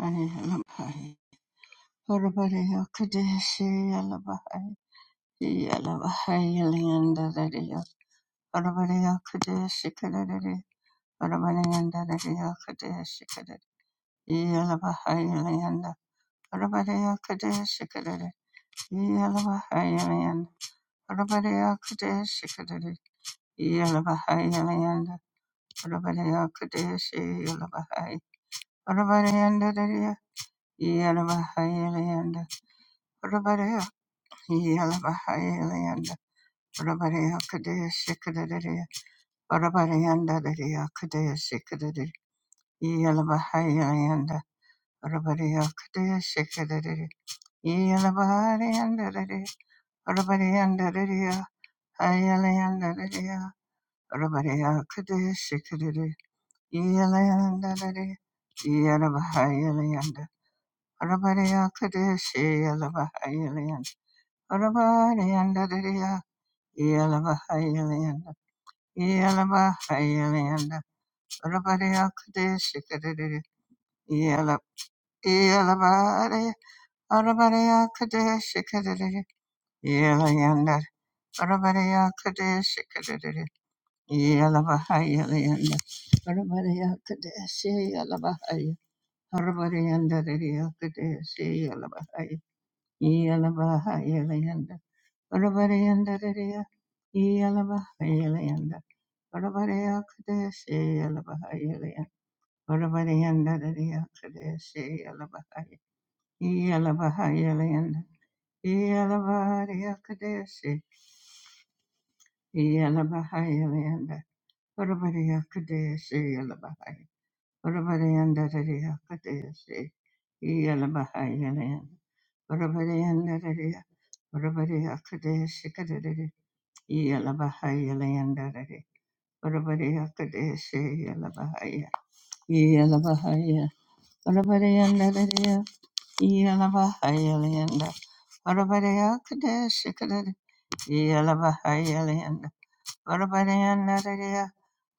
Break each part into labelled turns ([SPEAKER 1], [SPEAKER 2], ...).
[SPEAKER 1] Anilabahai, Orabadeo Kadeshi Alabahai, Yalabahai Liandadadeo, Orabadeo Kadeshi Kadadadi, Orabadeandadadeo Kadeshi Kadadi, Yalabahai Lianda, Orabadeo Kadeshi Kadadi, Yalabahai Lianda, Orabadeo Kadeshi Kadadi, Yalabahai Lianda, Orabadeo Kadeshi Yalabahai, Orabadeandadadeo, Yalabahai Lianda, Orabari Yalabahayalanda, Rabarea Kadesh Kadadadea, Rabareanda Dadea Kadesh Kadadadea, Yalabahayalanda, Rabarea Kadesh Kadadadea, Yalabahayalanda Dadea, Rabareanda Dadea, Hayalanda Dadea, Rabarea Kadesh Kadadadea, Yalanda Dadea, Yalabahayalanda, Rabarea Kadesh Yalabahayalanda, Rabareanda Dadea, Yalabahayalanda, Yalaba Hayalanda Rabadaya Kadesh Kadadidi Yala Yalabari Arabadaya Kadesh Kadadidi Yalayanda Rabadaya Kadesh Kadadidi Yalaba Hayalanda Rabadaya Kadesh Yalaba Haya Rabadayanda Radia Kadesh Yalaba Haya Yalaba Hayalanda Rabadayanda Radia Yalaba Hayalanda Rabadaya Kadesh Yalaba Olavariyanda lariya kadeshi alabahaya. Iyalabahaya layanda. Iyalabariya kadeshi. Iyalabahaya layanda. Olavariya kadeshi alabahaya. Olavariyanda lariya kadeshi. Iyalabahaya layanda. Olavariyanda lariya. Olavariya kadeshi kadadadi. Iyalabahaya layanda lari. Olavariya kadeshi alabahaya. Iyalabahaya. Olavariyanda Yelabahayalanda. Varabadaya Kadesh Kadad. Yelabahayalanda. Varabadaya Nadadaya.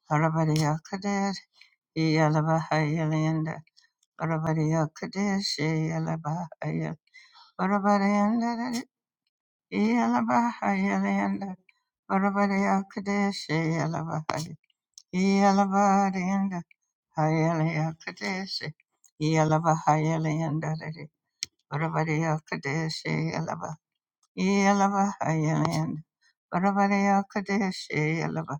[SPEAKER 1] Varabadaya Kadad. Yelabahayalanda. Varabadaya Kadesh Yelabahayal. Varabadaya Nadadaya. Yelabahayalanda. Varabadaya Kadesh Yelabahayal. Yelabahayalanda. Hayalaya Kadesh. Yelabahayalanda. Varabadaya Kadesh Yelavahayalayanda. Varavarayakadeshi Yelava.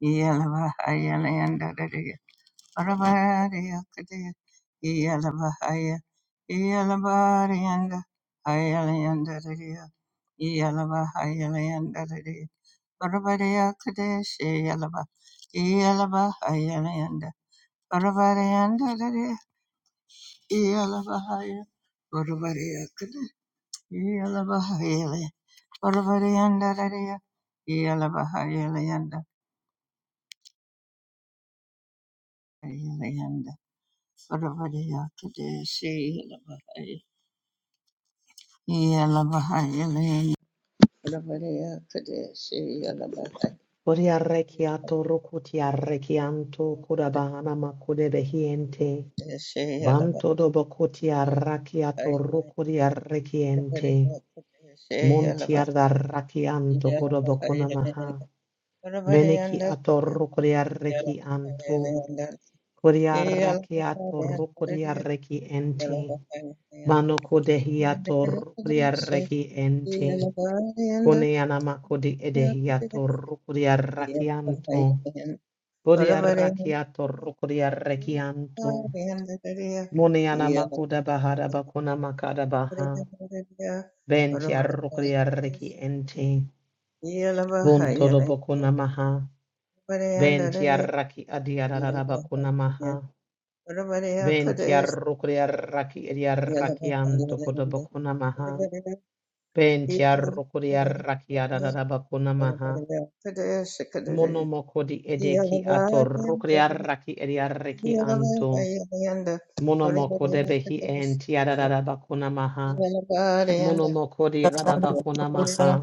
[SPEAKER 1] Yelavahayalayanda Dadaya. Varavarayakadeya. Yelavahaya. Yelavarayanda. Hayalayanda Dadaya. Yelavahayalayanda Dadaya. Varavarayakadeshi Yelava. Yelavahayalayanda. Varavarayanda Dadaya. Yelavahaya. Varavarayakade. Orabarianda Raria, Yalabaha Yanda, Yanda, Orabaria Kadeshi, Yalabaha, Yalabaha Yalanda, Orabaria Kadeshi, Yalabaha,
[SPEAKER 2] Kodiarrekiato rokutiarrekianto kodabahana behiente
[SPEAKER 1] Kadeshi,
[SPEAKER 2] Banto
[SPEAKER 1] Yalabaha,
[SPEAKER 2] dobokotiarrakiato rokodiarrekiente.
[SPEAKER 1] Orabaria Kadeshi, Yalabaha,
[SPEAKER 2] Muntiarrakianto
[SPEAKER 1] Yalabaha
[SPEAKER 2] kodobokonamaha.
[SPEAKER 1] Yalanda,
[SPEAKER 2] Meneki
[SPEAKER 1] Orabarianda,
[SPEAKER 2] ato
[SPEAKER 1] Yalabaha
[SPEAKER 2] rokodiarrekianto.
[SPEAKER 1] Yalanda, Yalabaha
[SPEAKER 2] Kodiarrakiato rokodiarrekiente.
[SPEAKER 1] Yalanda,
[SPEAKER 2] Mano
[SPEAKER 1] Yeah.
[SPEAKER 2] kodehiato rokodiarrekiente. Koneana makodi edehiato rukutia rakianto. Bodiarakiato rukuriarekianto. Muniana makuda bahara bakuna makada baha. Bentiarukuriareki ente. Bunto do bokuna maha. Bentiaraki adiarara bakuna maha. Bentiarukuriaraki ediarakianto koda bakuna maha. Bentiarukuriaraki adarara bakuna maha. Monomokodi
[SPEAKER 1] Yeah.
[SPEAKER 2] edeki ato rukuriaraki ediareki anto. Monomoko behi enti adadabakuna maha. Monomoko di adabakuna maha.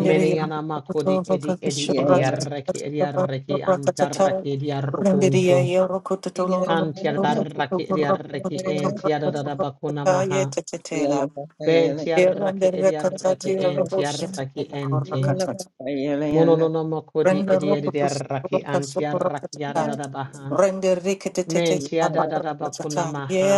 [SPEAKER 2] Meneyana makodi edi edi edi arreki edi arreki antarraki edi arrokunto. Kanti adarraki edi arreki enti adadabakuna maha. Benti arraki edi arreki enti arraki enti. Mononomoko di edi edi arraki anti arraki adadabaha. Menti adadabakuna maha.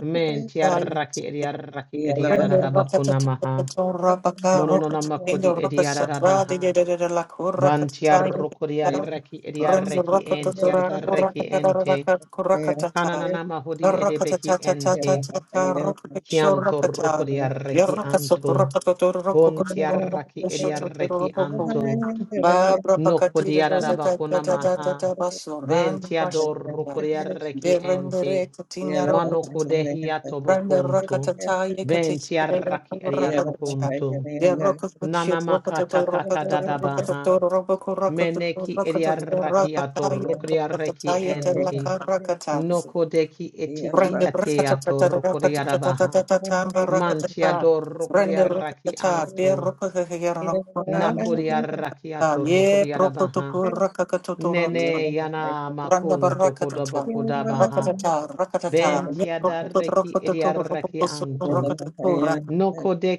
[SPEAKER 2] Men tiaraki ediaraki
[SPEAKER 3] Rende
[SPEAKER 2] ediaradabakuna maha.
[SPEAKER 3] rakatatato rabaka
[SPEAKER 2] Mononona
[SPEAKER 3] rokatatinga
[SPEAKER 2] makodi
[SPEAKER 3] rakasatra
[SPEAKER 2] ediaradabaha.
[SPEAKER 3] didedede la
[SPEAKER 2] Ban
[SPEAKER 3] kurakatata yudita.
[SPEAKER 2] tiarokodiaraki
[SPEAKER 3] Rende
[SPEAKER 2] ediaraki enti
[SPEAKER 3] rakatatura
[SPEAKER 2] tiardaraki ente.
[SPEAKER 3] kurakatarakat kurakatata.
[SPEAKER 2] Kananana mahodi edebehi ente.
[SPEAKER 3] Rakatatatatatataka rokakisho
[SPEAKER 2] Kianto
[SPEAKER 3] rakata.
[SPEAKER 2] rokodiaraki
[SPEAKER 3] Yarakasoko
[SPEAKER 2] anto.
[SPEAKER 3] rakatato
[SPEAKER 2] Bon
[SPEAKER 3] rokokoto
[SPEAKER 2] tiaraki
[SPEAKER 3] rokokoshoto
[SPEAKER 2] ediaraki
[SPEAKER 3] roboko.
[SPEAKER 2] anto.
[SPEAKER 3] Babra
[SPEAKER 2] No
[SPEAKER 3] bakatira
[SPEAKER 2] kodiaraba maha.
[SPEAKER 3] ratatatatata baso randa basha.
[SPEAKER 2] Ventiador rocodiarreki
[SPEAKER 3] Berendere
[SPEAKER 2] ente.
[SPEAKER 1] Yeah.
[SPEAKER 3] katina
[SPEAKER 2] Mano kodehiato
[SPEAKER 3] Randa
[SPEAKER 2] bocunto.
[SPEAKER 3] rakatata yekatese
[SPEAKER 2] Ventiarraki
[SPEAKER 3] rakatata.
[SPEAKER 2] ariarrocunto.
[SPEAKER 3] De rokakutia
[SPEAKER 2] Nana makata
[SPEAKER 3] rokatato
[SPEAKER 2] kata
[SPEAKER 3] rokatato rokatato
[SPEAKER 2] dadabaha.
[SPEAKER 3] roboko rokatato
[SPEAKER 2] Meneki
[SPEAKER 3] rokatato
[SPEAKER 2] ariarraki ato
[SPEAKER 3] rakata yakatata
[SPEAKER 2] rocodiarreki ente.
[SPEAKER 3] yetelaka rakata.
[SPEAKER 2] No kodeki etiki
[SPEAKER 3] Randa
[SPEAKER 2] ateato
[SPEAKER 3] rakatata
[SPEAKER 2] rocodiarabaha.
[SPEAKER 3] rakatata tamba rakatata.
[SPEAKER 2] Mantiador
[SPEAKER 1] Yeah.
[SPEAKER 3] Randa
[SPEAKER 2] rocodiarraki
[SPEAKER 3] rakatata be
[SPEAKER 2] anto.
[SPEAKER 3] rokakaya rokunanam shukata.
[SPEAKER 2] Nakuriarakiato
[SPEAKER 3] Ye
[SPEAKER 2] Rokodiarabaha.
[SPEAKER 3] prokotoku rakakatoto
[SPEAKER 2] Nene Yana
[SPEAKER 3] Randa
[SPEAKER 2] Makun
[SPEAKER 3] barakatata,
[SPEAKER 2] Tokodabokodabaha.
[SPEAKER 3] rakatata, rakatata, ne rokuto
[SPEAKER 2] Bentiadareki
[SPEAKER 3] rokuto to
[SPEAKER 2] Ediaraki
[SPEAKER 3] rokuto so
[SPEAKER 2] Antum.
[SPEAKER 3] rokuto raka,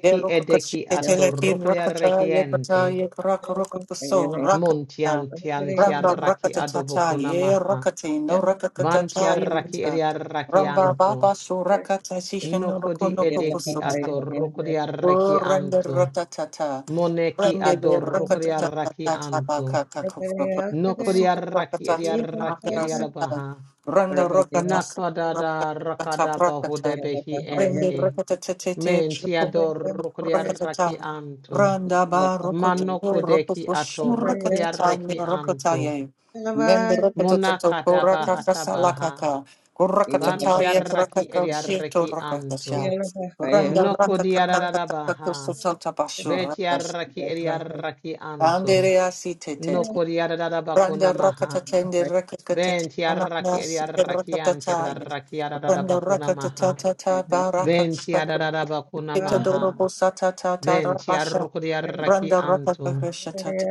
[SPEAKER 3] de rokuto
[SPEAKER 2] Edeki Ato
[SPEAKER 3] shiketele rakata, ye kata,
[SPEAKER 2] Rokodiarakiente.
[SPEAKER 3] ye karaka rokuto so rakata, ramba
[SPEAKER 2] Montiantiantiaraki
[SPEAKER 3] rakatata, ye
[SPEAKER 2] Adobokunamaha.
[SPEAKER 3] rakati no rakatata, ye
[SPEAKER 2] Bantiaraki
[SPEAKER 3] ramba
[SPEAKER 2] Ediarakianto.
[SPEAKER 3] baba so rakata, shishin no
[SPEAKER 2] Nokodi
[SPEAKER 3] rokuno
[SPEAKER 2] Edeki
[SPEAKER 3] kukusota,
[SPEAKER 2] Ato
[SPEAKER 3] Oh,
[SPEAKER 2] rokodiaraki
[SPEAKER 3] rende
[SPEAKER 2] anto.
[SPEAKER 3] ratatata.
[SPEAKER 2] Moneki
[SPEAKER 3] Rende le
[SPEAKER 2] Ador rokodiaraki
[SPEAKER 3] ratatatata
[SPEAKER 2] anto.
[SPEAKER 3] bakaka kukroko. Super
[SPEAKER 2] Nokodiaraki
[SPEAKER 3] rakatati
[SPEAKER 2] ediaraki
[SPEAKER 3] kakarasata.
[SPEAKER 2] ediarabaha.
[SPEAKER 3] Rende rakatasa
[SPEAKER 2] Nakadada
[SPEAKER 3] rakatata
[SPEAKER 2] rakada
[SPEAKER 3] prakata.
[SPEAKER 2] bahude behi
[SPEAKER 3] Rende
[SPEAKER 2] ente.
[SPEAKER 3] ratatatete
[SPEAKER 2] Mentiador
[SPEAKER 3] rakatata.
[SPEAKER 2] rokodiaraki anto.
[SPEAKER 3] Randa ba rokoto
[SPEAKER 2] Manokudeki
[SPEAKER 3] rokofo
[SPEAKER 2] ato
[SPEAKER 1] Yeah.
[SPEAKER 3] shurakatata ne
[SPEAKER 2] rokodiaraki anto.
[SPEAKER 3] rokotaye. Mende rakatatato
[SPEAKER 2] Monakada bahata
[SPEAKER 3] korakakasa
[SPEAKER 2] baha.
[SPEAKER 3] lakaka. Kurakatataye
[SPEAKER 2] Bantiaraki
[SPEAKER 3] rakakachieto
[SPEAKER 2] ediaraki
[SPEAKER 3] rakatasha.
[SPEAKER 2] anto.
[SPEAKER 3] Randa raka kaka
[SPEAKER 2] Nokodiarada
[SPEAKER 3] kaka kaka
[SPEAKER 2] baha.
[SPEAKER 3] sotota basho raka.
[SPEAKER 2] Betiaraki ediaraki anto.
[SPEAKER 3] Andere asi te te
[SPEAKER 2] Nokodiarada
[SPEAKER 3] Randa
[SPEAKER 2] bakuna maha.
[SPEAKER 3] rakatatende
[SPEAKER 2] Ben
[SPEAKER 3] rakakatatana
[SPEAKER 2] tiaraki
[SPEAKER 3] sita
[SPEAKER 2] ediarakian
[SPEAKER 3] rakatataya. Randa
[SPEAKER 2] tiararakiadadabakuna maha.
[SPEAKER 3] rakatatata
[SPEAKER 2] Ben
[SPEAKER 3] barakataka.
[SPEAKER 2] tiadadabakuna
[SPEAKER 3] Pitadoro
[SPEAKER 2] maha.
[SPEAKER 3] bosata tata
[SPEAKER 2] Ben
[SPEAKER 3] rabasha.
[SPEAKER 2] tiarukodiaraki
[SPEAKER 3] Randa
[SPEAKER 2] antu.
[SPEAKER 3] rakakakashatata.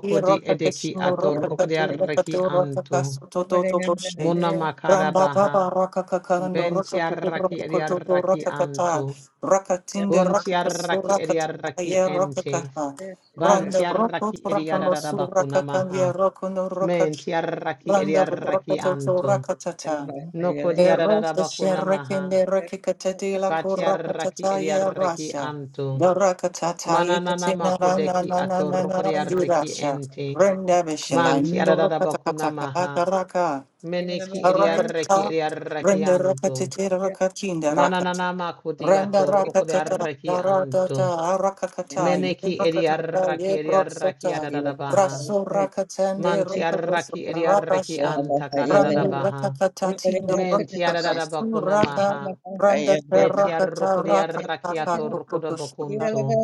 [SPEAKER 3] Ye
[SPEAKER 2] di edeki
[SPEAKER 3] rakakashino rakakatu
[SPEAKER 2] atorukodiaraki
[SPEAKER 3] rakatu
[SPEAKER 2] antu.
[SPEAKER 3] rakakasu tototo boshe.
[SPEAKER 2] Muna
[SPEAKER 3] Ramba
[SPEAKER 2] makadabaha.
[SPEAKER 3] baba rakakakando
[SPEAKER 2] Ben
[SPEAKER 3] rakakuku
[SPEAKER 2] tiaraki
[SPEAKER 3] rakakototo
[SPEAKER 2] ediaraki
[SPEAKER 3] rakakata.
[SPEAKER 2] antu.
[SPEAKER 3] Rakatinde
[SPEAKER 2] Bun
[SPEAKER 3] rakakasu
[SPEAKER 2] tiaraki ediaraki
[SPEAKER 3] rakatataye
[SPEAKER 2] ente.
[SPEAKER 3] rakakaha.
[SPEAKER 2] Ban
[SPEAKER 3] Randa Roko
[SPEAKER 2] tiaraki
[SPEAKER 3] Rakamosu
[SPEAKER 2] ediadadabakuna maha.
[SPEAKER 3] Rakakanya Rokono Roka
[SPEAKER 2] Men tiaraki
[SPEAKER 3] Randa
[SPEAKER 2] ediaraki
[SPEAKER 3] Rokoto
[SPEAKER 2] antu.
[SPEAKER 1] Yeah.
[SPEAKER 3] Rakatata
[SPEAKER 2] Noko
[SPEAKER 3] Eros the
[SPEAKER 2] diadadabakuna maha.
[SPEAKER 3] Sherekin the Rekikatati La
[SPEAKER 2] Batiaraki
[SPEAKER 3] Kurakatata Ya
[SPEAKER 2] ediaraki
[SPEAKER 3] Rasha
[SPEAKER 2] anto.
[SPEAKER 3] the Rakatata
[SPEAKER 2] Mananana
[SPEAKER 3] Yakatina Rana
[SPEAKER 2] makudeki
[SPEAKER 3] Nana Nana and
[SPEAKER 2] atorokodiaraki
[SPEAKER 3] Durasha
[SPEAKER 2] ente.
[SPEAKER 3] Renda Vishila
[SPEAKER 2] Mantiarada bakuna maha.
[SPEAKER 3] Indurakatakataka Raka
[SPEAKER 2] Meneki ediaraki
[SPEAKER 3] Rakatata
[SPEAKER 2] ediaraki
[SPEAKER 3] Renda
[SPEAKER 2] anto.
[SPEAKER 3] Rakatiti Rakatinda
[SPEAKER 2] Mananana makudi
[SPEAKER 3] Randa rakatata,
[SPEAKER 2] atorokodiaraki anto.
[SPEAKER 3] daradata, arakakata,
[SPEAKER 2] Meneki
[SPEAKER 3] yebrakatata,
[SPEAKER 2] ediaraki ediaraki
[SPEAKER 3] yebroksata,
[SPEAKER 2] adada baha.
[SPEAKER 3] raso rakatande, rakakoso,
[SPEAKER 2] Mantiaraki ediaraki
[SPEAKER 3] rabasha,
[SPEAKER 2] anta kadada
[SPEAKER 3] randu
[SPEAKER 2] baha.
[SPEAKER 3] rakakatati, no
[SPEAKER 2] Menti
[SPEAKER 3] rakaka,
[SPEAKER 2] arara bakuna
[SPEAKER 3] suraka,
[SPEAKER 2] maha.
[SPEAKER 3] randa
[SPEAKER 2] Beti
[SPEAKER 3] karakata,
[SPEAKER 2] arrokodia
[SPEAKER 3] rakakaka,
[SPEAKER 2] rakiato rokoda
[SPEAKER 3] kokokosota,
[SPEAKER 2] bakuntu.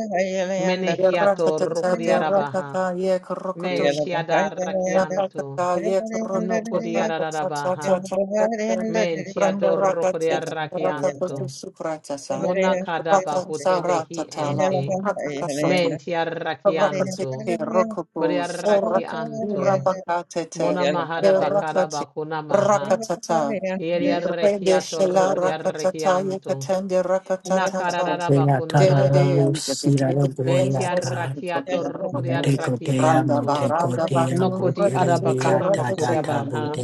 [SPEAKER 2] Menehiato
[SPEAKER 3] yerakatata,
[SPEAKER 2] rokodia rabaha.
[SPEAKER 3] derakata,
[SPEAKER 2] Menti adarrakianto. Nokodia rabaha. Menti ador rokodia
[SPEAKER 1] Thank
[SPEAKER 2] rakianto. Monakada bahute behi ente.
[SPEAKER 3] Raka
[SPEAKER 2] Menti arrakianto.
[SPEAKER 3] Rakatete rokopo
[SPEAKER 2] Bodia
[SPEAKER 3] so rakura
[SPEAKER 2] rakianto.
[SPEAKER 3] bakatete
[SPEAKER 2] Mona mahara bakara
[SPEAKER 3] rakate
[SPEAKER 2] bakuna maha.
[SPEAKER 3] rakatata
[SPEAKER 2] Yeri
[SPEAKER 3] rede
[SPEAKER 2] arrechiato,
[SPEAKER 3] shela
[SPEAKER 2] rucco di
[SPEAKER 3] rakatata
[SPEAKER 2] arrechianto.
[SPEAKER 3] yekatende rakatata
[SPEAKER 2] Nakararabakuna
[SPEAKER 4] Botea,
[SPEAKER 3] dede de
[SPEAKER 2] maha.
[SPEAKER 3] enzefetide
[SPEAKER 2] Beti
[SPEAKER 3] enzase
[SPEAKER 2] arrachiato,
[SPEAKER 3] gutogono
[SPEAKER 2] rucco di
[SPEAKER 3] randa
[SPEAKER 2] arrachianto.
[SPEAKER 3] ba randa ba
[SPEAKER 2] Noco
[SPEAKER 3] fundo
[SPEAKER 2] di
[SPEAKER 3] rakatete
[SPEAKER 2] arabakana
[SPEAKER 3] rakatete
[SPEAKER 2] makudabaha.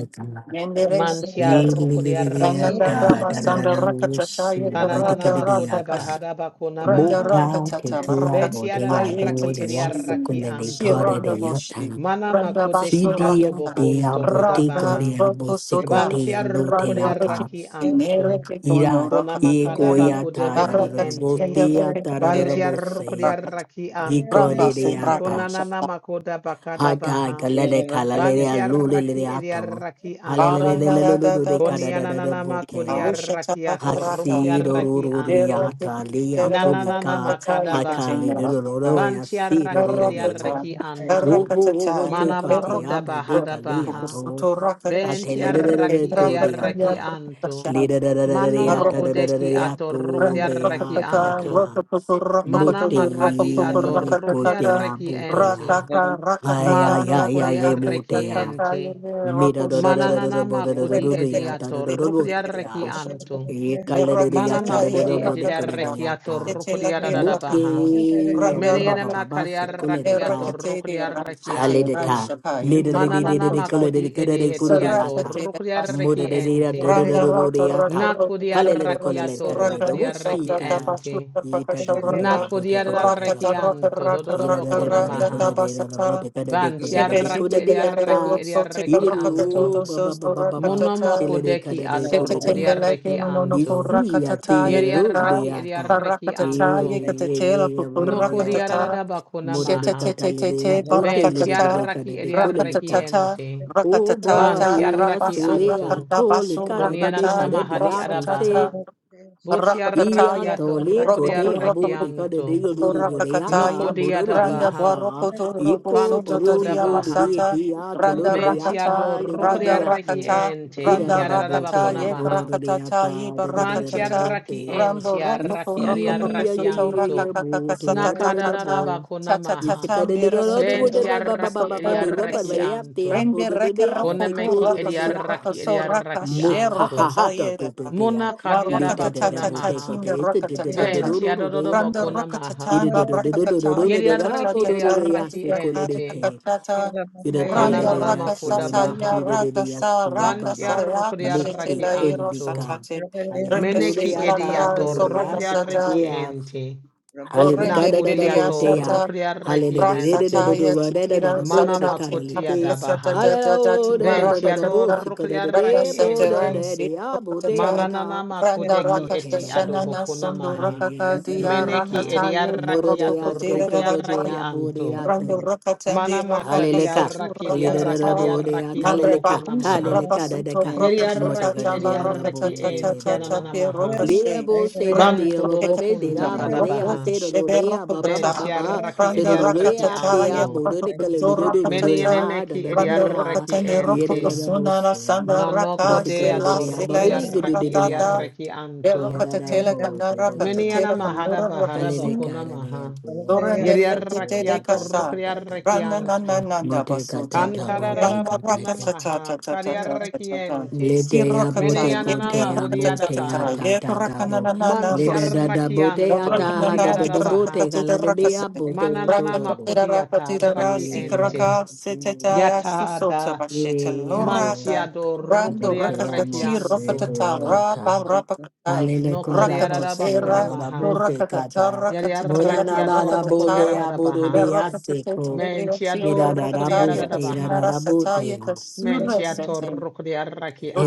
[SPEAKER 3] yendere
[SPEAKER 2] Mantia
[SPEAKER 3] seyatan
[SPEAKER 2] rucco di
[SPEAKER 3] Nalanda dama
[SPEAKER 2] arrechiente.
[SPEAKER 3] sanda rakatata
[SPEAKER 2] Ananana
[SPEAKER 3] yekarada
[SPEAKER 2] makudabaha rabakuna
[SPEAKER 3] Randa
[SPEAKER 2] maha.
[SPEAKER 3] rakatata barakata
[SPEAKER 2] Beti arararaki
[SPEAKER 3] ayetata
[SPEAKER 2] eri
[SPEAKER 3] shiri
[SPEAKER 2] arrachianto.
[SPEAKER 3] shiranda boshi
[SPEAKER 2] Mana
[SPEAKER 3] randa basho
[SPEAKER 2] makudeki
[SPEAKER 3] rakata
[SPEAKER 2] atobokunto
[SPEAKER 3] randa
[SPEAKER 2] kodabaha.
[SPEAKER 3] roko sota
[SPEAKER 2] Bantia rucco
[SPEAKER 3] randa
[SPEAKER 2] di
[SPEAKER 3] reke mere
[SPEAKER 2] arrachianto.
[SPEAKER 3] ke kono
[SPEAKER 4] Ira,
[SPEAKER 2] Kona makada
[SPEAKER 3] rakanda
[SPEAKER 4] Egoya,
[SPEAKER 2] bakude
[SPEAKER 4] Tada,
[SPEAKER 1] you.
[SPEAKER 2] beki
[SPEAKER 3] barakata
[SPEAKER 2] ente.
[SPEAKER 3] randa
[SPEAKER 4] Botea,
[SPEAKER 3] reke
[SPEAKER 4] Tada,
[SPEAKER 2] Bantia
[SPEAKER 4] Bose.
[SPEAKER 2] rukudia
[SPEAKER 3] rakata
[SPEAKER 2] raki antu.
[SPEAKER 3] ramba so
[SPEAKER 2] Kona
[SPEAKER 4] Yikoleleapa,
[SPEAKER 3] rakata
[SPEAKER 2] nana makoda bakada
[SPEAKER 4] hata
[SPEAKER 2] baha.
[SPEAKER 4] galele kalele
[SPEAKER 2] Bantia
[SPEAKER 4] alulele
[SPEAKER 2] raki edia
[SPEAKER 4] ato,
[SPEAKER 2] raki antu.
[SPEAKER 3] aranda rada da
[SPEAKER 4] halelelelelelelele
[SPEAKER 3] basati
[SPEAKER 2] Konia
[SPEAKER 4] kadadadada
[SPEAKER 2] nana makodia
[SPEAKER 4] bokea,
[SPEAKER 3] aushata
[SPEAKER 2] raki ato
[SPEAKER 3] bakarata
[SPEAKER 2] rukudia raki antu.
[SPEAKER 3] dereke
[SPEAKER 4] hasidoruriata lia
[SPEAKER 2] Nana
[SPEAKER 3] derata
[SPEAKER 2] nana
[SPEAKER 4] kulika,
[SPEAKER 3] rakata
[SPEAKER 2] makada baha.
[SPEAKER 3] yekatina rakata
[SPEAKER 4] hakalelelelelele
[SPEAKER 2] Bantia raki edia
[SPEAKER 4] asidorurina.
[SPEAKER 3] Rakata,
[SPEAKER 2] raki
[SPEAKER 4] Wo
[SPEAKER 2] antu.
[SPEAKER 4] wo wo wo
[SPEAKER 3] rakatata,
[SPEAKER 4] se
[SPEAKER 2] Mana
[SPEAKER 4] kate
[SPEAKER 2] makoda
[SPEAKER 4] abu de
[SPEAKER 3] rakatato,
[SPEAKER 2] bahada
[SPEAKER 4] kalia
[SPEAKER 2] baha.
[SPEAKER 4] to,
[SPEAKER 3] kukusoto
[SPEAKER 2] Ben
[SPEAKER 3] rakatashi,
[SPEAKER 4] hatelelelelele
[SPEAKER 2] tiarraki
[SPEAKER 3] rekata kanya
[SPEAKER 2] ediarraki
[SPEAKER 4] kodeata,
[SPEAKER 2] anto.
[SPEAKER 3] kukutasha,
[SPEAKER 2] Mano
[SPEAKER 4] lidadadadadadata
[SPEAKER 3] rakatashi,
[SPEAKER 2] makodeki atorruk
[SPEAKER 4] dadadadadato
[SPEAKER 3] randa
[SPEAKER 2] diarraki
[SPEAKER 3] rakataka,
[SPEAKER 2] anto.
[SPEAKER 4] beagata,
[SPEAKER 3] rakatoko,
[SPEAKER 2] Mana
[SPEAKER 4] mute
[SPEAKER 3] rakatato,
[SPEAKER 2] makati
[SPEAKER 3] rakatoko,
[SPEAKER 2] adorruk
[SPEAKER 3] rakatatata,
[SPEAKER 4] kotea
[SPEAKER 2] diarraki enti
[SPEAKER 4] butea.
[SPEAKER 3] rataka,
[SPEAKER 4] Ay,
[SPEAKER 3] rakataka,
[SPEAKER 4] ay,
[SPEAKER 2] Mano
[SPEAKER 4] ay,
[SPEAKER 2] kodi
[SPEAKER 4] ay, ay,
[SPEAKER 3] kakaka,
[SPEAKER 2] kodiarraki
[SPEAKER 4] botea.
[SPEAKER 3] kakaka,
[SPEAKER 2] ente.
[SPEAKER 3] yene,
[SPEAKER 4] Mira, da, da, da,
[SPEAKER 3] rakoshata,
[SPEAKER 4] da, da,
[SPEAKER 2] Mananana
[SPEAKER 4] da, bo, da, da, da,
[SPEAKER 2] makodi
[SPEAKER 4] da,
[SPEAKER 3] rende,
[SPEAKER 4] da,
[SPEAKER 2] edi
[SPEAKER 4] ya,
[SPEAKER 3] rekete,
[SPEAKER 4] da, da, da, da,
[SPEAKER 3] tete,
[SPEAKER 2] atorruk
[SPEAKER 4] bo, da,
[SPEAKER 3] tete,
[SPEAKER 4] da,
[SPEAKER 2] diarraki
[SPEAKER 4] ya.
[SPEAKER 3] rakoshata,
[SPEAKER 2] anto.
[SPEAKER 4] Ye, kala, da, da, ya,
[SPEAKER 2] Mana
[SPEAKER 4] da,
[SPEAKER 3] rakatata,
[SPEAKER 4] da, da,
[SPEAKER 2] makodi
[SPEAKER 4] da, bo,
[SPEAKER 2] edi
[SPEAKER 4] da, ko, da, da,
[SPEAKER 3] rakatata,
[SPEAKER 2] diarraki
[SPEAKER 4] ya, ta.
[SPEAKER 2] atorruk
[SPEAKER 3] tete, lapi,
[SPEAKER 2] diarada
[SPEAKER 4] Muke,
[SPEAKER 2] baha.
[SPEAKER 3] rakata,
[SPEAKER 4] o, ba, ba,
[SPEAKER 2] Meniene
[SPEAKER 4] ba,
[SPEAKER 3] randa
[SPEAKER 4] ba, ba, se, ko, le, de,
[SPEAKER 2] macariarrachiato
[SPEAKER 4] ka.
[SPEAKER 3] Merakete de
[SPEAKER 4] Hale,
[SPEAKER 3] Ranchete
[SPEAKER 4] de,
[SPEAKER 2] rocodiarrachianto.
[SPEAKER 4] ka.
[SPEAKER 3] Ranchapa
[SPEAKER 4] Ni, da, li, di, di, di,
[SPEAKER 2] Mananana
[SPEAKER 4] di, ko, le,
[SPEAKER 3] Indrabatotan
[SPEAKER 4] de, de,
[SPEAKER 2] macudi
[SPEAKER 4] ka, da, de, ku,
[SPEAKER 1] Yeah.
[SPEAKER 4] ru, de, ya,
[SPEAKER 2] edehetiado
[SPEAKER 4] ta.
[SPEAKER 3] Sarakate de
[SPEAKER 4] Mu,
[SPEAKER 3] Pasita
[SPEAKER 4] da, da, di, da, da,
[SPEAKER 2] rocodiarrechienti.
[SPEAKER 4] da,
[SPEAKER 1] Thank
[SPEAKER 4] da,
[SPEAKER 3] Randa
[SPEAKER 4] da, da, da,
[SPEAKER 3] Rata
[SPEAKER 4] ya,
[SPEAKER 3] Rata
[SPEAKER 4] ta.
[SPEAKER 3] Rata
[SPEAKER 4] Hale, le,
[SPEAKER 3] Rata
[SPEAKER 4] de, ko, le,
[SPEAKER 3] Rata
[SPEAKER 4] le,
[SPEAKER 2] Nacudiarrachiato
[SPEAKER 4] ka, da, da,
[SPEAKER 3] Suraka
[SPEAKER 4] da, wo, si,
[SPEAKER 3] Rosata
[SPEAKER 4] ka.
[SPEAKER 2] rocodiarrechienti.
[SPEAKER 3] Tapashuta
[SPEAKER 4] Ye, da, da, da, da, da,
[SPEAKER 3] Pakasharaka
[SPEAKER 4] bo, da, ko, da, da, da,
[SPEAKER 3] Rata
[SPEAKER 4] bo.
[SPEAKER 3] Rata
[SPEAKER 2] Nacudiarrachianto
[SPEAKER 3] Rata
[SPEAKER 4] Irara
[SPEAKER 3] Rata
[SPEAKER 4] de bode
[SPEAKER 3] Rata
[SPEAKER 2] dododobocunamaha.
[SPEAKER 4] code de la
[SPEAKER 3] Tabasata
[SPEAKER 4] bode cada de code de
[SPEAKER 3] Sepe
[SPEAKER 4] de
[SPEAKER 2] Bantiarrachi
[SPEAKER 3] Shita
[SPEAKER 4] code de
[SPEAKER 3] Tepe
[SPEAKER 2] ediarrachi
[SPEAKER 4] ata.
[SPEAKER 3] Roxo Tika Rakata
[SPEAKER 2] ediarrechianto.
[SPEAKER 4] Iru
[SPEAKER 3] Dodo
[SPEAKER 4] baba
[SPEAKER 3] Sos
[SPEAKER 4] baba baba sila de
[SPEAKER 2] Monomocodeci
[SPEAKER 4] cada de
[SPEAKER 2] ato
[SPEAKER 4] code de
[SPEAKER 3] Shetetende
[SPEAKER 4] a.
[SPEAKER 3] lekeno no no no.
[SPEAKER 2] rocodiarrechianto.
[SPEAKER 4] Isi
[SPEAKER 3] korakatata
[SPEAKER 4] ate ru
[SPEAKER 3] yekata.
[SPEAKER 4] de
[SPEAKER 2] Yeriarrachi
[SPEAKER 4] ata. E
[SPEAKER 3] Parakatata
[SPEAKER 2] ediarrechianto.
[SPEAKER 3] yekatete la
[SPEAKER 4] e e amu ata.
[SPEAKER 3] kukurakatata.
[SPEAKER 4] Mora de
[SPEAKER 2] Nocodiarabacunamaha.
[SPEAKER 4] catale de a
[SPEAKER 3] Shetetetete
[SPEAKER 4] bote
[SPEAKER 2] Ben
[SPEAKER 4] lo de de
[SPEAKER 3] barakatata.
[SPEAKER 2] tiarraki
[SPEAKER 4] cada de code lica.
[SPEAKER 3] Rakatatata.
[SPEAKER 2] ediarrekiente.
[SPEAKER 4] O
[SPEAKER 2] Ban
[SPEAKER 4] baba
[SPEAKER 3] Rakatatata.
[SPEAKER 4] ye a
[SPEAKER 2] tiarraki
[SPEAKER 3] Rabasu
[SPEAKER 4] sole a
[SPEAKER 2] anto.
[SPEAKER 3] rakata
[SPEAKER 4] tole
[SPEAKER 3] basu
[SPEAKER 4] cada de de
[SPEAKER 3] rakata.
[SPEAKER 2] Konianana
[SPEAKER 4] code de
[SPEAKER 2] mahadi
[SPEAKER 4] a bose.
[SPEAKER 2] adabaha.
[SPEAKER 3] Yebrosotata.
[SPEAKER 4] Ia
[SPEAKER 3] Rakataya,
[SPEAKER 2] Botiarrakiato
[SPEAKER 4] tole kote abo de kade de
[SPEAKER 2] rokodiarrekianto.
[SPEAKER 4] yo do de
[SPEAKER 3] Rakataya,
[SPEAKER 4] ata bororo de
[SPEAKER 3] Randa
[SPEAKER 2] Nokodiatabaha.
[SPEAKER 4] asa
[SPEAKER 3] Barokoto
[SPEAKER 4] yeko
[SPEAKER 2] Banto
[SPEAKER 3] Robosoto
[SPEAKER 4] bororo do de
[SPEAKER 2] kodabaha.
[SPEAKER 4] de
[SPEAKER 3] Dadiamasata,
[SPEAKER 4] te tolo
[SPEAKER 3] Randa
[SPEAKER 4] de
[SPEAKER 3] Rakata,
[SPEAKER 2] Mentiado
[SPEAKER 4] ata le de de
[SPEAKER 3] Randa
[SPEAKER 4] de abo
[SPEAKER 3] Rakata,
[SPEAKER 2] rokodiarrekiente.
[SPEAKER 4] ida
[SPEAKER 3] Randa
[SPEAKER 4] da da bo te
[SPEAKER 3] Rakata,
[SPEAKER 2] Hiadadabakona
[SPEAKER 3] Yep
[SPEAKER 2] maha.
[SPEAKER 4] de
[SPEAKER 3] Rakatata,
[SPEAKER 4] ata
[SPEAKER 3] Yeba
[SPEAKER 4] da da da
[SPEAKER 2] Man
[SPEAKER 4] da da
[SPEAKER 3] Rakatata,
[SPEAKER 4] bo
[SPEAKER 2] tiaraki en
[SPEAKER 3] Rambo Rokoko
[SPEAKER 2] tiaraki
[SPEAKER 4] isi
[SPEAKER 3] Rokoko
[SPEAKER 4] ya ya
[SPEAKER 3] Soto
[SPEAKER 4] ya ya ya
[SPEAKER 2] ariarakianto.
[SPEAKER 3] Rakakaka
[SPEAKER 4] bo ya da da da
[SPEAKER 3] Satatata,
[SPEAKER 4] bo
[SPEAKER 2] Nakadarabako
[SPEAKER 3] Tata
[SPEAKER 4] isi
[SPEAKER 2] namaha.
[SPEAKER 3] Tatam
[SPEAKER 4] kade de do do
[SPEAKER 3] Birasato
[SPEAKER 4] do
[SPEAKER 2] Ben
[SPEAKER 4] de ba ba ba ba
[SPEAKER 2] tiaraki
[SPEAKER 4] ba ba
[SPEAKER 3] Rokosoto
[SPEAKER 4] do ba ba ba
[SPEAKER 3] Rekese,
[SPEAKER 4] ya te ya
[SPEAKER 2] ariarakianto.
[SPEAKER 3] Rende
[SPEAKER 4] do de de ya
[SPEAKER 3] Rekaroko
[SPEAKER 4] se
[SPEAKER 2] Konemeki
[SPEAKER 4] do do de
[SPEAKER 3] Rokoso
[SPEAKER 4] ya
[SPEAKER 2] ariaraki
[SPEAKER 3] Rokoso
[SPEAKER 1] you.
[SPEAKER 3] Rakashe
[SPEAKER 2] ariarakianto.
[SPEAKER 4] Mukahata
[SPEAKER 3] Rokatayeda.
[SPEAKER 4] tutudea.
[SPEAKER 2] Mona
[SPEAKER 4] Lita da
[SPEAKER 2] kadiarabako
[SPEAKER 4] da
[SPEAKER 3] Barakatata
[SPEAKER 4] boteko
[SPEAKER 2] namaha.
[SPEAKER 3] tinda
[SPEAKER 4] te ita da da da da
[SPEAKER 2] Ben
[SPEAKER 4] do
[SPEAKER 3] rakatata.
[SPEAKER 4] do do do
[SPEAKER 3] Randa
[SPEAKER 2] tiadorobako
[SPEAKER 4] yata.
[SPEAKER 2] namaha.
[SPEAKER 3] rakatata
[SPEAKER 4] Ida da da da da da do
[SPEAKER 3] babrakakata
[SPEAKER 4] do da da da po
[SPEAKER 2] Yeriaraki
[SPEAKER 4] do do do
[SPEAKER 3] yekatata
[SPEAKER 2] ariaraki
[SPEAKER 4] yasa kule de
[SPEAKER 2] ente.
[SPEAKER 4] ke.
[SPEAKER 3] yakatakata.
[SPEAKER 4] Ida pre da
[SPEAKER 3] Randa
[SPEAKER 4] da da
[SPEAKER 2] Kananamako
[SPEAKER 4] su
[SPEAKER 3] rakasasa
[SPEAKER 4] ida
[SPEAKER 3] ya
[SPEAKER 4] pre
[SPEAKER 2] dabaha.
[SPEAKER 4] da da da
[SPEAKER 3] rakasa
[SPEAKER 4] yasu
[SPEAKER 2] Ban
[SPEAKER 3] rakasa
[SPEAKER 4] baba.
[SPEAKER 3] yakashete
[SPEAKER 2] tiarukuriaraki
[SPEAKER 4] Mukte
[SPEAKER 3] la
[SPEAKER 2] anto.
[SPEAKER 4] kunlika.
[SPEAKER 3] satate.
[SPEAKER 4] Ale da
[SPEAKER 3] Renda
[SPEAKER 4] kule
[SPEAKER 2] Meneki
[SPEAKER 3] shekla
[SPEAKER 4] yata bo
[SPEAKER 3] kra
[SPEAKER 2] ediato
[SPEAKER 4] do do
[SPEAKER 3] so rakasata.
[SPEAKER 2] rukriareki
[SPEAKER 4] yasa
[SPEAKER 2] ente.
[SPEAKER 3] Do
[SPEAKER 4] Hallelujah.
[SPEAKER 3] rende ridiya
[SPEAKER 2] Nakudiato rukriareki
[SPEAKER 4] Hallelujah.
[SPEAKER 2] ente.
[SPEAKER 3] Rasataya Titira
[SPEAKER 2] Mana
[SPEAKER 3] Satati
[SPEAKER 2] makutia
[SPEAKER 3] Santa
[SPEAKER 2] dabaha.
[SPEAKER 3] Dati
[SPEAKER 2] Bentiado
[SPEAKER 3] Marakatata Randa
[SPEAKER 2] rukriareki
[SPEAKER 3] Santa
[SPEAKER 2] ente.
[SPEAKER 3] Ransi Rakatata
[SPEAKER 2] Mananana
[SPEAKER 3] Randa
[SPEAKER 2] makudeki eti
[SPEAKER 3] Rakashana
[SPEAKER 2] adobokuna
[SPEAKER 3] Sundu
[SPEAKER 2] maha.
[SPEAKER 3] Rakaka Dia
[SPEAKER 2] Meneki
[SPEAKER 3] Rakataye
[SPEAKER 2] ediareki ato
[SPEAKER 3] Rokokotira
[SPEAKER 2] rukriareki anto.
[SPEAKER 4] Hallelujah.
[SPEAKER 3] Rando Rakatandi
[SPEAKER 2] Mana
[SPEAKER 3] Rakaka
[SPEAKER 4] Hallelujah.
[SPEAKER 3] Satu
[SPEAKER 2] makadiareki
[SPEAKER 3] Rakatata
[SPEAKER 4] Lidadadabodea,
[SPEAKER 2] diareki
[SPEAKER 3] Mamre
[SPEAKER 4] hallelujah,
[SPEAKER 2] adobokuna
[SPEAKER 3] Babus
[SPEAKER 2] maha.
[SPEAKER 4] hallelujah,
[SPEAKER 3] Rapasuto
[SPEAKER 4] dadaka.
[SPEAKER 3] Brokasota
[SPEAKER 2] Yeriareki
[SPEAKER 3] Jama
[SPEAKER 2] ediareki ente
[SPEAKER 3] Rakatata
[SPEAKER 2] ananana
[SPEAKER 4] Motegadadadabodea.
[SPEAKER 3] Be
[SPEAKER 2] maha.
[SPEAKER 3] Rokashe
[SPEAKER 4] Lidabo say not
[SPEAKER 3] Rende
[SPEAKER 4] the
[SPEAKER 2] Banto dobo
[SPEAKER 4] ababe, de
[SPEAKER 2] kunta
[SPEAKER 4] la
[SPEAKER 3] Rokekatina
[SPEAKER 4] bodea,
[SPEAKER 2] kadabaha.
[SPEAKER 4] say the
[SPEAKER 3] Rokashebe
[SPEAKER 4] rodea, baba, baba,
[SPEAKER 2] Venti
[SPEAKER 3] Rokata
[SPEAKER 4] baba,
[SPEAKER 2] arraki
[SPEAKER 4] say
[SPEAKER 2] edi
[SPEAKER 3] Randa
[SPEAKER 4] the
[SPEAKER 2] arraki
[SPEAKER 4] rodea, they are
[SPEAKER 3] Rakatata
[SPEAKER 2] anto.
[SPEAKER 4] bododical,
[SPEAKER 3] Yakakato
[SPEAKER 1] Yeah.
[SPEAKER 2] Meni
[SPEAKER 3] Rakatata
[SPEAKER 4] ludododododea,
[SPEAKER 2] enemeki edi
[SPEAKER 3] Randa
[SPEAKER 4] dadadadea,
[SPEAKER 2] arraki
[SPEAKER 3] Rakatani
[SPEAKER 2] ente.
[SPEAKER 3] Rokokasuna
[SPEAKER 4] yedadadabose.
[SPEAKER 3] Sanda
[SPEAKER 4] It
[SPEAKER 2] Manoko
[SPEAKER 3] Raka
[SPEAKER 4] is the
[SPEAKER 2] de
[SPEAKER 3] Sela
[SPEAKER 4] cadadea,
[SPEAKER 2] atoroko
[SPEAKER 3] Sela
[SPEAKER 2] di
[SPEAKER 4] babidi good
[SPEAKER 2] arraki edi
[SPEAKER 3] Suratata
[SPEAKER 4] dea,
[SPEAKER 2] arraki
[SPEAKER 3] Be
[SPEAKER 2] anto.
[SPEAKER 3] Rakatatela
[SPEAKER 4] Yadadabo do
[SPEAKER 3] Kanara
[SPEAKER 4] do do
[SPEAKER 2] Meni ana
[SPEAKER 3] Katatela
[SPEAKER 4] yata.
[SPEAKER 2] mahada
[SPEAKER 3] Kanura
[SPEAKER 2] bahada
[SPEAKER 3] Rabosu
[SPEAKER 2] bakuna
[SPEAKER 4] Halelekara de
[SPEAKER 2] maha.
[SPEAKER 4] yate yabo
[SPEAKER 3] Surrender
[SPEAKER 2] Yedi
[SPEAKER 4] sete
[SPEAKER 3] te
[SPEAKER 2] arraki
[SPEAKER 3] de
[SPEAKER 4] yata Da
[SPEAKER 2] atoroko
[SPEAKER 3] kasa.
[SPEAKER 2] di
[SPEAKER 4] da da
[SPEAKER 2] arraki
[SPEAKER 4] da
[SPEAKER 3] Rana
[SPEAKER 4] da
[SPEAKER 3] na na
[SPEAKER 2] anto.
[SPEAKER 3] na na
[SPEAKER 4] Mote kata
[SPEAKER 3] basuta.
[SPEAKER 4] da
[SPEAKER 2] Kantarara
[SPEAKER 4] bote
[SPEAKER 3] Rana
[SPEAKER 4] kote
[SPEAKER 3] raka
[SPEAKER 2] bakuna
[SPEAKER 3] ta
[SPEAKER 4] te.
[SPEAKER 3] ta ta
[SPEAKER 2] maha.
[SPEAKER 3] ta
[SPEAKER 2] Kari
[SPEAKER 3] ta ta ta
[SPEAKER 2] arraki
[SPEAKER 3] ta ta.
[SPEAKER 2] ente.
[SPEAKER 4] Lede ya
[SPEAKER 3] Sirokata.
[SPEAKER 2] Meni
[SPEAKER 4] bote
[SPEAKER 2] anana
[SPEAKER 3] Yene
[SPEAKER 4] kote ya
[SPEAKER 3] raka
[SPEAKER 2] mahudi
[SPEAKER 3] ta ta ta
[SPEAKER 4] mote ya
[SPEAKER 3] ta.
[SPEAKER 2] adabaha.
[SPEAKER 4] ta
[SPEAKER 3] Ye
[SPEAKER 4] da da
[SPEAKER 3] raka na
[SPEAKER 4] bo.
[SPEAKER 3] na na na
[SPEAKER 2] Manti
[SPEAKER 4] Lede da
[SPEAKER 3] basu.
[SPEAKER 4] da
[SPEAKER 2] arraki
[SPEAKER 4] bote ya
[SPEAKER 2] anto.
[SPEAKER 3] Raka
[SPEAKER 4] ta
[SPEAKER 3] na
[SPEAKER 4] ha
[SPEAKER 2] Kodi
[SPEAKER 4] da
[SPEAKER 3] na
[SPEAKER 4] da
[SPEAKER 3] ni raka
[SPEAKER 2] adabaha.
[SPEAKER 3] te de raka se.
[SPEAKER 2] Mananana
[SPEAKER 3] Raka ta te da raka te
[SPEAKER 2] makodiata
[SPEAKER 3] da ra.
[SPEAKER 2] raki
[SPEAKER 3] Sika
[SPEAKER 2] ente.
[SPEAKER 3] raka se te ta ya
[SPEAKER 2] Yata
[SPEAKER 3] susota
[SPEAKER 2] da
[SPEAKER 3] bashete lorata.
[SPEAKER 2] mantiado
[SPEAKER 3] Rando
[SPEAKER 2] rokoria
[SPEAKER 3] raka ta ti roka
[SPEAKER 2] rekianto.
[SPEAKER 3] ta ta ra
[SPEAKER 4] da
[SPEAKER 3] pa
[SPEAKER 4] Hallelujah.
[SPEAKER 3] ra pa ka ta.
[SPEAKER 1] Yeah.
[SPEAKER 4] Alele
[SPEAKER 2] No
[SPEAKER 4] koda
[SPEAKER 3] Raka
[SPEAKER 2] kodiara
[SPEAKER 3] te
[SPEAKER 2] da
[SPEAKER 3] te
[SPEAKER 4] bose da
[SPEAKER 2] bakuna
[SPEAKER 3] ra.
[SPEAKER 4] da da
[SPEAKER 2] maha.
[SPEAKER 4] bude
[SPEAKER 3] Rakatata,
[SPEAKER 4] kata.
[SPEAKER 2] Yaria
[SPEAKER 3] rakatitela
[SPEAKER 4] Bona na na
[SPEAKER 2] rakiato
[SPEAKER 4] na bude
[SPEAKER 2] rokodiara
[SPEAKER 3] Rakatata,
[SPEAKER 4] ya
[SPEAKER 2] da
[SPEAKER 4] budu de
[SPEAKER 2] baha.
[SPEAKER 4] ya seko.
[SPEAKER 3] Berakatatelia, Singer,
[SPEAKER 2] Mentiado
[SPEAKER 4] Ida da da
[SPEAKER 2] rokodiara
[SPEAKER 3] Rakataya,
[SPEAKER 4] bu,
[SPEAKER 2] da
[SPEAKER 4] ida da
[SPEAKER 2] baha.
[SPEAKER 3] Katinara,
[SPEAKER 4] da bu de
[SPEAKER 3] Sataya,
[SPEAKER 4] ya.
[SPEAKER 3] Kasura,
[SPEAKER 2] Mentiato
[SPEAKER 3] Setin,
[SPEAKER 2] rokodiara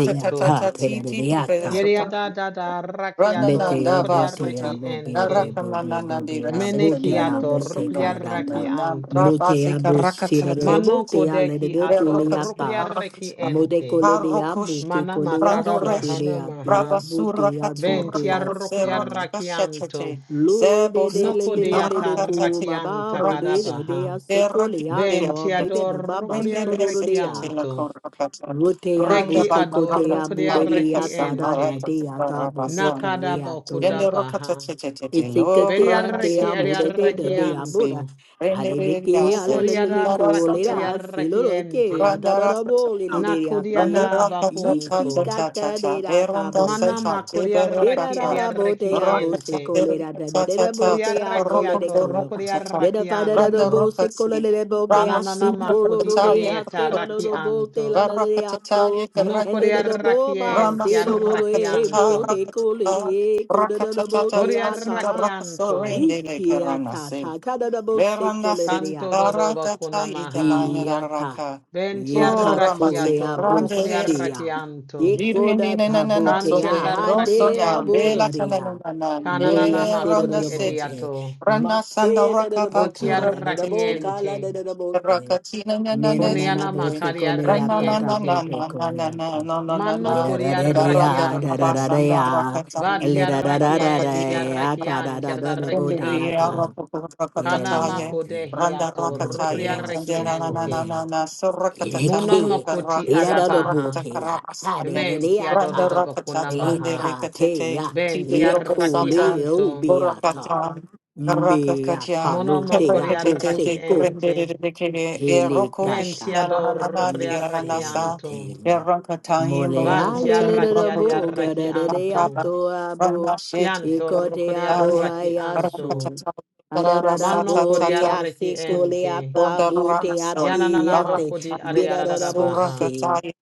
[SPEAKER 4] Ida ta, te da de
[SPEAKER 3] Titi,
[SPEAKER 4] ya ta.
[SPEAKER 2] Yaria da
[SPEAKER 3] Besatan,
[SPEAKER 2] da da rakiado
[SPEAKER 4] Mete ya
[SPEAKER 3] Ranananda,
[SPEAKER 2] rokoria
[SPEAKER 4] bute ya
[SPEAKER 3] Basuta,
[SPEAKER 2] reki
[SPEAKER 4] bu be be
[SPEAKER 2] ente.
[SPEAKER 4] be be be be
[SPEAKER 3] Narakananandi,
[SPEAKER 4] ya
[SPEAKER 3] Resetan,
[SPEAKER 4] bute ya
[SPEAKER 2] Menekiato
[SPEAKER 3] Nano,
[SPEAKER 4] bute
[SPEAKER 3] Single,
[SPEAKER 2] rokodiara
[SPEAKER 4] kada da.
[SPEAKER 3] Nam,
[SPEAKER 2] rakianto.
[SPEAKER 4] Bute ya
[SPEAKER 3] Rabasika,
[SPEAKER 4] bu si da da da
[SPEAKER 3] Rakatata,
[SPEAKER 2] Mano
[SPEAKER 4] bute ya le de
[SPEAKER 2] kodeki
[SPEAKER 4] de
[SPEAKER 2] ato
[SPEAKER 4] kule ya ta.
[SPEAKER 2] rukriareki
[SPEAKER 3] Verakatsinarakata,
[SPEAKER 4] Mude
[SPEAKER 2] ente.
[SPEAKER 4] kule de ya
[SPEAKER 3] Harokoshi,
[SPEAKER 4] bute
[SPEAKER 2] Mana
[SPEAKER 4] kule ya
[SPEAKER 2] makara
[SPEAKER 4] su
[SPEAKER 3] Randoreshi,
[SPEAKER 4] kule
[SPEAKER 2] bahana
[SPEAKER 4] ya te ya
[SPEAKER 2] maha.
[SPEAKER 3] Rabasura
[SPEAKER 4] bute ya du
[SPEAKER 3] Katura
[SPEAKER 2] Benti
[SPEAKER 4] te ya
[SPEAKER 3] Kukusera
[SPEAKER 4] si.
[SPEAKER 2] arrukriaraki anto.
[SPEAKER 3] Kakashate,
[SPEAKER 4] Lord, de de le
[SPEAKER 3] Sebosati,
[SPEAKER 2] Noko
[SPEAKER 4] le
[SPEAKER 2] de
[SPEAKER 4] le le de ko
[SPEAKER 3] Narakatate,
[SPEAKER 2] atarraki
[SPEAKER 4] baba
[SPEAKER 2] anta
[SPEAKER 4] bode
[SPEAKER 3] Rakash,
[SPEAKER 4] de de
[SPEAKER 2] karabaha.
[SPEAKER 4] a se ko
[SPEAKER 3] Teragidea,
[SPEAKER 4] to
[SPEAKER 2] Benti
[SPEAKER 4] baby baba
[SPEAKER 3] Rende
[SPEAKER 4] basoro
[SPEAKER 2] adorrukriareki
[SPEAKER 4] de
[SPEAKER 3] Besete,
[SPEAKER 4] ya
[SPEAKER 3] La
[SPEAKER 2] anto.
[SPEAKER 3] Korakata,
[SPEAKER 4] rote ya
[SPEAKER 3] Randa
[SPEAKER 2] Neki
[SPEAKER 4] bote
[SPEAKER 3] Batna
[SPEAKER 4] kote ya
[SPEAKER 3] Rakata,
[SPEAKER 4] bode le
[SPEAKER 2] adorrukriareki
[SPEAKER 4] ya
[SPEAKER 3] Lepasan,
[SPEAKER 4] ta da da
[SPEAKER 2] ente.
[SPEAKER 3] Narata,
[SPEAKER 4] de ya ta bode
[SPEAKER 3] Rabasan,
[SPEAKER 4] kan
[SPEAKER 2] Nakada
[SPEAKER 4] le ya to
[SPEAKER 3] Yende Rakata,
[SPEAKER 2] bakudabaha.
[SPEAKER 3] Tete, Lo,
[SPEAKER 4] itikate ya
[SPEAKER 3] Rama
[SPEAKER 4] te
[SPEAKER 2] Beriareki
[SPEAKER 4] ya
[SPEAKER 3] Sekete,
[SPEAKER 4] muda de de
[SPEAKER 2] ariareki
[SPEAKER 4] de
[SPEAKER 3] Rende
[SPEAKER 4] ya boda
[SPEAKER 2] anto.
[SPEAKER 3] Rende
[SPEAKER 4] hale le
[SPEAKER 3] Rende
[SPEAKER 4] ke ya
[SPEAKER 2] Noko
[SPEAKER 4] la la le le ko
[SPEAKER 2] diaraki
[SPEAKER 4] le
[SPEAKER 3] Rende
[SPEAKER 4] da se
[SPEAKER 2] ariareki
[SPEAKER 4] ke ya
[SPEAKER 2] ente.
[SPEAKER 3] Randa
[SPEAKER 4] da da da
[SPEAKER 3] raksa,
[SPEAKER 4] bo le le de ya
[SPEAKER 3] randa
[SPEAKER 4] te
[SPEAKER 2] Nakodiada
[SPEAKER 3] raksa cha cha
[SPEAKER 2] bakuntu.
[SPEAKER 3] cha cha
[SPEAKER 4] isikata
[SPEAKER 3] cha.
[SPEAKER 4] de da ta
[SPEAKER 3] Berunda
[SPEAKER 4] bode
[SPEAKER 2] Mana
[SPEAKER 4] ya
[SPEAKER 3] sepati
[SPEAKER 4] Dera
[SPEAKER 3] beraka,
[SPEAKER 2] makodiaraki
[SPEAKER 4] ra ra bo
[SPEAKER 2] ediaraki
[SPEAKER 4] te a
[SPEAKER 3] randa
[SPEAKER 4] bo
[SPEAKER 3] raksa
[SPEAKER 4] se
[SPEAKER 2] ente.
[SPEAKER 4] ko le ra da da
[SPEAKER 3] cha cha
[SPEAKER 4] da
[SPEAKER 3] cha
[SPEAKER 4] da bo
[SPEAKER 3] cha cha.
[SPEAKER 4] te a go
[SPEAKER 2] Bodiaraki
[SPEAKER 4] le
[SPEAKER 3] Rokun
[SPEAKER 4] de
[SPEAKER 2] ato
[SPEAKER 3] do
[SPEAKER 4] ko.
[SPEAKER 3] randa,
[SPEAKER 4] Le da
[SPEAKER 2] rokodiaraki
[SPEAKER 4] fa da da do
[SPEAKER 3] randa
[SPEAKER 2] anto.
[SPEAKER 4] bo se ko le
[SPEAKER 3] rokasi.
[SPEAKER 4] le le bo pe
[SPEAKER 3] Rama
[SPEAKER 4] a
[SPEAKER 2] Kananana
[SPEAKER 4] se
[SPEAKER 3] sura
[SPEAKER 4] ko lo
[SPEAKER 2] makodi
[SPEAKER 4] do
[SPEAKER 3] kaca
[SPEAKER 4] be
[SPEAKER 3] ya
[SPEAKER 4] a
[SPEAKER 2] edieta
[SPEAKER 4] te da
[SPEAKER 3] raka, sa
[SPEAKER 4] lo
[SPEAKER 2] raki
[SPEAKER 4] do
[SPEAKER 3] sa.
[SPEAKER 4] bo
[SPEAKER 2] anto.
[SPEAKER 4] te la la de
[SPEAKER 3] Baraka sa
[SPEAKER 4] a
[SPEAKER 3] sa ye
[SPEAKER 4] to.
[SPEAKER 3] raka cha
[SPEAKER 4] And
[SPEAKER 3] ya
[SPEAKER 4] le
[SPEAKER 3] kerana
[SPEAKER 4] da da
[SPEAKER 3] si.
[SPEAKER 4] bo
[SPEAKER 2] Nokodiaraki
[SPEAKER 4] ba
[SPEAKER 3] Rama
[SPEAKER 2] enti
[SPEAKER 4] se lo lo
[SPEAKER 3] sura
[SPEAKER 2] araki
[SPEAKER 3] kaca
[SPEAKER 4] le
[SPEAKER 2] anto.
[SPEAKER 3] ya
[SPEAKER 4] bo de
[SPEAKER 3] raka, sa
[SPEAKER 4] ko le
[SPEAKER 3] sa
[SPEAKER 4] re ko da
[SPEAKER 3] raka
[SPEAKER 4] da
[SPEAKER 3] cha
[SPEAKER 4] da
[SPEAKER 3] cha
[SPEAKER 4] bo
[SPEAKER 3] cha.
[SPEAKER 4] ke a
[SPEAKER 3] Sinda
[SPEAKER 2] Bodiaraki
[SPEAKER 4] ta.
[SPEAKER 3] raka sorendele kerana si. da raka so
[SPEAKER 2] anto.
[SPEAKER 4] I
[SPEAKER 3] rende le
[SPEAKER 4] te a ta
[SPEAKER 3] karana
[SPEAKER 4] ta ta da da bo se
[SPEAKER 3] Beranda
[SPEAKER 4] ko le re re a
[SPEAKER 2] Kanto dodo
[SPEAKER 3] sitara kata
[SPEAKER 2] bakuna maha.
[SPEAKER 3] italanya
[SPEAKER 4] ta.
[SPEAKER 3] daraka.
[SPEAKER 2] Benti
[SPEAKER 3] Ora
[SPEAKER 2] araki
[SPEAKER 3] masik
[SPEAKER 4] Yekatole
[SPEAKER 2] ato
[SPEAKER 3] rande resit.
[SPEAKER 2] rokodiaraki
[SPEAKER 4] abusia.
[SPEAKER 2] anto.
[SPEAKER 3] Dirindi
[SPEAKER 4] Yekoda
[SPEAKER 3] na na na na
[SPEAKER 4] tabotea
[SPEAKER 3] sonde
[SPEAKER 2] Kantiaraki
[SPEAKER 3] loso
[SPEAKER 4] hane
[SPEAKER 3] na
[SPEAKER 2] ente.
[SPEAKER 3] bela kana na
[SPEAKER 4] aborea.
[SPEAKER 3] na na
[SPEAKER 2] Kananana
[SPEAKER 4] Gloria sera da
[SPEAKER 3] beranda
[SPEAKER 2] makodi
[SPEAKER 4] da
[SPEAKER 3] sit.
[SPEAKER 4] bote.
[SPEAKER 2] ediato.
[SPEAKER 3] Rana sanda
[SPEAKER 4] Matela da
[SPEAKER 3] raka
[SPEAKER 4] da boca
[SPEAKER 3] patura
[SPEAKER 4] da da da
[SPEAKER 3] tete.
[SPEAKER 2] Botiarrachiente,
[SPEAKER 4] da da da
[SPEAKER 3] Raka
[SPEAKER 4] bote.
[SPEAKER 3] tina na na na
[SPEAKER 4] Mena na na
[SPEAKER 2] Conianama
[SPEAKER 3] tete.
[SPEAKER 4] bose kole
[SPEAKER 3] Rana
[SPEAKER 4] ata
[SPEAKER 3] na
[SPEAKER 4] da
[SPEAKER 3] na na
[SPEAKER 2] cariarrachiente,
[SPEAKER 4] bote
[SPEAKER 3] na na na na na na
[SPEAKER 4] koyante.
[SPEAKER 3] no no na
[SPEAKER 2] Manno
[SPEAKER 3] na.
[SPEAKER 4] Ira da da da
[SPEAKER 3] Daranda
[SPEAKER 4] ya da da da
[SPEAKER 2] coriarrachianto,
[SPEAKER 4] da
[SPEAKER 3] rabasanda
[SPEAKER 4] ya.
[SPEAKER 3] raka
[SPEAKER 4] Le
[SPEAKER 3] talina
[SPEAKER 4] da da
[SPEAKER 3] raka
[SPEAKER 4] da da da
[SPEAKER 2] Batiarrachienti
[SPEAKER 3] kakadero.
[SPEAKER 4] ya ta da
[SPEAKER 2] arrachianti
[SPEAKER 4] da da da bote ya
[SPEAKER 3] Randiriya
[SPEAKER 2] arrachianto,
[SPEAKER 4] ta. Ile le
[SPEAKER 2] Kanama
[SPEAKER 4] ya
[SPEAKER 3] Rakatataye,
[SPEAKER 4] te.
[SPEAKER 3] Randa
[SPEAKER 2] codehiato,
[SPEAKER 4] Bote
[SPEAKER 3] Rakataye,
[SPEAKER 4] ya se
[SPEAKER 3] Tandana
[SPEAKER 2] Rucriarrachiente,
[SPEAKER 3] Nanana, Surakatana
[SPEAKER 4] Eleke,
[SPEAKER 2] Monomocoti
[SPEAKER 3] Rakasata
[SPEAKER 2] adabaha,
[SPEAKER 4] iradadoboke,
[SPEAKER 3] Rakatarabasaye,
[SPEAKER 2] Menti
[SPEAKER 3] Randa
[SPEAKER 4] hadedeata,
[SPEAKER 3] Rakatata and the
[SPEAKER 2] adododobacunamaha,
[SPEAKER 3] Rikatate,
[SPEAKER 4] elekatea,
[SPEAKER 2] Benti
[SPEAKER 3] Tibilobo Sata,
[SPEAKER 2] arrachianto,
[SPEAKER 4] ekoleobeata,
[SPEAKER 3] Burakatan,
[SPEAKER 4] mbeata
[SPEAKER 3] Rakakaja,
[SPEAKER 4] lotea
[SPEAKER 3] Kerakate, the
[SPEAKER 4] boseko,
[SPEAKER 2] Monomocoriarrachiente,
[SPEAKER 3] Rendere, the Kede, Eroko
[SPEAKER 4] elekata.
[SPEAKER 2] Benti
[SPEAKER 3] Krishna Nanana, the Anasa,
[SPEAKER 2] adorrucriarrachianto.
[SPEAKER 4] Yesenatela.
[SPEAKER 3] Erakataim, Baroko
[SPEAKER 2] Vanti
[SPEAKER 4] Moleale
[SPEAKER 3] Patan, the
[SPEAKER 2] arraki
[SPEAKER 4] lera
[SPEAKER 2] adi
[SPEAKER 4] boga
[SPEAKER 2] arraki
[SPEAKER 4] da da de
[SPEAKER 2] anto.
[SPEAKER 3] Rakatu,
[SPEAKER 4] ato
[SPEAKER 3] Randa
[SPEAKER 4] abo.
[SPEAKER 3] Shet,
[SPEAKER 2] Chianto
[SPEAKER 4] Ikote
[SPEAKER 2] rucori
[SPEAKER 4] abo
[SPEAKER 2] arraki anto.
[SPEAKER 4] ayaso.
[SPEAKER 3] Arakatata,
[SPEAKER 4] Adadada
[SPEAKER 2] Manno
[SPEAKER 4] bo
[SPEAKER 2] cori
[SPEAKER 3] Rasatata,
[SPEAKER 2] arraki
[SPEAKER 4] biasi kole
[SPEAKER 2] ente.
[SPEAKER 4] ata
[SPEAKER 3] Sunda
[SPEAKER 4] bo te
[SPEAKER 3] Bramaso,
[SPEAKER 4] ati
[SPEAKER 2] Yananana
[SPEAKER 4] ate.
[SPEAKER 2] kodi
[SPEAKER 3] Barakatan,
[SPEAKER 2] adi
[SPEAKER 4] Bidadada
[SPEAKER 2] adada
[SPEAKER 4] bo
[SPEAKER 3] Pasura
[SPEAKER 2] baha.
[SPEAKER 4] se.
[SPEAKER 3] Kataya,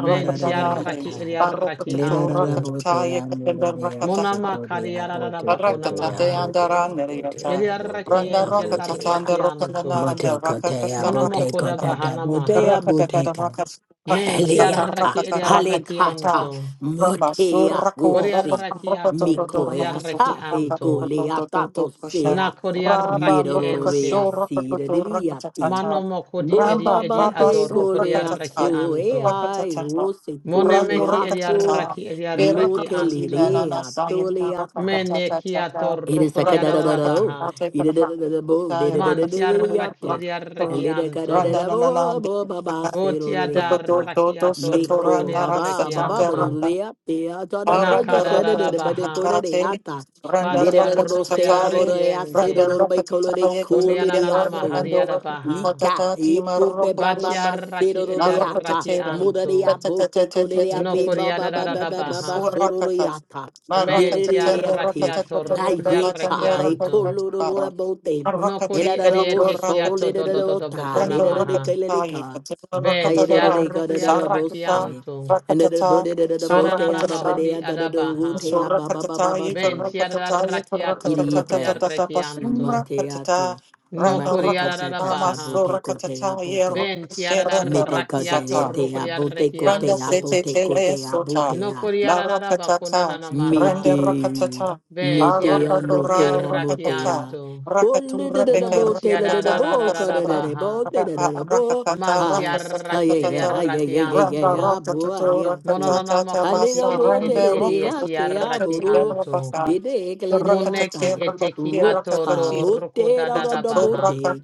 [SPEAKER 2] Venti
[SPEAKER 4] de
[SPEAKER 2] arraki adi
[SPEAKER 4] ata.
[SPEAKER 2] arraki
[SPEAKER 4] Lera
[SPEAKER 3] Barakatatu
[SPEAKER 4] da
[SPEAKER 2] anto.
[SPEAKER 4] bo te
[SPEAKER 3] Rakataya, Kapenda
[SPEAKER 4] amora de ase
[SPEAKER 3] Rakatata,
[SPEAKER 2] Monama
[SPEAKER 4] kote
[SPEAKER 2] cari
[SPEAKER 4] abo
[SPEAKER 2] adada
[SPEAKER 4] te
[SPEAKER 2] bakuna
[SPEAKER 4] kote
[SPEAKER 3] Barakata de
[SPEAKER 2] maha.
[SPEAKER 4] abo te abo te
[SPEAKER 2] Yadi
[SPEAKER 3] Andaraneriata,
[SPEAKER 4] abo
[SPEAKER 2] arraki
[SPEAKER 4] te
[SPEAKER 3] Randa
[SPEAKER 2] enti yadi
[SPEAKER 3] roka
[SPEAKER 4] abo te
[SPEAKER 3] tatanda
[SPEAKER 4] a.
[SPEAKER 2] arraki
[SPEAKER 3] roka
[SPEAKER 2] anto.
[SPEAKER 3] nananda
[SPEAKER 4] Bote
[SPEAKER 3] raka
[SPEAKER 4] kote abo
[SPEAKER 2] Monoma
[SPEAKER 4] te
[SPEAKER 2] koda
[SPEAKER 3] kasabra
[SPEAKER 4] kote da
[SPEAKER 2] bahana
[SPEAKER 4] bo te
[SPEAKER 3] Ramba
[SPEAKER 2] maha.
[SPEAKER 4] abo te ka.
[SPEAKER 3] Braba
[SPEAKER 2] Menti
[SPEAKER 4] Eliaka,
[SPEAKER 2] arraki adi arraki
[SPEAKER 4] Halekata,
[SPEAKER 2] anto.
[SPEAKER 4] Motea
[SPEAKER 2] Vori
[SPEAKER 4] Usi,
[SPEAKER 2] arraki ato rucori arraki
[SPEAKER 4] Mikoeata,
[SPEAKER 2] anto.
[SPEAKER 4] Egoleata Bosea,
[SPEAKER 2] Nakodi arraki
[SPEAKER 4] Mirorea
[SPEAKER 2] ente.
[SPEAKER 4] Sideliati,
[SPEAKER 2] Mano mokodi edi
[SPEAKER 4] Boba
[SPEAKER 2] edi
[SPEAKER 4] Bate
[SPEAKER 2] adoro
[SPEAKER 3] Surakatata
[SPEAKER 2] kodi
[SPEAKER 4] Golea
[SPEAKER 2] arraki
[SPEAKER 3] Rakatata
[SPEAKER 2] anto.
[SPEAKER 4] Soeai,
[SPEAKER 3] Rakatata
[SPEAKER 4] Usi
[SPEAKER 3] Randu
[SPEAKER 2] monemeki meki edi
[SPEAKER 4] Goleato,
[SPEAKER 3] Rakatata
[SPEAKER 2] arraki edi arraki
[SPEAKER 3] Erakatina
[SPEAKER 2] anto.
[SPEAKER 3] Nana
[SPEAKER 4] Motelirea
[SPEAKER 3] Sayana
[SPEAKER 4] Doleata,
[SPEAKER 2] Mene ki
[SPEAKER 3] Rakatata
[SPEAKER 4] it
[SPEAKER 2] atoro
[SPEAKER 4] is
[SPEAKER 2] kodi
[SPEAKER 3] Randa
[SPEAKER 4] sakadadadado,
[SPEAKER 2] adadabaha.
[SPEAKER 3] Rakatata
[SPEAKER 4] idadadadabo,
[SPEAKER 3] Rakatata
[SPEAKER 2] Manti arraki
[SPEAKER 4] didadadadadadayato,
[SPEAKER 2] edi
[SPEAKER 4] elidakadadadabo, bo did
[SPEAKER 3] Rakatata
[SPEAKER 2] arraki
[SPEAKER 4] it a yato. Elida
[SPEAKER 2] anto.
[SPEAKER 3] Randa na na na,
[SPEAKER 4] cadadabo,
[SPEAKER 3] de
[SPEAKER 4] bo, baba
[SPEAKER 3] rakata
[SPEAKER 2] Voti
[SPEAKER 3] to to to
[SPEAKER 4] seroriyata.
[SPEAKER 3] to
[SPEAKER 2] adarraki
[SPEAKER 3] to
[SPEAKER 2] atoro
[SPEAKER 3] satora
[SPEAKER 4] Miko
[SPEAKER 2] kodi
[SPEAKER 3] na rasa
[SPEAKER 4] baba
[SPEAKER 2] arraki
[SPEAKER 4] baba
[SPEAKER 3] tanga
[SPEAKER 2] anto.
[SPEAKER 3] raka
[SPEAKER 4] baduriyate, atana kote
[SPEAKER 3] aranda
[SPEAKER 2] Nakada
[SPEAKER 3] rakata
[SPEAKER 4] shadadada
[SPEAKER 2] dadabaha.
[SPEAKER 3] tata tate
[SPEAKER 4] badekodadeyata.
[SPEAKER 3] Randa
[SPEAKER 2] Bati
[SPEAKER 3] rakata
[SPEAKER 4] Lidadadabo
[SPEAKER 2] arrokodi
[SPEAKER 3] tata ye
[SPEAKER 2] arraki
[SPEAKER 4] seyabodoreyase,
[SPEAKER 2] ente.
[SPEAKER 3] randa rakata tata
[SPEAKER 4] dodorobaikolode
[SPEAKER 3] ye to
[SPEAKER 2] Koni
[SPEAKER 3] to priya
[SPEAKER 2] ananana
[SPEAKER 4] kolidiyaso.
[SPEAKER 2] mahadi
[SPEAKER 3] randa
[SPEAKER 2] adabaha.
[SPEAKER 4] Lika eko be baba
[SPEAKER 3] raka
[SPEAKER 4] ba
[SPEAKER 2] Batiaraki
[SPEAKER 4] seroriyata,
[SPEAKER 2] ediaraki
[SPEAKER 3] Marocatera,
[SPEAKER 2] anto.
[SPEAKER 4] modariyabote
[SPEAKER 2] No
[SPEAKER 4] kolidiyabeba
[SPEAKER 2] coriada da
[SPEAKER 4] baba
[SPEAKER 2] da da
[SPEAKER 4] baba baba
[SPEAKER 2] baha.
[SPEAKER 3] Suracatas,
[SPEAKER 4] sororiyata.
[SPEAKER 3] Maracatendo,
[SPEAKER 4] Didadadeyate.
[SPEAKER 2] Mentiarakiato
[SPEAKER 3] Rocatata,
[SPEAKER 4] Hayeka,
[SPEAKER 3] Lacandera,
[SPEAKER 2] rocliarakianto.
[SPEAKER 3] Catapara,
[SPEAKER 4] Haikolorobote,
[SPEAKER 2] No codi
[SPEAKER 3] Marocatenda,
[SPEAKER 4] Edarabo soul,
[SPEAKER 3] Lotoracate,
[SPEAKER 2] edietekiato do do do do
[SPEAKER 4] Edarota,
[SPEAKER 2] bocona
[SPEAKER 3] Brando
[SPEAKER 2] maha.
[SPEAKER 3] Rocatai,
[SPEAKER 4] Edadekaleka,
[SPEAKER 3] Catilla Rocatara, Saracata,
[SPEAKER 4] Hayedadekadarabose,
[SPEAKER 2] Ventiarocliarakianto.
[SPEAKER 4] and the
[SPEAKER 3] Racatata,
[SPEAKER 4] burden of the bote
[SPEAKER 2] Cananana
[SPEAKER 3] Suracatata,
[SPEAKER 2] mahudi
[SPEAKER 4] ababadea, the
[SPEAKER 2] adabaha.
[SPEAKER 4] rute
[SPEAKER 3] Sura katata yikara
[SPEAKER 4] ababababaso,
[SPEAKER 3] katata yikara
[SPEAKER 2] Ventiarakiato
[SPEAKER 3] katata tata
[SPEAKER 4] Iriike,
[SPEAKER 3] tata
[SPEAKER 2] rocliarakianto.
[SPEAKER 3] sura katata
[SPEAKER 4] Mateate,
[SPEAKER 2] No
[SPEAKER 3] ranga
[SPEAKER 2] coriada da da
[SPEAKER 3] rakasata
[SPEAKER 4] Matecatata
[SPEAKER 2] baha.
[SPEAKER 4] bote
[SPEAKER 3] masura
[SPEAKER 4] cote
[SPEAKER 3] katata
[SPEAKER 4] abote.
[SPEAKER 3] yero shiranda
[SPEAKER 4] Mete cote
[SPEAKER 2] Ventiarakiato
[SPEAKER 3] rakasata
[SPEAKER 4] rete abote
[SPEAKER 3] Randa
[SPEAKER 4] cote
[SPEAKER 2] rocliarakianto.
[SPEAKER 3] sete
[SPEAKER 4] abote
[SPEAKER 3] tele
[SPEAKER 4] cote
[SPEAKER 3] sota,
[SPEAKER 2] No
[SPEAKER 4] abote
[SPEAKER 3] la
[SPEAKER 2] kuriararaba
[SPEAKER 3] rakatata,
[SPEAKER 2] kunanana maha.
[SPEAKER 3] rende
[SPEAKER 4] Mete,
[SPEAKER 3] rakatata, a
[SPEAKER 2] Ve
[SPEAKER 4] mete amote
[SPEAKER 3] rakatura
[SPEAKER 4] amote
[SPEAKER 3] rakatata,
[SPEAKER 4] a.
[SPEAKER 2] tiarrokriarrakianto.
[SPEAKER 3] rakatu
[SPEAKER 4] Ole de de de
[SPEAKER 3] repeke
[SPEAKER 2] Mun
[SPEAKER 4] bo te la de de
[SPEAKER 3] rakatata,
[SPEAKER 4] bo ka de de
[SPEAKER 3] rakasatra,
[SPEAKER 4] de bo
[SPEAKER 2] tiararararabaha.
[SPEAKER 4] te de
[SPEAKER 3] raka
[SPEAKER 4] de de bo.
[SPEAKER 3] rakatata,
[SPEAKER 2] Man
[SPEAKER 4] Hi, hi yeah
[SPEAKER 2] tiarraki
[SPEAKER 4] yeah hi
[SPEAKER 3] rakasatata,
[SPEAKER 4] yeah yeah yeah yeah
[SPEAKER 3] ramba
[SPEAKER 2] ediarrakianto.
[SPEAKER 4] yeah bo ah,
[SPEAKER 3] rakatata,
[SPEAKER 4] yeah see.
[SPEAKER 2] Mononana
[SPEAKER 3] rakatata,
[SPEAKER 4] Hale
[SPEAKER 2] makoti
[SPEAKER 4] de
[SPEAKER 3] basa,
[SPEAKER 2] edi
[SPEAKER 4] bo te
[SPEAKER 2] edi
[SPEAKER 3] rende
[SPEAKER 4] de
[SPEAKER 2] edi
[SPEAKER 4] de a te a
[SPEAKER 3] rakatata,
[SPEAKER 4] bo
[SPEAKER 3] tida
[SPEAKER 4] ro.
[SPEAKER 2] etiarrakianto.
[SPEAKER 4] De
[SPEAKER 3] basa,
[SPEAKER 4] de
[SPEAKER 3] rakatata,
[SPEAKER 4] ekle de a
[SPEAKER 2] Muneki
[SPEAKER 3] rakatata, rakatata,
[SPEAKER 4] ta.
[SPEAKER 2] eteki
[SPEAKER 3] rakatata,
[SPEAKER 4] Rota
[SPEAKER 3] rakatata,
[SPEAKER 2] atodo
[SPEAKER 4] bo te da da
[SPEAKER 3] Randa
[SPEAKER 4] da bo
[SPEAKER 2] rokodadadabaha.
[SPEAKER 4] te.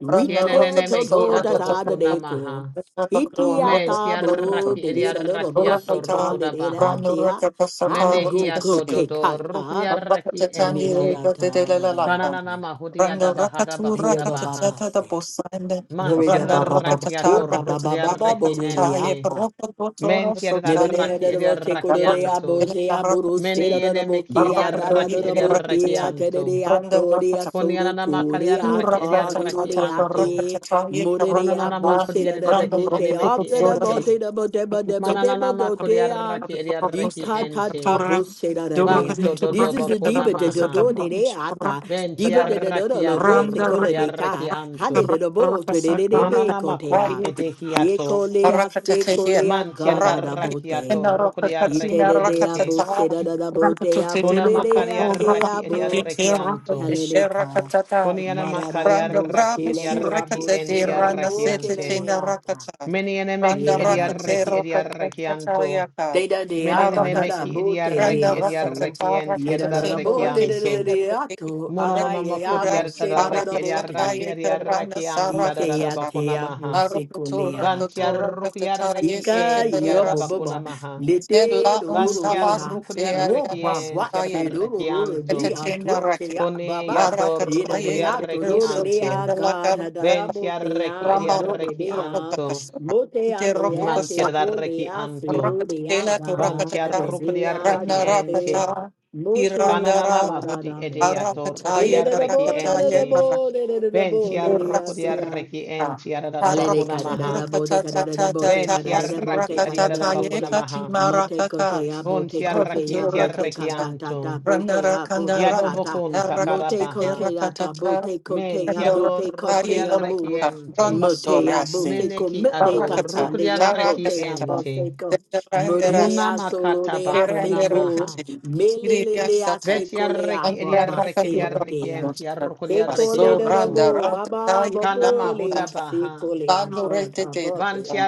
[SPEAKER 4] Rite
[SPEAKER 2] Kienenene
[SPEAKER 4] to
[SPEAKER 2] mehi
[SPEAKER 4] to da
[SPEAKER 2] adobo
[SPEAKER 4] da ta de ko.
[SPEAKER 2] kunamaha.
[SPEAKER 4] Iti a
[SPEAKER 2] Men
[SPEAKER 4] ta bo ro
[SPEAKER 2] tiarraki
[SPEAKER 4] de de da da da, bo si
[SPEAKER 2] ediarrakiato
[SPEAKER 4] ka le de da
[SPEAKER 2] rokodabaha.
[SPEAKER 4] te a. I go go
[SPEAKER 2] Menehiato
[SPEAKER 4] ke
[SPEAKER 2] dodo
[SPEAKER 4] kata
[SPEAKER 2] rukriaraki ente.
[SPEAKER 4] mirada ta bodeya.
[SPEAKER 2] Kananana mahudia da bahada
[SPEAKER 3] rakatu
[SPEAKER 4] Thank you,
[SPEAKER 2] bakoda
[SPEAKER 4] Baba
[SPEAKER 2] baha.
[SPEAKER 3] rakatata the
[SPEAKER 4] Basi.
[SPEAKER 3] bosanda
[SPEAKER 4] Glory to
[SPEAKER 2] Mantiada
[SPEAKER 3] Randa
[SPEAKER 4] Baba Baba. Oh,
[SPEAKER 2] rakiato
[SPEAKER 3] rakatata
[SPEAKER 4] Baba Baba
[SPEAKER 3] rakatata
[SPEAKER 4] Baba
[SPEAKER 2] rukriaraki
[SPEAKER 3] rakatata ye
[SPEAKER 2] ente.
[SPEAKER 4] Bodoriata.
[SPEAKER 3] baroko dotora
[SPEAKER 2] Mentiada
[SPEAKER 4] Never did I
[SPEAKER 3] sotaye
[SPEAKER 2] raki edia
[SPEAKER 4] ever take a day, I
[SPEAKER 2] rakianto.
[SPEAKER 3] rakatata
[SPEAKER 4] boze, I buru, shit
[SPEAKER 3] rakatata
[SPEAKER 4] out
[SPEAKER 2] Mene
[SPEAKER 4] of the book,
[SPEAKER 2] enemeki edia
[SPEAKER 4] I dad out
[SPEAKER 3] barakatoye
[SPEAKER 4] of
[SPEAKER 2] raki
[SPEAKER 4] the
[SPEAKER 2] edia
[SPEAKER 4] book,
[SPEAKER 3] rakatata
[SPEAKER 4] I did
[SPEAKER 2] rakianto.
[SPEAKER 4] it, I thought, it,
[SPEAKER 3] Randa
[SPEAKER 4] I sold the
[SPEAKER 2] Konianana
[SPEAKER 3] Rakatata,
[SPEAKER 4] food,
[SPEAKER 2] makaria
[SPEAKER 4] I
[SPEAKER 2] raki edia
[SPEAKER 4] taught, I
[SPEAKER 2] rakianto.
[SPEAKER 4] did, Murray, I
[SPEAKER 2] Mononana
[SPEAKER 4] boze, shit
[SPEAKER 2] makodia
[SPEAKER 4] out
[SPEAKER 2] de
[SPEAKER 4] of the
[SPEAKER 2] beki
[SPEAKER 4] book,
[SPEAKER 2] enemeki
[SPEAKER 4] after the
[SPEAKER 2] ente.
[SPEAKER 4] boat, the boat, the boat, the boat, the
[SPEAKER 2] Mananana
[SPEAKER 4] boat,
[SPEAKER 2] makodia
[SPEAKER 4] the
[SPEAKER 2] raki edia raki
[SPEAKER 4] Dita ta ta
[SPEAKER 2] ente.
[SPEAKER 4] bose da da dea.
[SPEAKER 2] Vanto dodo
[SPEAKER 4] This is the
[SPEAKER 2] bakuna
[SPEAKER 4] diva de do
[SPEAKER 2] maha.
[SPEAKER 4] do de de ata.
[SPEAKER 2] Venti
[SPEAKER 4] Diva de do do do lo
[SPEAKER 2] arrakiato
[SPEAKER 4] bo se cola
[SPEAKER 2] rukudi
[SPEAKER 4] le ka. Hade
[SPEAKER 2] arrakianto.
[SPEAKER 4] de do bo te de de de be
[SPEAKER 2] Manana makudi
[SPEAKER 4] cotea.
[SPEAKER 2] edehiato.
[SPEAKER 4] Yekolea sekolea
[SPEAKER 2] Manti
[SPEAKER 4] gara da
[SPEAKER 2] arrakiato
[SPEAKER 4] bote.
[SPEAKER 2] rukudi
[SPEAKER 4] Yitede de abo
[SPEAKER 2] arrakiente.
[SPEAKER 4] seda da da bote abo
[SPEAKER 2] Kuna
[SPEAKER 4] de de
[SPEAKER 2] makari
[SPEAKER 4] ate
[SPEAKER 2] arraki edi
[SPEAKER 4] abo.
[SPEAKER 2] arrakianto.
[SPEAKER 4] Heleleka.
[SPEAKER 2] Kuniana
[SPEAKER 4] mara da
[SPEAKER 2] makari
[SPEAKER 4] da
[SPEAKER 3] Randa
[SPEAKER 4] bo
[SPEAKER 2] arraki
[SPEAKER 3] brabo
[SPEAKER 2] edi
[SPEAKER 4] sela de
[SPEAKER 2] arraki
[SPEAKER 4] abo
[SPEAKER 3] surakata de
[SPEAKER 2] enti
[SPEAKER 4] seda da da
[SPEAKER 3] rana
[SPEAKER 4] bo
[SPEAKER 3] sete
[SPEAKER 4] kele
[SPEAKER 2] arrakiante.
[SPEAKER 4] de
[SPEAKER 3] tena
[SPEAKER 4] apa.
[SPEAKER 3] rakata.
[SPEAKER 2] Meni
[SPEAKER 3] Randa
[SPEAKER 2] enemeki
[SPEAKER 4] Yera
[SPEAKER 2] edi
[SPEAKER 4] da
[SPEAKER 3] rakate
[SPEAKER 4] ko.
[SPEAKER 2] arraki edi
[SPEAKER 3] rakata
[SPEAKER 2] arrakianto.
[SPEAKER 3] yaka.
[SPEAKER 4] te da de
[SPEAKER 2] Meni
[SPEAKER 4] ata da da
[SPEAKER 2] enemeki
[SPEAKER 3] Marakate.
[SPEAKER 2] edi
[SPEAKER 4] bote le
[SPEAKER 2] arraki
[SPEAKER 3] Randa
[SPEAKER 2] edi
[SPEAKER 3] rakata
[SPEAKER 4] aso.
[SPEAKER 3] ta
[SPEAKER 2] arrakienti
[SPEAKER 3] rakata
[SPEAKER 4] Yera da da
[SPEAKER 3] tena
[SPEAKER 4] bo le de de de
[SPEAKER 3] rakatena
[SPEAKER 2] arrakianto.
[SPEAKER 4] de ato.
[SPEAKER 3] rakatena
[SPEAKER 2] Mononona
[SPEAKER 4] Aye
[SPEAKER 2] makodi
[SPEAKER 4] abo
[SPEAKER 3] rakura
[SPEAKER 4] seda da
[SPEAKER 2] yarataraki
[SPEAKER 4] da
[SPEAKER 3] arakata
[SPEAKER 2] yaraki
[SPEAKER 4] bote.
[SPEAKER 3] yaka rana
[SPEAKER 2] yaraki
[SPEAKER 4] Ite
[SPEAKER 2] antarada
[SPEAKER 3] sarakata ta.
[SPEAKER 2] bakona
[SPEAKER 4] ate abo
[SPEAKER 2] maha.
[SPEAKER 4] sekolea
[SPEAKER 3] Marukatura
[SPEAKER 4] ata.
[SPEAKER 3] katura
[SPEAKER 2] Vantiarruk
[SPEAKER 3] katata
[SPEAKER 2] yarreki
[SPEAKER 3] yese
[SPEAKER 4] Ika
[SPEAKER 2] en
[SPEAKER 3] tena
[SPEAKER 4] yo
[SPEAKER 2] tiarada
[SPEAKER 3] rasita.
[SPEAKER 2] bakona
[SPEAKER 4] boba
[SPEAKER 2] maha.
[SPEAKER 4] lete
[SPEAKER 3] Sela un
[SPEAKER 4] dororo
[SPEAKER 3] sabas
[SPEAKER 4] rea
[SPEAKER 2] Vantiarruk
[SPEAKER 3] te
[SPEAKER 2] yarreki
[SPEAKER 4] roba
[SPEAKER 2] en
[SPEAKER 4] bwase
[SPEAKER 3] ayana
[SPEAKER 2] tiararaki
[SPEAKER 4] dororo
[SPEAKER 2] anto.
[SPEAKER 4] rea
[SPEAKER 3] Tetetinaraki.
[SPEAKER 4] doke ya
[SPEAKER 2] Kone
[SPEAKER 4] baba ida
[SPEAKER 2] yatorruk
[SPEAKER 3] Marakataye,
[SPEAKER 4] rea
[SPEAKER 2] yarreki
[SPEAKER 4] dororo rea
[SPEAKER 2] anto.
[SPEAKER 3] Sotinda
[SPEAKER 4] God
[SPEAKER 3] Lakaraka,
[SPEAKER 4] hadada bote
[SPEAKER 2] Ventiarreki
[SPEAKER 4] ya
[SPEAKER 3] Ramba
[SPEAKER 4] dororo
[SPEAKER 2] yarreki
[SPEAKER 4] rea
[SPEAKER 2] anto.
[SPEAKER 3] Rokakasura,
[SPEAKER 4] mote ya
[SPEAKER 3] De Rokukosa,
[SPEAKER 4] leate kole
[SPEAKER 2] Mantiarreki
[SPEAKER 4] ya siro
[SPEAKER 2] anto.
[SPEAKER 4] rea
[SPEAKER 3] Rokatela to
[SPEAKER 4] God
[SPEAKER 3] Rakatata,
[SPEAKER 2] Vantiarruk
[SPEAKER 4] rea
[SPEAKER 2] yarreki
[SPEAKER 3] Rana
[SPEAKER 4] date
[SPEAKER 2] ente.
[SPEAKER 3] Rakata,
[SPEAKER 4] mote lea
[SPEAKER 2] Kananana
[SPEAKER 3] Tirandarata,
[SPEAKER 2] mahuti
[SPEAKER 4] tarada
[SPEAKER 2] ede
[SPEAKER 4] bote
[SPEAKER 2] ato
[SPEAKER 4] Ele
[SPEAKER 3] Arakataye,
[SPEAKER 4] da da
[SPEAKER 2] reki
[SPEAKER 4] bo da da
[SPEAKER 3] Karakataye,
[SPEAKER 4] da
[SPEAKER 2] ente.
[SPEAKER 4] bo da da da da bo
[SPEAKER 2] Ventia rokodia
[SPEAKER 4] le
[SPEAKER 2] reki
[SPEAKER 3] Rakasurata,
[SPEAKER 2] enti arada
[SPEAKER 4] Helele
[SPEAKER 2] bakuna
[SPEAKER 3] Arakatura
[SPEAKER 2] maha.
[SPEAKER 4] kadadada bote
[SPEAKER 3] Katata,
[SPEAKER 4] kadadada bote
[SPEAKER 3] Tata,
[SPEAKER 2] Ventia
[SPEAKER 4] kadadada bote
[SPEAKER 2] raki ariada
[SPEAKER 4] kadadada
[SPEAKER 3] Asurakatataye,
[SPEAKER 2] bakuna
[SPEAKER 4] bote.
[SPEAKER 2] maha.
[SPEAKER 4] Mate kote
[SPEAKER 3] Katimarakaka,
[SPEAKER 4] ya bote
[SPEAKER 2] Vontia
[SPEAKER 4] kote
[SPEAKER 2] raki
[SPEAKER 4] ya
[SPEAKER 2] etia
[SPEAKER 4] bote
[SPEAKER 2] reki
[SPEAKER 3] Rokutura
[SPEAKER 4] kata ta ta
[SPEAKER 2] anto.
[SPEAKER 4] bote ya
[SPEAKER 3] Ranarakanda
[SPEAKER 4] bote
[SPEAKER 2] Yado
[SPEAKER 3] rakata
[SPEAKER 4] kata.
[SPEAKER 2] bokun
[SPEAKER 4] Mote
[SPEAKER 3] rakate
[SPEAKER 2] takarabaha.
[SPEAKER 4] kote ya ta
[SPEAKER 3] rakatata
[SPEAKER 4] bote kote
[SPEAKER 2] Menti
[SPEAKER 4] ya
[SPEAKER 2] ador
[SPEAKER 4] bote
[SPEAKER 3] randarakataye
[SPEAKER 4] kote
[SPEAKER 2] rokodia
[SPEAKER 4] ya
[SPEAKER 2] reki
[SPEAKER 4] bo.
[SPEAKER 3] rakata
[SPEAKER 2] ente.
[SPEAKER 4] Mote ya
[SPEAKER 3] ranasorasi
[SPEAKER 4] bote ko
[SPEAKER 2] Meneki
[SPEAKER 4] mete
[SPEAKER 2] ado
[SPEAKER 3] rakata
[SPEAKER 4] kata le
[SPEAKER 2] rokodia
[SPEAKER 4] ya
[SPEAKER 2] reki
[SPEAKER 4] bote ya
[SPEAKER 3] tarakasata
[SPEAKER 2] ente.
[SPEAKER 4] bote ko. Mure de
[SPEAKER 2] Muna
[SPEAKER 4] ya
[SPEAKER 3] sendarandarasite
[SPEAKER 4] solo
[SPEAKER 2] makata
[SPEAKER 4] de ya se
[SPEAKER 2] bakuna
[SPEAKER 4] ko.
[SPEAKER 2] maha.
[SPEAKER 3] kerandarakate
[SPEAKER 4] Mele le le ya
[SPEAKER 3] siriyasata
[SPEAKER 4] se
[SPEAKER 2] Vetia
[SPEAKER 4] ko le ya
[SPEAKER 2] reki
[SPEAKER 4] ba
[SPEAKER 2] edia
[SPEAKER 4] ba
[SPEAKER 2] reki
[SPEAKER 4] se
[SPEAKER 2] edia
[SPEAKER 4] lo
[SPEAKER 2] reki
[SPEAKER 4] te ya.
[SPEAKER 2] enti
[SPEAKER 3] andrakakaturakasota
[SPEAKER 2] arrokodia reki
[SPEAKER 3] baso
[SPEAKER 4] Ekole de de
[SPEAKER 2] anto.
[SPEAKER 4] bo, baba
[SPEAKER 3] randarakataye
[SPEAKER 2] Kana
[SPEAKER 4] babo le
[SPEAKER 2] mahuda
[SPEAKER 3] lakutata
[SPEAKER 4] asi
[SPEAKER 2] baha.
[SPEAKER 4] tole adot
[SPEAKER 3] landuretete
[SPEAKER 4] abote ya.
[SPEAKER 3] rakata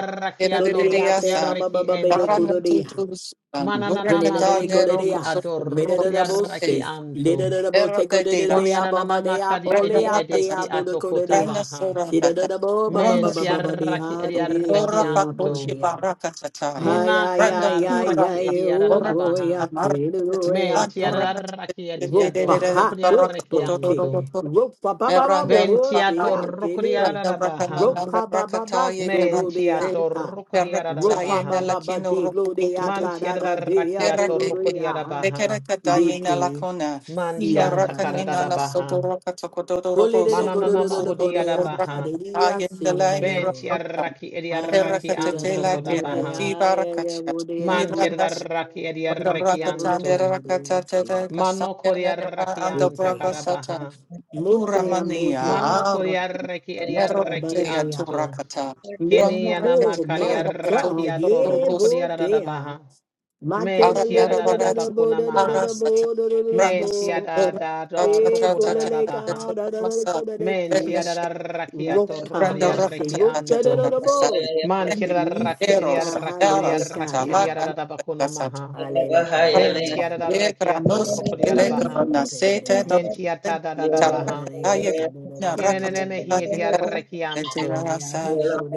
[SPEAKER 4] So le de ate
[SPEAKER 3] keredidiyasa
[SPEAKER 4] mama
[SPEAKER 2] rukriarreki
[SPEAKER 4] baba bede
[SPEAKER 2] ente.
[SPEAKER 4] kudo de ya.
[SPEAKER 3] zaranatutu sukan
[SPEAKER 4] Kune
[SPEAKER 2] Manananama
[SPEAKER 4] de de de
[SPEAKER 3] durakatande
[SPEAKER 2] kodi
[SPEAKER 4] kudo de
[SPEAKER 2] edi
[SPEAKER 4] ya.
[SPEAKER 2] ador
[SPEAKER 3] rokosoto
[SPEAKER 4] Mede de de bo
[SPEAKER 2] rukriarreki
[SPEAKER 4] se. Le
[SPEAKER 2] anto.
[SPEAKER 4] de de de bo se
[SPEAKER 3] Errote
[SPEAKER 4] kudo
[SPEAKER 3] de
[SPEAKER 4] de be ya
[SPEAKER 3] rasa,
[SPEAKER 4] baba
[SPEAKER 2] Koniananama
[SPEAKER 4] de ya
[SPEAKER 2] kadi
[SPEAKER 4] bo
[SPEAKER 3] renda
[SPEAKER 4] le
[SPEAKER 2] edi
[SPEAKER 4] ate
[SPEAKER 2] edeki
[SPEAKER 4] ya
[SPEAKER 3] rakatata,
[SPEAKER 4] bo de
[SPEAKER 2] ato
[SPEAKER 4] kudo
[SPEAKER 2] kota
[SPEAKER 4] de ya.
[SPEAKER 3] renda
[SPEAKER 2] baha.
[SPEAKER 4] Si de
[SPEAKER 3] surandata,
[SPEAKER 4] de de bo baba
[SPEAKER 3] ronda
[SPEAKER 4] baba
[SPEAKER 3] sutu,
[SPEAKER 4] baba de
[SPEAKER 2] Mentiarraki
[SPEAKER 4] ya de de de
[SPEAKER 2] ediarreki
[SPEAKER 3] ora
[SPEAKER 4] ate ya bo
[SPEAKER 2] anto.
[SPEAKER 3] pakunchi
[SPEAKER 4] de ya.
[SPEAKER 3] barakatata ye,
[SPEAKER 4] Ay
[SPEAKER 2] Muna
[SPEAKER 4] ay
[SPEAKER 3] renda
[SPEAKER 4] ay ay
[SPEAKER 2] kadarraki
[SPEAKER 3] purana,
[SPEAKER 4] ay oh
[SPEAKER 2] ediarada
[SPEAKER 3] ora
[SPEAKER 2] baha.
[SPEAKER 4] boy
[SPEAKER 3] katata
[SPEAKER 4] ate do
[SPEAKER 3] marakatata,
[SPEAKER 4] ya
[SPEAKER 3] ora katata,
[SPEAKER 2] Mentiarraki
[SPEAKER 3] de de
[SPEAKER 4] Rupa
[SPEAKER 2] etiador
[SPEAKER 3] de
[SPEAKER 4] ha
[SPEAKER 2] rukriarreki
[SPEAKER 4] rupote.
[SPEAKER 2] anto.
[SPEAKER 3] de,
[SPEAKER 4] Rupa ba ba ba
[SPEAKER 3] Veranda
[SPEAKER 4] bote
[SPEAKER 2] Bentiato
[SPEAKER 3] Rakani,
[SPEAKER 4] atele.
[SPEAKER 3] Randa
[SPEAKER 2] rukriarada baha.
[SPEAKER 3] Rakananda
[SPEAKER 4] Rupa ba ba ba
[SPEAKER 3] Rakataye, Veranda
[SPEAKER 4] sorore
[SPEAKER 3] De,
[SPEAKER 2] Mentiato
[SPEAKER 4] ata.
[SPEAKER 2] rukriarada
[SPEAKER 3] Verakataye,
[SPEAKER 4] Rupa ba
[SPEAKER 2] baha.
[SPEAKER 4] ba ba
[SPEAKER 3] Nelakino
[SPEAKER 4] de lore
[SPEAKER 3] Rukukutu,
[SPEAKER 4] ata da da de
[SPEAKER 2] Mantiadarakiato
[SPEAKER 3] Verake,
[SPEAKER 4] aborore a
[SPEAKER 2] rokodiadabaha.
[SPEAKER 3] Vekerakataye,
[SPEAKER 4] lete.
[SPEAKER 3] Nalakona, Nina
[SPEAKER 4] Sira da da
[SPEAKER 3] Rakanina,
[SPEAKER 4] de a.
[SPEAKER 2] Mantiantakadadabaha.
[SPEAKER 3] Sodoraka
[SPEAKER 4] Hole
[SPEAKER 3] Tokodorobo,
[SPEAKER 4] de de go do
[SPEAKER 2] Mananana
[SPEAKER 4] do do do
[SPEAKER 3] Sodoroko
[SPEAKER 4] bo de ata
[SPEAKER 2] mahodiadabaha.
[SPEAKER 4] de de a
[SPEAKER 3] Rakataye,
[SPEAKER 4] sira de
[SPEAKER 3] Nelay
[SPEAKER 4] de bo.
[SPEAKER 3] Rakosa,
[SPEAKER 2] Ventiadaraki
[SPEAKER 4] Ay ay
[SPEAKER 2] ediadaraki
[SPEAKER 4] sira
[SPEAKER 3] Verakate
[SPEAKER 4] da
[SPEAKER 2] anto
[SPEAKER 4] da bo
[SPEAKER 3] Lakera,
[SPEAKER 4] de
[SPEAKER 2] kodabaha.
[SPEAKER 4] ay ay ay bo
[SPEAKER 3] Tibarakacha,
[SPEAKER 4] de a bo
[SPEAKER 3] Iranas.
[SPEAKER 4] de a
[SPEAKER 2] Mantiadaraki
[SPEAKER 3] Randa
[SPEAKER 2] ediadaraki
[SPEAKER 4] sira da da
[SPEAKER 3] Rakatande
[SPEAKER 2] anto.
[SPEAKER 4] bo de a sira.
[SPEAKER 3] Rakatata
[SPEAKER 2] Mano
[SPEAKER 3] Kasanya Neva
[SPEAKER 2] koriadaraki
[SPEAKER 3] and
[SPEAKER 4] Lete
[SPEAKER 3] the
[SPEAKER 2] antakadabaha.
[SPEAKER 4] Mutea,
[SPEAKER 3] Turamania,
[SPEAKER 4] mutea,
[SPEAKER 2] Mano
[SPEAKER 3] Aru,
[SPEAKER 2] koriadaraki ediadaraki
[SPEAKER 3] Merokatea,
[SPEAKER 4] abadadea.
[SPEAKER 2] anto.
[SPEAKER 3] Turakata,
[SPEAKER 4] Me,
[SPEAKER 2] Kene yanama
[SPEAKER 4] oh
[SPEAKER 3] Ranurakatea,
[SPEAKER 4] my God,
[SPEAKER 2] kariadarakiato
[SPEAKER 4] yeah,
[SPEAKER 3] Rakatodos,
[SPEAKER 4] botea.
[SPEAKER 2] rokodiadadabaha.
[SPEAKER 4] Matela le da da da da
[SPEAKER 3] Aranaravarati,
[SPEAKER 4] bo
[SPEAKER 2] Mentiadadabakuna
[SPEAKER 4] da da da
[SPEAKER 2] maha.
[SPEAKER 4] da
[SPEAKER 3] Arasata,
[SPEAKER 4] bo da da da da
[SPEAKER 2] Men tia
[SPEAKER 4] bo.
[SPEAKER 2] da
[SPEAKER 3] Ranasodora,
[SPEAKER 2] da da
[SPEAKER 4] E
[SPEAKER 2] roko da da da
[SPEAKER 4] kolele
[SPEAKER 2] baha.
[SPEAKER 4] ka da da da da
[SPEAKER 3] Tatamasa,
[SPEAKER 4] ko da da
[SPEAKER 2] Men tia
[SPEAKER 4] ki.
[SPEAKER 2] da da
[SPEAKER 3] Reneshekate,
[SPEAKER 2] rakiato roko
[SPEAKER 4] Rota
[SPEAKER 3] Randa
[SPEAKER 2] dia
[SPEAKER 4] bossy,
[SPEAKER 3] Rakata,
[SPEAKER 4] rota da
[SPEAKER 2] rekianto.
[SPEAKER 4] da da
[SPEAKER 3] Tatamasa,
[SPEAKER 4] bo.
[SPEAKER 2] Man tia da raki dia
[SPEAKER 3] Eros,
[SPEAKER 4] Iseka
[SPEAKER 2] raki dia
[SPEAKER 4] halele
[SPEAKER 2] raki dia
[SPEAKER 4] kata.
[SPEAKER 2] da da bakuna
[SPEAKER 3] Arasata,
[SPEAKER 2] maha.
[SPEAKER 4] Halele ka da da
[SPEAKER 2] Ben
[SPEAKER 4] da
[SPEAKER 2] tia
[SPEAKER 4] ya.
[SPEAKER 2] da da rakiato
[SPEAKER 3] Yegranos
[SPEAKER 4] Me da
[SPEAKER 2] roko
[SPEAKER 4] da da
[SPEAKER 2] dia da
[SPEAKER 4] ya,
[SPEAKER 2] baha.
[SPEAKER 4] super da da da
[SPEAKER 3] telegranasete
[SPEAKER 4] ya.
[SPEAKER 2] Men tia
[SPEAKER 3] dopte
[SPEAKER 2] ta da da
[SPEAKER 1] Yeah.
[SPEAKER 2] da
[SPEAKER 4] Me da da
[SPEAKER 2] baha.
[SPEAKER 4] da ya,
[SPEAKER 3] tarakataya
[SPEAKER 4] super da
[SPEAKER 3] katina
[SPEAKER 4] da bo
[SPEAKER 2] Kiene ne ne
[SPEAKER 4] da da da
[SPEAKER 2] mehi hi
[SPEAKER 3] rakataya
[SPEAKER 4] ya.
[SPEAKER 2] dia
[SPEAKER 4] Oh,
[SPEAKER 2] rekianto.
[SPEAKER 3] karasetirasa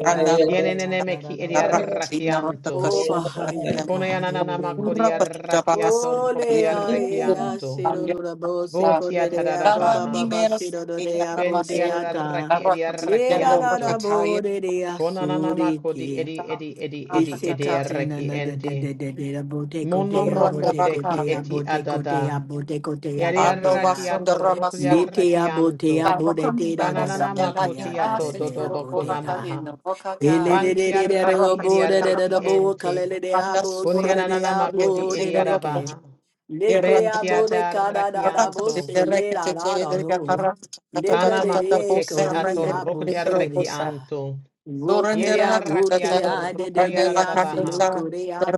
[SPEAKER 3] randa
[SPEAKER 2] Kiene ne ne
[SPEAKER 3] rakata
[SPEAKER 2] me ki dia
[SPEAKER 3] karatina
[SPEAKER 2] rakianto.
[SPEAKER 3] rakakasu
[SPEAKER 4] Baha'i
[SPEAKER 3] katan
[SPEAKER 2] Kone
[SPEAKER 4] God,
[SPEAKER 2] ananana ma
[SPEAKER 4] Hallelujah.
[SPEAKER 3] kapura
[SPEAKER 2] kodia
[SPEAKER 3] patgabarasa
[SPEAKER 2] rakiato
[SPEAKER 4] Oh,
[SPEAKER 2] roko dia
[SPEAKER 3] yem
[SPEAKER 4] Lea, Ea,
[SPEAKER 2] rekianto.
[SPEAKER 4] Siro,
[SPEAKER 3] amya
[SPEAKER 4] Rabo, Seko,
[SPEAKER 2] Votia da da
[SPEAKER 4] Dea,
[SPEAKER 2] da
[SPEAKER 4] Baba,
[SPEAKER 3] tarani
[SPEAKER 2] baha.
[SPEAKER 4] Baba,
[SPEAKER 3] mera sute
[SPEAKER 4] Siro, Dea,
[SPEAKER 2] Venti
[SPEAKER 3] karamase
[SPEAKER 4] Bodea, Da.
[SPEAKER 2] adaraki edi
[SPEAKER 3] rakataya
[SPEAKER 2] araki
[SPEAKER 4] Leda, Da, Da,
[SPEAKER 2] anto.
[SPEAKER 3] rakataya
[SPEAKER 4] Bo, Dea,
[SPEAKER 2] Konanama
[SPEAKER 4] Suriki.
[SPEAKER 2] edi edi edi edi edi
[SPEAKER 3] rakatata
[SPEAKER 4] Isekatena,
[SPEAKER 2] araki
[SPEAKER 4] Na, Da,
[SPEAKER 2] enti.
[SPEAKER 4] Da, Da, Da, Da, Boteko,
[SPEAKER 2] Mono
[SPEAKER 4] Dea,
[SPEAKER 3] suranda
[SPEAKER 2] moko
[SPEAKER 4] Boteko,
[SPEAKER 2] teki
[SPEAKER 4] Dea,
[SPEAKER 3] rakaya
[SPEAKER 2] eti
[SPEAKER 4] Boteko,
[SPEAKER 2] adada.
[SPEAKER 4] Dea, Boteko, Dea,
[SPEAKER 2] Yari
[SPEAKER 3] Pando
[SPEAKER 2] araki
[SPEAKER 4] Botea.
[SPEAKER 3] basunda
[SPEAKER 2] ato rukri
[SPEAKER 3] ramaso
[SPEAKER 2] araki
[SPEAKER 4] Litea,
[SPEAKER 2] anto.
[SPEAKER 4] Botea,
[SPEAKER 3] Barrocan
[SPEAKER 4] Botea, Da, Da, Da,
[SPEAKER 3] Barrosa de
[SPEAKER 2] Kananama
[SPEAKER 3] la
[SPEAKER 2] koti
[SPEAKER 4] Botea, Da,
[SPEAKER 2] ato
[SPEAKER 4] Da,
[SPEAKER 3] Dinasa
[SPEAKER 4] Dea,
[SPEAKER 2] dodobo
[SPEAKER 3] Turocora
[SPEAKER 4] Botea.
[SPEAKER 2] konamaha.
[SPEAKER 3] Cayenne, Boca Can,
[SPEAKER 2] Vanti araki
[SPEAKER 3] Arrocas,
[SPEAKER 2] edi araki
[SPEAKER 3] Arrocas,
[SPEAKER 2] enti.
[SPEAKER 3] Randa Sura,
[SPEAKER 2] Kunyananama
[SPEAKER 3] Matayet,
[SPEAKER 2] kodi edi
[SPEAKER 3] Singer of
[SPEAKER 2] arabaha. Venti
[SPEAKER 3] Irracatata,
[SPEAKER 2] adaraki anto.
[SPEAKER 3] Racatit, the Recatete, the
[SPEAKER 2] Kana
[SPEAKER 3] Yaparacatata,
[SPEAKER 2] makote ki
[SPEAKER 3] Bosa, and
[SPEAKER 2] ator
[SPEAKER 3] the
[SPEAKER 2] rokodiareki
[SPEAKER 3] Robosa.
[SPEAKER 4] Rotea,
[SPEAKER 2] anto.
[SPEAKER 3] Surrendera
[SPEAKER 2] Yeriareki
[SPEAKER 3] tata,
[SPEAKER 2] ator
[SPEAKER 3] ranela
[SPEAKER 2] rokodiarabaha.
[SPEAKER 3] kandasa,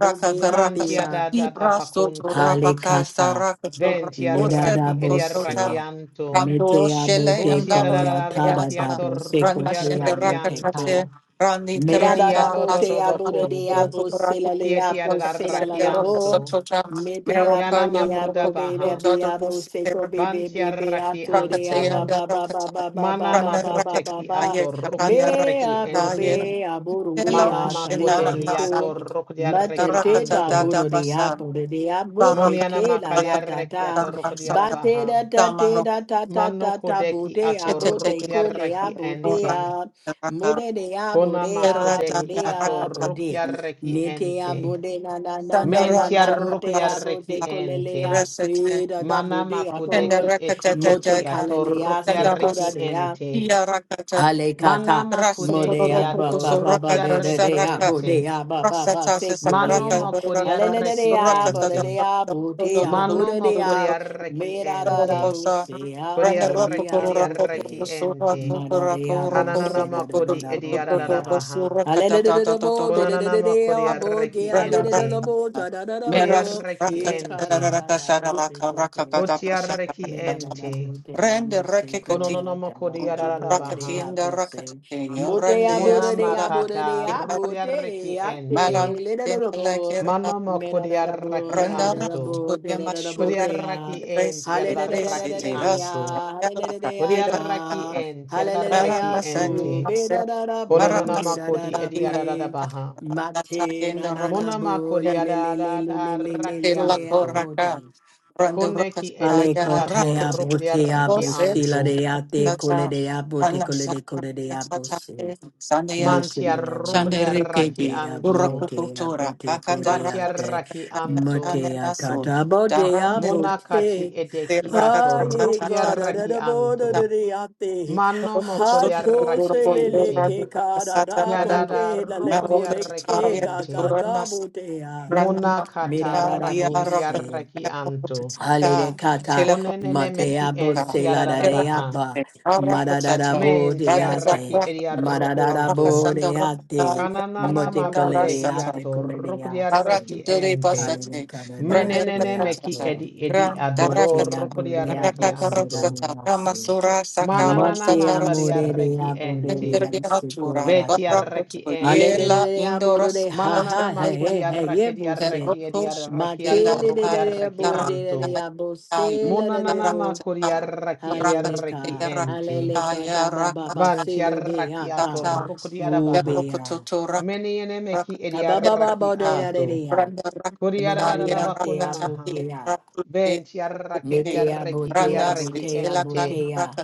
[SPEAKER 3] raka karaka sa,
[SPEAKER 2] Mantia da da da
[SPEAKER 3] ibra soto
[SPEAKER 2] bakunto.
[SPEAKER 3] rapaka sa raka chora, ose
[SPEAKER 2] Ventiaraki ediareki anto.
[SPEAKER 3] rando
[SPEAKER 4] Mete
[SPEAKER 3] shele
[SPEAKER 4] abote
[SPEAKER 3] andaro
[SPEAKER 4] koya tada
[SPEAKER 2] Votiareki
[SPEAKER 3] meata,
[SPEAKER 2] ator
[SPEAKER 4] dabo
[SPEAKER 3] randa
[SPEAKER 4] sekote
[SPEAKER 3] shende
[SPEAKER 2] rokodiareki
[SPEAKER 3] raka
[SPEAKER 4] abote
[SPEAKER 3] tate,
[SPEAKER 4] ka
[SPEAKER 2] anto.
[SPEAKER 3] rani
[SPEAKER 2] Yedia
[SPEAKER 3] karana
[SPEAKER 2] do
[SPEAKER 4] Medadabo
[SPEAKER 2] do
[SPEAKER 3] atu
[SPEAKER 4] te
[SPEAKER 2] do
[SPEAKER 4] abo de
[SPEAKER 3] kurano
[SPEAKER 4] de
[SPEAKER 2] bakunto.
[SPEAKER 3] kuroko
[SPEAKER 4] abo
[SPEAKER 3] kurako
[SPEAKER 4] sela le
[SPEAKER 3] kuroko
[SPEAKER 4] abo sela la
[SPEAKER 2] Kietiareki
[SPEAKER 3] kakasende
[SPEAKER 4] la
[SPEAKER 3] roka
[SPEAKER 4] bo.
[SPEAKER 2] anto.
[SPEAKER 3] sotota,
[SPEAKER 4] Mete
[SPEAKER 2] Yana
[SPEAKER 3] meroka
[SPEAKER 4] abo de
[SPEAKER 3] yam
[SPEAKER 2] makuda
[SPEAKER 4] abo bebe
[SPEAKER 2] baha.
[SPEAKER 4] be abo seko bebe bebe
[SPEAKER 2] Bantiaraki
[SPEAKER 4] ato de
[SPEAKER 3] Rakate
[SPEAKER 2] anto.
[SPEAKER 4] aba
[SPEAKER 3] and
[SPEAKER 4] ba ba ba
[SPEAKER 3] Rakata,
[SPEAKER 4] ba ba ba
[SPEAKER 2] Mana
[SPEAKER 4] ba
[SPEAKER 3] Rana
[SPEAKER 4] ba ba
[SPEAKER 2] makote
[SPEAKER 3] Rakata,
[SPEAKER 4] ba ba.
[SPEAKER 3] Ye,
[SPEAKER 2] ator
[SPEAKER 3] Rana
[SPEAKER 4] Me
[SPEAKER 2] rokodiareki
[SPEAKER 4] abo
[SPEAKER 3] Rakata, Ye,
[SPEAKER 2] ente.
[SPEAKER 4] be abo ro de
[SPEAKER 3] Hello,
[SPEAKER 2] Mana
[SPEAKER 4] atale la
[SPEAKER 3] Shinana
[SPEAKER 4] le
[SPEAKER 3] Nasa,
[SPEAKER 4] ko.
[SPEAKER 2] makodehiato
[SPEAKER 4] Mate
[SPEAKER 2] rokodiareki
[SPEAKER 4] te
[SPEAKER 3] Rakata
[SPEAKER 4] ta abo
[SPEAKER 2] anto.
[SPEAKER 3] Dada
[SPEAKER 4] ro de
[SPEAKER 3] Basan,
[SPEAKER 4] abo de de abo te
[SPEAKER 3] Baraka,
[SPEAKER 2] Moniana
[SPEAKER 4] te la
[SPEAKER 3] Rakata,
[SPEAKER 4] la ta
[SPEAKER 2] makariareki
[SPEAKER 4] ta.
[SPEAKER 2] ato
[SPEAKER 3] Ransa,
[SPEAKER 4] Ba te
[SPEAKER 2] rokodiarabaha.
[SPEAKER 4] da ta te
[SPEAKER 3] Samaro,
[SPEAKER 4] da ta ta
[SPEAKER 2] Mano
[SPEAKER 4] ta ta bo
[SPEAKER 2] kodeki
[SPEAKER 4] te
[SPEAKER 2] ato
[SPEAKER 4] abo te
[SPEAKER 3] Shetete,
[SPEAKER 4] ko le
[SPEAKER 2] rokodiareki
[SPEAKER 4] abo
[SPEAKER 3] Rakata,
[SPEAKER 4] te
[SPEAKER 2] ente.
[SPEAKER 4] a.
[SPEAKER 3] Raka,
[SPEAKER 4] Bodea,
[SPEAKER 2] Kona
[SPEAKER 4] bodea,
[SPEAKER 3] Sherata,
[SPEAKER 2] makodeki ato
[SPEAKER 4] bodea,
[SPEAKER 3] Rakata,
[SPEAKER 4] bode. Netea, bode, ya, bode.
[SPEAKER 2] rokodiareki
[SPEAKER 4] Nete ya,
[SPEAKER 2] ente.
[SPEAKER 4] bode na, na, na, na, na,
[SPEAKER 3] Sandaran,
[SPEAKER 2] Mentia
[SPEAKER 4] na,
[SPEAKER 3] and
[SPEAKER 4] bodea,
[SPEAKER 3] Rasa,
[SPEAKER 2] rokodiareki
[SPEAKER 4] bode,
[SPEAKER 2] ente.
[SPEAKER 4] kolelea,
[SPEAKER 3] Resete,
[SPEAKER 4] se, da, da,
[SPEAKER 2] Mana
[SPEAKER 4] bodea, to.
[SPEAKER 2] makodeki eti
[SPEAKER 4] Mote,
[SPEAKER 2] eti
[SPEAKER 3] Shendarakata,
[SPEAKER 2] ato
[SPEAKER 4] kalalea, se, koda,
[SPEAKER 2] reki
[SPEAKER 3] Sandaras,
[SPEAKER 4] de ya.
[SPEAKER 2] ente.
[SPEAKER 3] Tia
[SPEAKER 2] Mana
[SPEAKER 4] Alekata
[SPEAKER 2] makodehi
[SPEAKER 4] modea
[SPEAKER 3] Rasatoroko
[SPEAKER 4] ba
[SPEAKER 2] ato
[SPEAKER 4] ba ba
[SPEAKER 3] Soraka
[SPEAKER 4] ba de de
[SPEAKER 2] reki
[SPEAKER 4] de
[SPEAKER 3] Saraka
[SPEAKER 2] ente.
[SPEAKER 4] bodea ba ba ba
[SPEAKER 3] Rasata
[SPEAKER 2] Mano
[SPEAKER 3] Sakaraka
[SPEAKER 4] sekulea
[SPEAKER 2] mokoriareki
[SPEAKER 4] alelelea
[SPEAKER 3] Soraka
[SPEAKER 2] ente.
[SPEAKER 4] bodea butea
[SPEAKER 2] Mano
[SPEAKER 4] bodea
[SPEAKER 2] mokoriareki
[SPEAKER 4] mera da da
[SPEAKER 2] ente.
[SPEAKER 3] Rosa
[SPEAKER 4] busea
[SPEAKER 3] Randa
[SPEAKER 2] Koriareki
[SPEAKER 4] lilia
[SPEAKER 3] Rapo Rako
[SPEAKER 2] ediareki
[SPEAKER 4] bute
[SPEAKER 2] ente.
[SPEAKER 3] Soraka
[SPEAKER 4] mara dea
[SPEAKER 3] Rako Roko
[SPEAKER 2] Kananana
[SPEAKER 4] busera da da
[SPEAKER 2] makodi
[SPEAKER 4] da botea
[SPEAKER 3] Roko
[SPEAKER 2] ediaradabaha.
[SPEAKER 4] alelelelea bo
[SPEAKER 3] Soraka
[SPEAKER 4] de de de
[SPEAKER 2] Konanana
[SPEAKER 4] de de a
[SPEAKER 2] makoriareki
[SPEAKER 4] bodea
[SPEAKER 3] Randa
[SPEAKER 4] lida da
[SPEAKER 2] ente.
[SPEAKER 4] bo
[SPEAKER 3] Raka
[SPEAKER 4] da da da
[SPEAKER 3] meras
[SPEAKER 4] bo
[SPEAKER 2] Koriareki
[SPEAKER 4] e da
[SPEAKER 2] ente.
[SPEAKER 4] da
[SPEAKER 3] Rakataraka
[SPEAKER 4] da
[SPEAKER 3] Saralaka
[SPEAKER 4] bo
[SPEAKER 3] Rakakata
[SPEAKER 2] Botiareki
[SPEAKER 4] Mira da da
[SPEAKER 3] Pasakata
[SPEAKER 4] bo
[SPEAKER 2] ente.
[SPEAKER 4] de ya
[SPEAKER 3] Rende
[SPEAKER 4] mo se go
[SPEAKER 3] rekekati
[SPEAKER 4] ya
[SPEAKER 2] Kononono
[SPEAKER 4] da da da da bo de
[SPEAKER 3] rakati
[SPEAKER 2] makodiaradabaha.
[SPEAKER 4] ya
[SPEAKER 3] and
[SPEAKER 4] bo
[SPEAKER 3] rakati
[SPEAKER 4] se mo de
[SPEAKER 3] rende
[SPEAKER 4] ya bo
[SPEAKER 2] Muna
[SPEAKER 4] de ya
[SPEAKER 3] asula
[SPEAKER 4] bo de
[SPEAKER 2] makata
[SPEAKER 4] ya bo de
[SPEAKER 2] rukriareki
[SPEAKER 4] ya
[SPEAKER 2] ente.
[SPEAKER 3] maranda
[SPEAKER 4] te le da da
[SPEAKER 3] in
[SPEAKER 4] da bo
[SPEAKER 3] lekir
[SPEAKER 2] Mano
[SPEAKER 4] mira da da bo
[SPEAKER 2] mokoriareki
[SPEAKER 4] de da
[SPEAKER 3] renda
[SPEAKER 4] da da
[SPEAKER 2] anto.
[SPEAKER 3] rakatu
[SPEAKER 4] bo de da da da bo
[SPEAKER 3] yamashure
[SPEAKER 4] de
[SPEAKER 2] Kodiaraki
[SPEAKER 4] ya
[SPEAKER 2] en
[SPEAKER 4] hale
[SPEAKER 3] resete
[SPEAKER 4] da da da da da
[SPEAKER 2] tiadaraki
[SPEAKER 4] da
[SPEAKER 3] resete
[SPEAKER 4] de
[SPEAKER 3] ras
[SPEAKER 2] anto.
[SPEAKER 4] ya hale da da da
[SPEAKER 3] yala
[SPEAKER 4] ya
[SPEAKER 3] katira
[SPEAKER 2] Kodiaraki
[SPEAKER 4] ta
[SPEAKER 2] enti.
[SPEAKER 4] hale da da da
[SPEAKER 3] maranda
[SPEAKER 2] tiadaraki
[SPEAKER 4] ya
[SPEAKER 3] sayin
[SPEAKER 4] tu
[SPEAKER 2] ente.
[SPEAKER 4] me da
[SPEAKER 3] masa
[SPEAKER 4] da da bo
[SPEAKER 3] maranda
[SPEAKER 4] de
[SPEAKER 2] Konanama
[SPEAKER 4] da da
[SPEAKER 2] kodi
[SPEAKER 4] da
[SPEAKER 3] sayin lakina
[SPEAKER 2] ediadada
[SPEAKER 4] be
[SPEAKER 2] baha.
[SPEAKER 3] rakata
[SPEAKER 4] mate
[SPEAKER 3] in the
[SPEAKER 4] na na na
[SPEAKER 2] Monama
[SPEAKER 4] bo le
[SPEAKER 3] rakata
[SPEAKER 4] le le le le le le
[SPEAKER 2] kodiadada
[SPEAKER 4] le le
[SPEAKER 3] Tela
[SPEAKER 4] le ya
[SPEAKER 2] anto.
[SPEAKER 4] bo
[SPEAKER 3] Koraka,
[SPEAKER 4] de
[SPEAKER 3] Randa
[SPEAKER 2] Koneki
[SPEAKER 4] Ale
[SPEAKER 2] edeki
[SPEAKER 3] Rakataya
[SPEAKER 2] ato
[SPEAKER 4] kotea
[SPEAKER 3] Rakat,
[SPEAKER 4] botea
[SPEAKER 2] rukriaraki
[SPEAKER 3] Goset,
[SPEAKER 4] bosila
[SPEAKER 2] anto.
[SPEAKER 4] de ate cole
[SPEAKER 3] Sata,
[SPEAKER 4] de abote cole de
[SPEAKER 3] Anasaka,
[SPEAKER 4] cole de
[SPEAKER 3] Sata,
[SPEAKER 4] abose.
[SPEAKER 2] Mantia
[SPEAKER 3] Sandeyashi,
[SPEAKER 4] Mitea
[SPEAKER 3] Shanderikebi,
[SPEAKER 2] rukriaraki
[SPEAKER 4] kotea
[SPEAKER 2] anto.
[SPEAKER 4] botea
[SPEAKER 3] Urakutora,
[SPEAKER 4] bote
[SPEAKER 3] Akanda Rakatata,
[SPEAKER 4] codeate.
[SPEAKER 2] Batiaraki anto.
[SPEAKER 4] Matea
[SPEAKER 3] Nenaso,
[SPEAKER 4] tata botea
[SPEAKER 3] Darande
[SPEAKER 2] Monakati
[SPEAKER 4] bote.
[SPEAKER 2] edeki ato
[SPEAKER 3] Rakatata,
[SPEAKER 4] Aye gara da
[SPEAKER 2] rukriaraki
[SPEAKER 4] da
[SPEAKER 2] anto.
[SPEAKER 4] boda de ate.
[SPEAKER 2] Manomo
[SPEAKER 4] Hacho
[SPEAKER 2] kodiaraki
[SPEAKER 4] se le le
[SPEAKER 2] enti.
[SPEAKER 4] ke cara
[SPEAKER 3] Satan,
[SPEAKER 4] da
[SPEAKER 2] Yadada
[SPEAKER 4] bote la le
[SPEAKER 2] rokodia
[SPEAKER 4] cole ke
[SPEAKER 2] rekiente.
[SPEAKER 4] gaga
[SPEAKER 3] Marokataya,
[SPEAKER 4] botea.
[SPEAKER 2] Mona
[SPEAKER 3] Ranamana
[SPEAKER 4] Mira da
[SPEAKER 3] Ranamanda
[SPEAKER 4] da
[SPEAKER 2] kataraki
[SPEAKER 4] bose.
[SPEAKER 2] idiaraki anto.
[SPEAKER 3] Diarakatita
[SPEAKER 4] Halelekata
[SPEAKER 3] Telakota
[SPEAKER 2] Konenene meki
[SPEAKER 4] mateabo
[SPEAKER 2] enti yadada baha.
[SPEAKER 4] seladadeapa
[SPEAKER 3] Terakate Arakatata
[SPEAKER 4] madadadabo
[SPEAKER 2] Menti
[SPEAKER 3] Ramaza
[SPEAKER 4] deate
[SPEAKER 2] araki idiarokunto.
[SPEAKER 4] madadadabo
[SPEAKER 3] Rakasanda Rakata
[SPEAKER 4] deate
[SPEAKER 2] Kananana
[SPEAKER 3] Yananda
[SPEAKER 2] makude
[SPEAKER 3] Rasata
[SPEAKER 4] motekoledeate
[SPEAKER 2] hiato rokodia
[SPEAKER 4] koledeasi
[SPEAKER 3] Aratudere
[SPEAKER 2] rekiente.
[SPEAKER 3] Basate
[SPEAKER 4] halelekadadeate
[SPEAKER 2] Menenene
[SPEAKER 4] apo
[SPEAKER 2] meki
[SPEAKER 3] Randervatata
[SPEAKER 2] edi edi
[SPEAKER 3] Ram
[SPEAKER 2] adodo
[SPEAKER 3] Darakata
[SPEAKER 4] mateabo
[SPEAKER 2] rokodia
[SPEAKER 4] deabo
[SPEAKER 2] reki
[SPEAKER 3] Rakata
[SPEAKER 2] anto.
[SPEAKER 3] Roksata
[SPEAKER 4] selalasi
[SPEAKER 3] Ramasura Sakara
[SPEAKER 2] Mananana
[SPEAKER 4] Mate
[SPEAKER 3] Satara
[SPEAKER 2] makaria
[SPEAKER 4] amore de
[SPEAKER 2] reki
[SPEAKER 4] abore
[SPEAKER 2] ente.
[SPEAKER 4] de
[SPEAKER 3] temperatura
[SPEAKER 4] ansukoyata.
[SPEAKER 2] Vetiaraki
[SPEAKER 3] barracuto
[SPEAKER 2] ente.
[SPEAKER 3] yela
[SPEAKER 4] Hallelujah, abore
[SPEAKER 3] indoros
[SPEAKER 4] de ha
[SPEAKER 3] ante
[SPEAKER 2] Mananana
[SPEAKER 4] ha ha
[SPEAKER 3] el
[SPEAKER 2] makuri
[SPEAKER 4] he he ye
[SPEAKER 2] arrakedi
[SPEAKER 4] bose.
[SPEAKER 2] arreki edi arreki
[SPEAKER 4] Mate
[SPEAKER 3] de la
[SPEAKER 4] le de de
[SPEAKER 2] atorrukri
[SPEAKER 3] ca
[SPEAKER 4] de
[SPEAKER 2] arreki
[SPEAKER 4] abore de
[SPEAKER 2] anto.
[SPEAKER 4] de abose
[SPEAKER 3] caracatayo
[SPEAKER 4] le de de
[SPEAKER 2] Monanana
[SPEAKER 4] bo.
[SPEAKER 2] makuri
[SPEAKER 3] caracatata
[SPEAKER 2] arraki edi arreki
[SPEAKER 3] caracataya
[SPEAKER 4] Hallelujah,
[SPEAKER 2] ente.
[SPEAKER 4] hallelujah, da
[SPEAKER 3] racataya
[SPEAKER 4] ba ba ba
[SPEAKER 3] racatata
[SPEAKER 4] se
[SPEAKER 2] Banti
[SPEAKER 4] lo de
[SPEAKER 2] arraki
[SPEAKER 4] ata.
[SPEAKER 2] atorrukri arabaha.
[SPEAKER 4] Ubea.
[SPEAKER 3] berrocototo
[SPEAKER 2] Meni enemeki meki
[SPEAKER 3] racatata
[SPEAKER 4] Da ba ba ba
[SPEAKER 2] arraki
[SPEAKER 4] ba de da de
[SPEAKER 2] anto.
[SPEAKER 4] de ya.
[SPEAKER 3] randa
[SPEAKER 2] Kuri
[SPEAKER 4] Me da de de
[SPEAKER 3] racataya
[SPEAKER 4] ate
[SPEAKER 2] arararabakuna
[SPEAKER 3] racataya
[SPEAKER 2] maha.
[SPEAKER 4] aboke ya.
[SPEAKER 3] barracute
[SPEAKER 2] Benti arraki edi
[SPEAKER 4] Mete
[SPEAKER 2] arreki edi
[SPEAKER 4] abote
[SPEAKER 3] randa
[SPEAKER 2] arreki
[SPEAKER 3] sit
[SPEAKER 4] abote
[SPEAKER 3] de la
[SPEAKER 2] ente.
[SPEAKER 4] abote ya.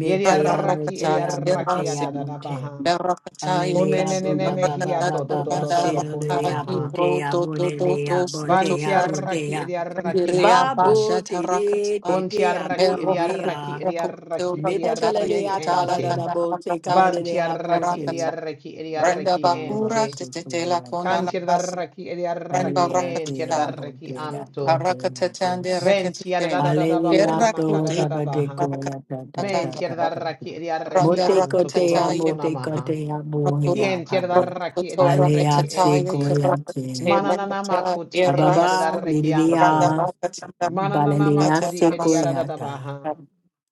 [SPEAKER 2] Yedi
[SPEAKER 3] Randa
[SPEAKER 2] arraki edi
[SPEAKER 4] abote
[SPEAKER 3] rakata tira
[SPEAKER 2] arraki
[SPEAKER 4] abote
[SPEAKER 3] sing.
[SPEAKER 4] abote.
[SPEAKER 2] atadadabaha.
[SPEAKER 3] Da rakata ye
[SPEAKER 4] Hallelujah, ba
[SPEAKER 3] katsin.
[SPEAKER 2] Kunenene
[SPEAKER 3] Da
[SPEAKER 4] ba ba
[SPEAKER 2] mehi
[SPEAKER 4] ba
[SPEAKER 3] rakata
[SPEAKER 4] ba
[SPEAKER 2] ato
[SPEAKER 3] da
[SPEAKER 4] ba
[SPEAKER 2] do do
[SPEAKER 4] ba,
[SPEAKER 2] do do
[SPEAKER 3] randa
[SPEAKER 4] say do
[SPEAKER 2] bakuna
[SPEAKER 3] raka
[SPEAKER 4] ya
[SPEAKER 3] i
[SPEAKER 2] maha.
[SPEAKER 4] bo de ya
[SPEAKER 3] do
[SPEAKER 4] bo
[SPEAKER 3] do
[SPEAKER 4] de
[SPEAKER 3] do
[SPEAKER 4] de ya
[SPEAKER 3] do
[SPEAKER 4] bo
[SPEAKER 3] so to
[SPEAKER 4] de
[SPEAKER 2] Banti
[SPEAKER 4] ya bo
[SPEAKER 3] kata.
[SPEAKER 4] de
[SPEAKER 2] arraki
[SPEAKER 4] ya,
[SPEAKER 2] edi arraki
[SPEAKER 3] Randiria
[SPEAKER 4] ba
[SPEAKER 2] anto.
[SPEAKER 4] bo
[SPEAKER 3] basha ta
[SPEAKER 4] de de de
[SPEAKER 3] rakata.
[SPEAKER 2] Conti
[SPEAKER 4] de ya bo
[SPEAKER 3] Da
[SPEAKER 2] arraki
[SPEAKER 4] ro
[SPEAKER 2] edi
[SPEAKER 4] de
[SPEAKER 3] rokuku
[SPEAKER 2] arraki
[SPEAKER 4] ya,
[SPEAKER 2] edi
[SPEAKER 3] rokuku to
[SPEAKER 2] arraki
[SPEAKER 4] me
[SPEAKER 2] edi
[SPEAKER 4] de
[SPEAKER 3] rakata
[SPEAKER 4] kala de
[SPEAKER 3] ye
[SPEAKER 2] arraki
[SPEAKER 4] ya ta
[SPEAKER 3] katala
[SPEAKER 4] da
[SPEAKER 2] ente.
[SPEAKER 4] da da
[SPEAKER 3] kanda
[SPEAKER 4] bo te kala
[SPEAKER 3] rakata
[SPEAKER 4] de de
[SPEAKER 2] Banti
[SPEAKER 4] ya
[SPEAKER 3] da
[SPEAKER 4] bo
[SPEAKER 2] arraki edi
[SPEAKER 3] rakata.
[SPEAKER 4] de,
[SPEAKER 2] arraki edi
[SPEAKER 3] Randa
[SPEAKER 2] arraki
[SPEAKER 4] de ya
[SPEAKER 2] ente.
[SPEAKER 3] bakura
[SPEAKER 4] se
[SPEAKER 3] tete
[SPEAKER 4] kala de
[SPEAKER 3] la
[SPEAKER 4] ya
[SPEAKER 3] kona na
[SPEAKER 4] de.
[SPEAKER 2] Canti
[SPEAKER 3] nasna.
[SPEAKER 2] arraki edi
[SPEAKER 3] Randa
[SPEAKER 2] arraki
[SPEAKER 4] Hallelujah,
[SPEAKER 2] enti
[SPEAKER 4] dear
[SPEAKER 3] rakata.
[SPEAKER 2] arraki
[SPEAKER 4] Bodega,
[SPEAKER 2] anto.
[SPEAKER 3] Harakata
[SPEAKER 4] Bodega,
[SPEAKER 3] tande
[SPEAKER 4] Bose.
[SPEAKER 2] Venti yada da
[SPEAKER 3] rakata.
[SPEAKER 2] da da da ba
[SPEAKER 4] Hallelujah,
[SPEAKER 2] kona
[SPEAKER 3] Kerra
[SPEAKER 4] to
[SPEAKER 2] makada
[SPEAKER 3] kuti
[SPEAKER 2] da da
[SPEAKER 4] Baba
[SPEAKER 2] ba
[SPEAKER 4] de
[SPEAKER 2] ha.
[SPEAKER 4] Goya, da da da
[SPEAKER 2] Menti
[SPEAKER 3] rakata.
[SPEAKER 4] da
[SPEAKER 2] yada da
[SPEAKER 4] da da.
[SPEAKER 2] raki edi reki
[SPEAKER 3] Randa
[SPEAKER 4] Mote
[SPEAKER 2] anto kodo
[SPEAKER 4] kotea,
[SPEAKER 3] Rakatataya
[SPEAKER 2] bokona
[SPEAKER 4] mote
[SPEAKER 2] maha.
[SPEAKER 4] kotea,
[SPEAKER 3] Rakaturu
[SPEAKER 4] bohea,
[SPEAKER 2] Kien yada da
[SPEAKER 4] honey.
[SPEAKER 2] raki edi
[SPEAKER 3] Rakutu
[SPEAKER 4] Hallelujah,
[SPEAKER 2] reki
[SPEAKER 4] se
[SPEAKER 3] Rakatataya
[SPEAKER 2] ente.
[SPEAKER 4] Goya, te.
[SPEAKER 3] Karakate
[SPEAKER 2] Mananana
[SPEAKER 3] Rakata
[SPEAKER 2] makoti edi yada
[SPEAKER 3] Eras
[SPEAKER 2] da
[SPEAKER 4] Ababa,
[SPEAKER 2] reki
[SPEAKER 3] Randa
[SPEAKER 2] anto.
[SPEAKER 4] Lidia,
[SPEAKER 3] Rakatata
[SPEAKER 2] Mananana
[SPEAKER 4] Balalia,
[SPEAKER 2] makodi
[SPEAKER 4] se
[SPEAKER 3] Tata
[SPEAKER 2] edi yada
[SPEAKER 3] Masata
[SPEAKER 2] da
[SPEAKER 4] Goya,
[SPEAKER 2] da ba
[SPEAKER 4] ta.
[SPEAKER 2] ha.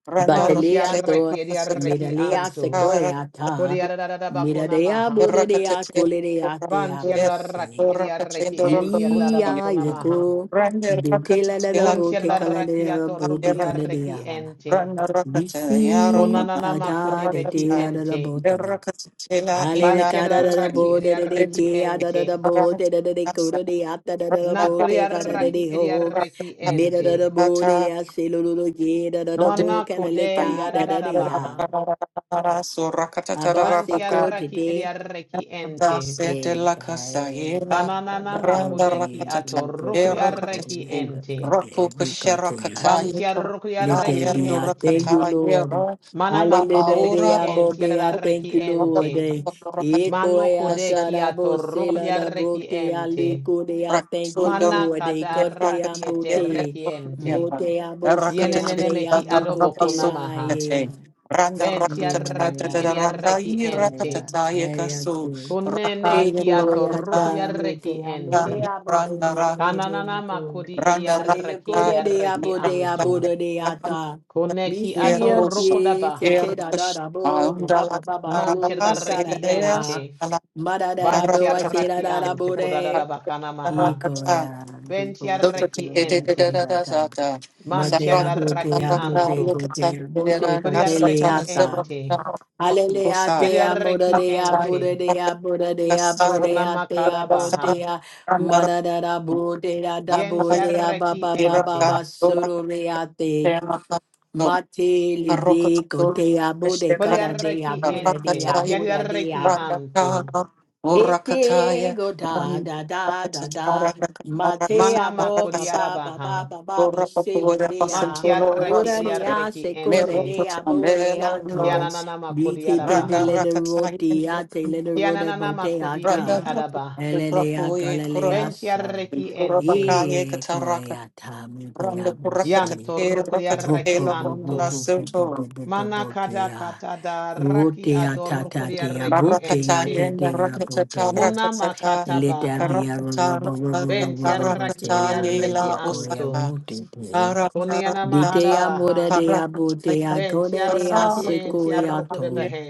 [SPEAKER 3] Randa
[SPEAKER 2] Mant yada
[SPEAKER 3] Rakate
[SPEAKER 4] Batalia, to,
[SPEAKER 2] reki edi
[SPEAKER 3] Rakasata
[SPEAKER 2] reki
[SPEAKER 4] Medalia, se
[SPEAKER 2] anto.
[SPEAKER 3] Rakatara
[SPEAKER 4] Goya,
[SPEAKER 2] Kodi
[SPEAKER 4] ta.
[SPEAKER 2] yada da da da ba kona
[SPEAKER 4] Miradea,
[SPEAKER 2] maha.
[SPEAKER 4] Bodea,
[SPEAKER 3] Rakatate
[SPEAKER 4] Coledea, dea,
[SPEAKER 2] Vanti yada
[SPEAKER 3] Rakate
[SPEAKER 2] da
[SPEAKER 4] Bose.
[SPEAKER 2] raki edi reki
[SPEAKER 3] Rakatendo
[SPEAKER 2] ente yada da da ba
[SPEAKER 3] Rakabutia
[SPEAKER 4] Iriya
[SPEAKER 2] kona maha.
[SPEAKER 4] yeko
[SPEAKER 3] Randa
[SPEAKER 4] betela da da
[SPEAKER 3] Rakatate
[SPEAKER 4] bo
[SPEAKER 2] Bunti yada
[SPEAKER 4] te
[SPEAKER 2] da
[SPEAKER 4] kala da
[SPEAKER 2] raki
[SPEAKER 4] da da
[SPEAKER 2] ato
[SPEAKER 4] bo te
[SPEAKER 2] rukodi
[SPEAKER 3] Lakaman
[SPEAKER 4] kala da ya.
[SPEAKER 2] reki ente.
[SPEAKER 3] Rana rakata ya
[SPEAKER 4] Bisi
[SPEAKER 3] rakota
[SPEAKER 2] Konanana
[SPEAKER 3] ina
[SPEAKER 4] ata de
[SPEAKER 2] makodebeki
[SPEAKER 4] te
[SPEAKER 3] rakata
[SPEAKER 4] la da da
[SPEAKER 2] ente.
[SPEAKER 4] bo
[SPEAKER 3] de
[SPEAKER 4] te.
[SPEAKER 3] rakata tela
[SPEAKER 4] Hale de
[SPEAKER 3] ina
[SPEAKER 4] ka da da
[SPEAKER 3] sote
[SPEAKER 4] da
[SPEAKER 2] Bantiadaraki
[SPEAKER 4] bo de de de
[SPEAKER 3] tete
[SPEAKER 2] ediareki
[SPEAKER 4] ke a da
[SPEAKER 2] ente.
[SPEAKER 4] da da bo de
[SPEAKER 3] rakata
[SPEAKER 4] de de de ko
[SPEAKER 3] asa
[SPEAKER 4] de de a da da da da bo
[SPEAKER 3] rana
[SPEAKER 4] te ka de
[SPEAKER 2] Nakodiaraki
[SPEAKER 4] de ho.
[SPEAKER 3] rakata
[SPEAKER 2] ediareki
[SPEAKER 4] Me da
[SPEAKER 2] ente.
[SPEAKER 4] da da bo de de
[SPEAKER 3] rakata
[SPEAKER 4] a se lo lo lo ye da da da
[SPEAKER 3] sote
[SPEAKER 4] bo kala la le
[SPEAKER 2] Manakode
[SPEAKER 3] an
[SPEAKER 4] ka da da de ya.
[SPEAKER 2] yadadabaha.
[SPEAKER 3] rakata rakata so
[SPEAKER 4] Abba se
[SPEAKER 3] rakata
[SPEAKER 4] ko te
[SPEAKER 2] Bantiaraki ediareki ente.
[SPEAKER 3] Da se de
[SPEAKER 4] Eh,
[SPEAKER 3] la casa
[SPEAKER 4] guy,
[SPEAKER 3] yela,
[SPEAKER 4] ba- ba-
[SPEAKER 2] Kananana
[SPEAKER 4] ba- lo-
[SPEAKER 3] randa
[SPEAKER 2] makodeki
[SPEAKER 4] be-
[SPEAKER 3] rakatata,
[SPEAKER 4] lo- bo-
[SPEAKER 3] e
[SPEAKER 4] bo- bo- bo-
[SPEAKER 2] atorukriareki
[SPEAKER 4] le-
[SPEAKER 3] rakatate,
[SPEAKER 4] be-
[SPEAKER 2] ente.
[SPEAKER 4] be-
[SPEAKER 3] roku
[SPEAKER 4] be- be- go- te- ya-
[SPEAKER 3] kusherakata,
[SPEAKER 4] te.
[SPEAKER 3] yikura,
[SPEAKER 4] Let there
[SPEAKER 2] Bantiarukriareki
[SPEAKER 4] be.
[SPEAKER 3] yendo
[SPEAKER 4] I
[SPEAKER 2] ente.
[SPEAKER 4] thank you,
[SPEAKER 3] rakata,
[SPEAKER 4] Lord.
[SPEAKER 3] yera,
[SPEAKER 2] Mana
[SPEAKER 3] rama
[SPEAKER 4] Hallelujah. de-
[SPEAKER 2] makodebeki
[SPEAKER 3] ura,
[SPEAKER 4] ya- bo-
[SPEAKER 2] ente
[SPEAKER 4] be. I
[SPEAKER 2] yadareki
[SPEAKER 4] thank you,
[SPEAKER 2] ente.
[SPEAKER 4] Lord. Eh,
[SPEAKER 3] rakata,
[SPEAKER 4] eh, ko-
[SPEAKER 2] Mano
[SPEAKER 4] ya-
[SPEAKER 2] kode
[SPEAKER 3] se,
[SPEAKER 4] ta-
[SPEAKER 2] ki
[SPEAKER 4] ra- bo- se- la- la-
[SPEAKER 2] atorukriareki
[SPEAKER 4] bo- te- ya- le-
[SPEAKER 2] ente.
[SPEAKER 4] ko- de- I thank you,
[SPEAKER 3] rakasunda,
[SPEAKER 2] Mana
[SPEAKER 4] Lord. Eh, ko- te-
[SPEAKER 2] kadara
[SPEAKER 4] ya-
[SPEAKER 3] yakata,
[SPEAKER 4] bo-
[SPEAKER 2] kiete
[SPEAKER 3] yera,
[SPEAKER 4] te.
[SPEAKER 2] rekiente.
[SPEAKER 4] Mo- te- ya- bo- se- la-
[SPEAKER 3] rakatate,
[SPEAKER 2] yenene
[SPEAKER 4] de- ya-
[SPEAKER 2] mehi
[SPEAKER 4] bo- go-
[SPEAKER 2] adobo
[SPEAKER 4] te-
[SPEAKER 3] rabaso,
[SPEAKER 4] ya.
[SPEAKER 2] kunamaha.
[SPEAKER 4] Yeah.
[SPEAKER 3] randa
[SPEAKER 4] Be-
[SPEAKER 2] Ventia
[SPEAKER 4] ya- de-
[SPEAKER 2] raki
[SPEAKER 4] ya.
[SPEAKER 3] rakatata,
[SPEAKER 2] edia
[SPEAKER 3] randa,
[SPEAKER 2] rekiente.
[SPEAKER 4] Hallelujah.
[SPEAKER 3] yirakatata,
[SPEAKER 4] Hey,
[SPEAKER 3] yekasu,
[SPEAKER 4] yes,
[SPEAKER 2] Kunene kiato rukria
[SPEAKER 4] Ekoyata
[SPEAKER 3] rakaya,
[SPEAKER 4] mutea
[SPEAKER 2] rekiente.
[SPEAKER 4] mudea bo be be be
[SPEAKER 3] Randara,
[SPEAKER 4] be be
[SPEAKER 2] Kananana
[SPEAKER 4] mutu.
[SPEAKER 2] makudi edia
[SPEAKER 3] Randara,
[SPEAKER 2] reki
[SPEAKER 4] Aleluya
[SPEAKER 2] edia
[SPEAKER 4] de
[SPEAKER 2] reki
[SPEAKER 4] abo de abo
[SPEAKER 2] antu.
[SPEAKER 4] de de ata.
[SPEAKER 2] Kuneki
[SPEAKER 4] Bisi
[SPEAKER 3] Eroso,
[SPEAKER 4] ye se
[SPEAKER 2] adorokodabaha.
[SPEAKER 4] te da da
[SPEAKER 3] Erkash,
[SPEAKER 4] da bo ba ba ba
[SPEAKER 3] Andala,
[SPEAKER 4] ba ba
[SPEAKER 2] Manchia
[SPEAKER 4] glu de
[SPEAKER 3] Naravas,
[SPEAKER 4] kara de
[SPEAKER 3] Elers,
[SPEAKER 4] a.
[SPEAKER 2] rekiente.
[SPEAKER 4] Ma da da da bo
[SPEAKER 2] Bantia
[SPEAKER 4] wa se
[SPEAKER 3] Rakatata,
[SPEAKER 4] da
[SPEAKER 2] raki
[SPEAKER 4] da da
[SPEAKER 2] antu
[SPEAKER 4] bo de.
[SPEAKER 2] kudadabakana maha.
[SPEAKER 4] Eko
[SPEAKER 3] Rakata,
[SPEAKER 4] ya
[SPEAKER 2] Ventia
[SPEAKER 4] jiko se ko ya da
[SPEAKER 2] rekiente.
[SPEAKER 4] da da.
[SPEAKER 3] Sotata,
[SPEAKER 2] Manchia
[SPEAKER 4] Madea
[SPEAKER 3] Sarakata,
[SPEAKER 2] raki
[SPEAKER 4] Butea Bute
[SPEAKER 2] antu.
[SPEAKER 3] Rakata,
[SPEAKER 4] Gotea Bute
[SPEAKER 3] Kasata,
[SPEAKER 2] Kodiareki
[SPEAKER 4] Cordeliata.
[SPEAKER 2] ente.
[SPEAKER 3] Zerakata,
[SPEAKER 4] Hallelujah,
[SPEAKER 3] Rakusa,
[SPEAKER 4] Tea Buddha
[SPEAKER 2] Yadiareki
[SPEAKER 4] Dea
[SPEAKER 3] Rakata,
[SPEAKER 4] Buddha
[SPEAKER 2] ente.
[SPEAKER 4] Dea Buddha Dea
[SPEAKER 3] Kasara,
[SPEAKER 4] Buddha Tea
[SPEAKER 3] Kasara,
[SPEAKER 2] Kunamakadabaha.
[SPEAKER 4] Buddha
[SPEAKER 3] Randara,
[SPEAKER 4] Manada Buddha Da da,
[SPEAKER 3] Kasara,
[SPEAKER 4] Buddha
[SPEAKER 2] Yentiareki
[SPEAKER 4] Baba Baba
[SPEAKER 2] ente.
[SPEAKER 3] Iraka,
[SPEAKER 4] Basurulia Te
[SPEAKER 3] Temakanto,
[SPEAKER 4] Mate Lidi
[SPEAKER 3] Karokato,
[SPEAKER 4] Gotea Buddha Kada
[SPEAKER 3] Eshebakata,
[SPEAKER 4] Dea
[SPEAKER 2] Kodiareki
[SPEAKER 4] Buddha
[SPEAKER 2] ente.
[SPEAKER 4] Dea
[SPEAKER 3] Rakataya,
[SPEAKER 4] Buddha
[SPEAKER 2] Kiadiareki
[SPEAKER 4] dea.
[SPEAKER 2] anto.
[SPEAKER 3] Randakana,
[SPEAKER 4] Ete
[SPEAKER 3] Urakataya,
[SPEAKER 4] go da da da da
[SPEAKER 3] Vandakatara,
[SPEAKER 4] da. Mate
[SPEAKER 3] Rakatara,
[SPEAKER 2] Manama
[SPEAKER 4] abo ba
[SPEAKER 3] Rakasa,
[SPEAKER 4] ba ba ba
[SPEAKER 2] kodiarabaha.
[SPEAKER 4] ba ba ba selo
[SPEAKER 3] Urapatura,
[SPEAKER 4] dea.
[SPEAKER 3] Pasatolo,
[SPEAKER 2] Mantiareki
[SPEAKER 4] Mora
[SPEAKER 3] Rasute,
[SPEAKER 4] dea
[SPEAKER 2] ediareki
[SPEAKER 4] sekore
[SPEAKER 2] ente.
[SPEAKER 4] dea
[SPEAKER 3] Merokota, Mela,
[SPEAKER 4] boea to.
[SPEAKER 3] Noras,
[SPEAKER 2] Kiananama
[SPEAKER 4] Bite te de
[SPEAKER 3] Randa
[SPEAKER 2] kodiarabaha.
[SPEAKER 4] lele
[SPEAKER 3] rakata,
[SPEAKER 4] roti a te lele
[SPEAKER 3] rakata,
[SPEAKER 4] rote
[SPEAKER 2] Kiananama
[SPEAKER 4] botea
[SPEAKER 2] kodi
[SPEAKER 4] da.
[SPEAKER 2] edi
[SPEAKER 3] Rakataya,
[SPEAKER 2] adabaha.
[SPEAKER 4] Elelea
[SPEAKER 3] Rakuye, Korona,
[SPEAKER 4] galilea so.
[SPEAKER 2] Ventiareki ente.
[SPEAKER 3] Urabakaya,
[SPEAKER 4] E
[SPEAKER 3] Kataraka,
[SPEAKER 4] goea ta mi
[SPEAKER 3] Randa
[SPEAKER 4] dea
[SPEAKER 3] Kurakata,
[SPEAKER 4] bose.
[SPEAKER 2] Yanto
[SPEAKER 3] Rakata,
[SPEAKER 2] rukodiareki
[SPEAKER 4] Ropo bo bo
[SPEAKER 2] anto.
[SPEAKER 4] bo bo bo
[SPEAKER 3] Lomona,
[SPEAKER 4] bo bo bo
[SPEAKER 2] Mana
[SPEAKER 4] bo
[SPEAKER 2] kada
[SPEAKER 4] dea.
[SPEAKER 2] kata da raki
[SPEAKER 4] Rotea ta
[SPEAKER 2] ador
[SPEAKER 4] ta
[SPEAKER 2] kuria reki
[SPEAKER 3] Barakata
[SPEAKER 4] Rotea
[SPEAKER 2] ente.
[SPEAKER 4] te
[SPEAKER 3] yen
[SPEAKER 4] dea
[SPEAKER 3] rakata
[SPEAKER 4] botea.
[SPEAKER 2] Muna
[SPEAKER 3] rakata
[SPEAKER 2] makata
[SPEAKER 4] Let that
[SPEAKER 2] baha.
[SPEAKER 4] be a rooted.
[SPEAKER 3] karakata
[SPEAKER 2] Benti
[SPEAKER 3] rakata
[SPEAKER 2] arraki eri
[SPEAKER 3] rakata
[SPEAKER 2] arreki
[SPEAKER 3] yela
[SPEAKER 2] anto.
[SPEAKER 3] osaka karakata
[SPEAKER 2] Koniana mahada
[SPEAKER 4] Ditea moda
[SPEAKER 2] baha.
[SPEAKER 4] dea
[SPEAKER 3] karakata yela
[SPEAKER 4] botea
[SPEAKER 2] Benti
[SPEAKER 4] code dea
[SPEAKER 2] arraki
[SPEAKER 3] osaka
[SPEAKER 2] enti
[SPEAKER 4] sequoia
[SPEAKER 3] karakata
[SPEAKER 2] arrokure
[SPEAKER 3] yen
[SPEAKER 4] to
[SPEAKER 2] bahe.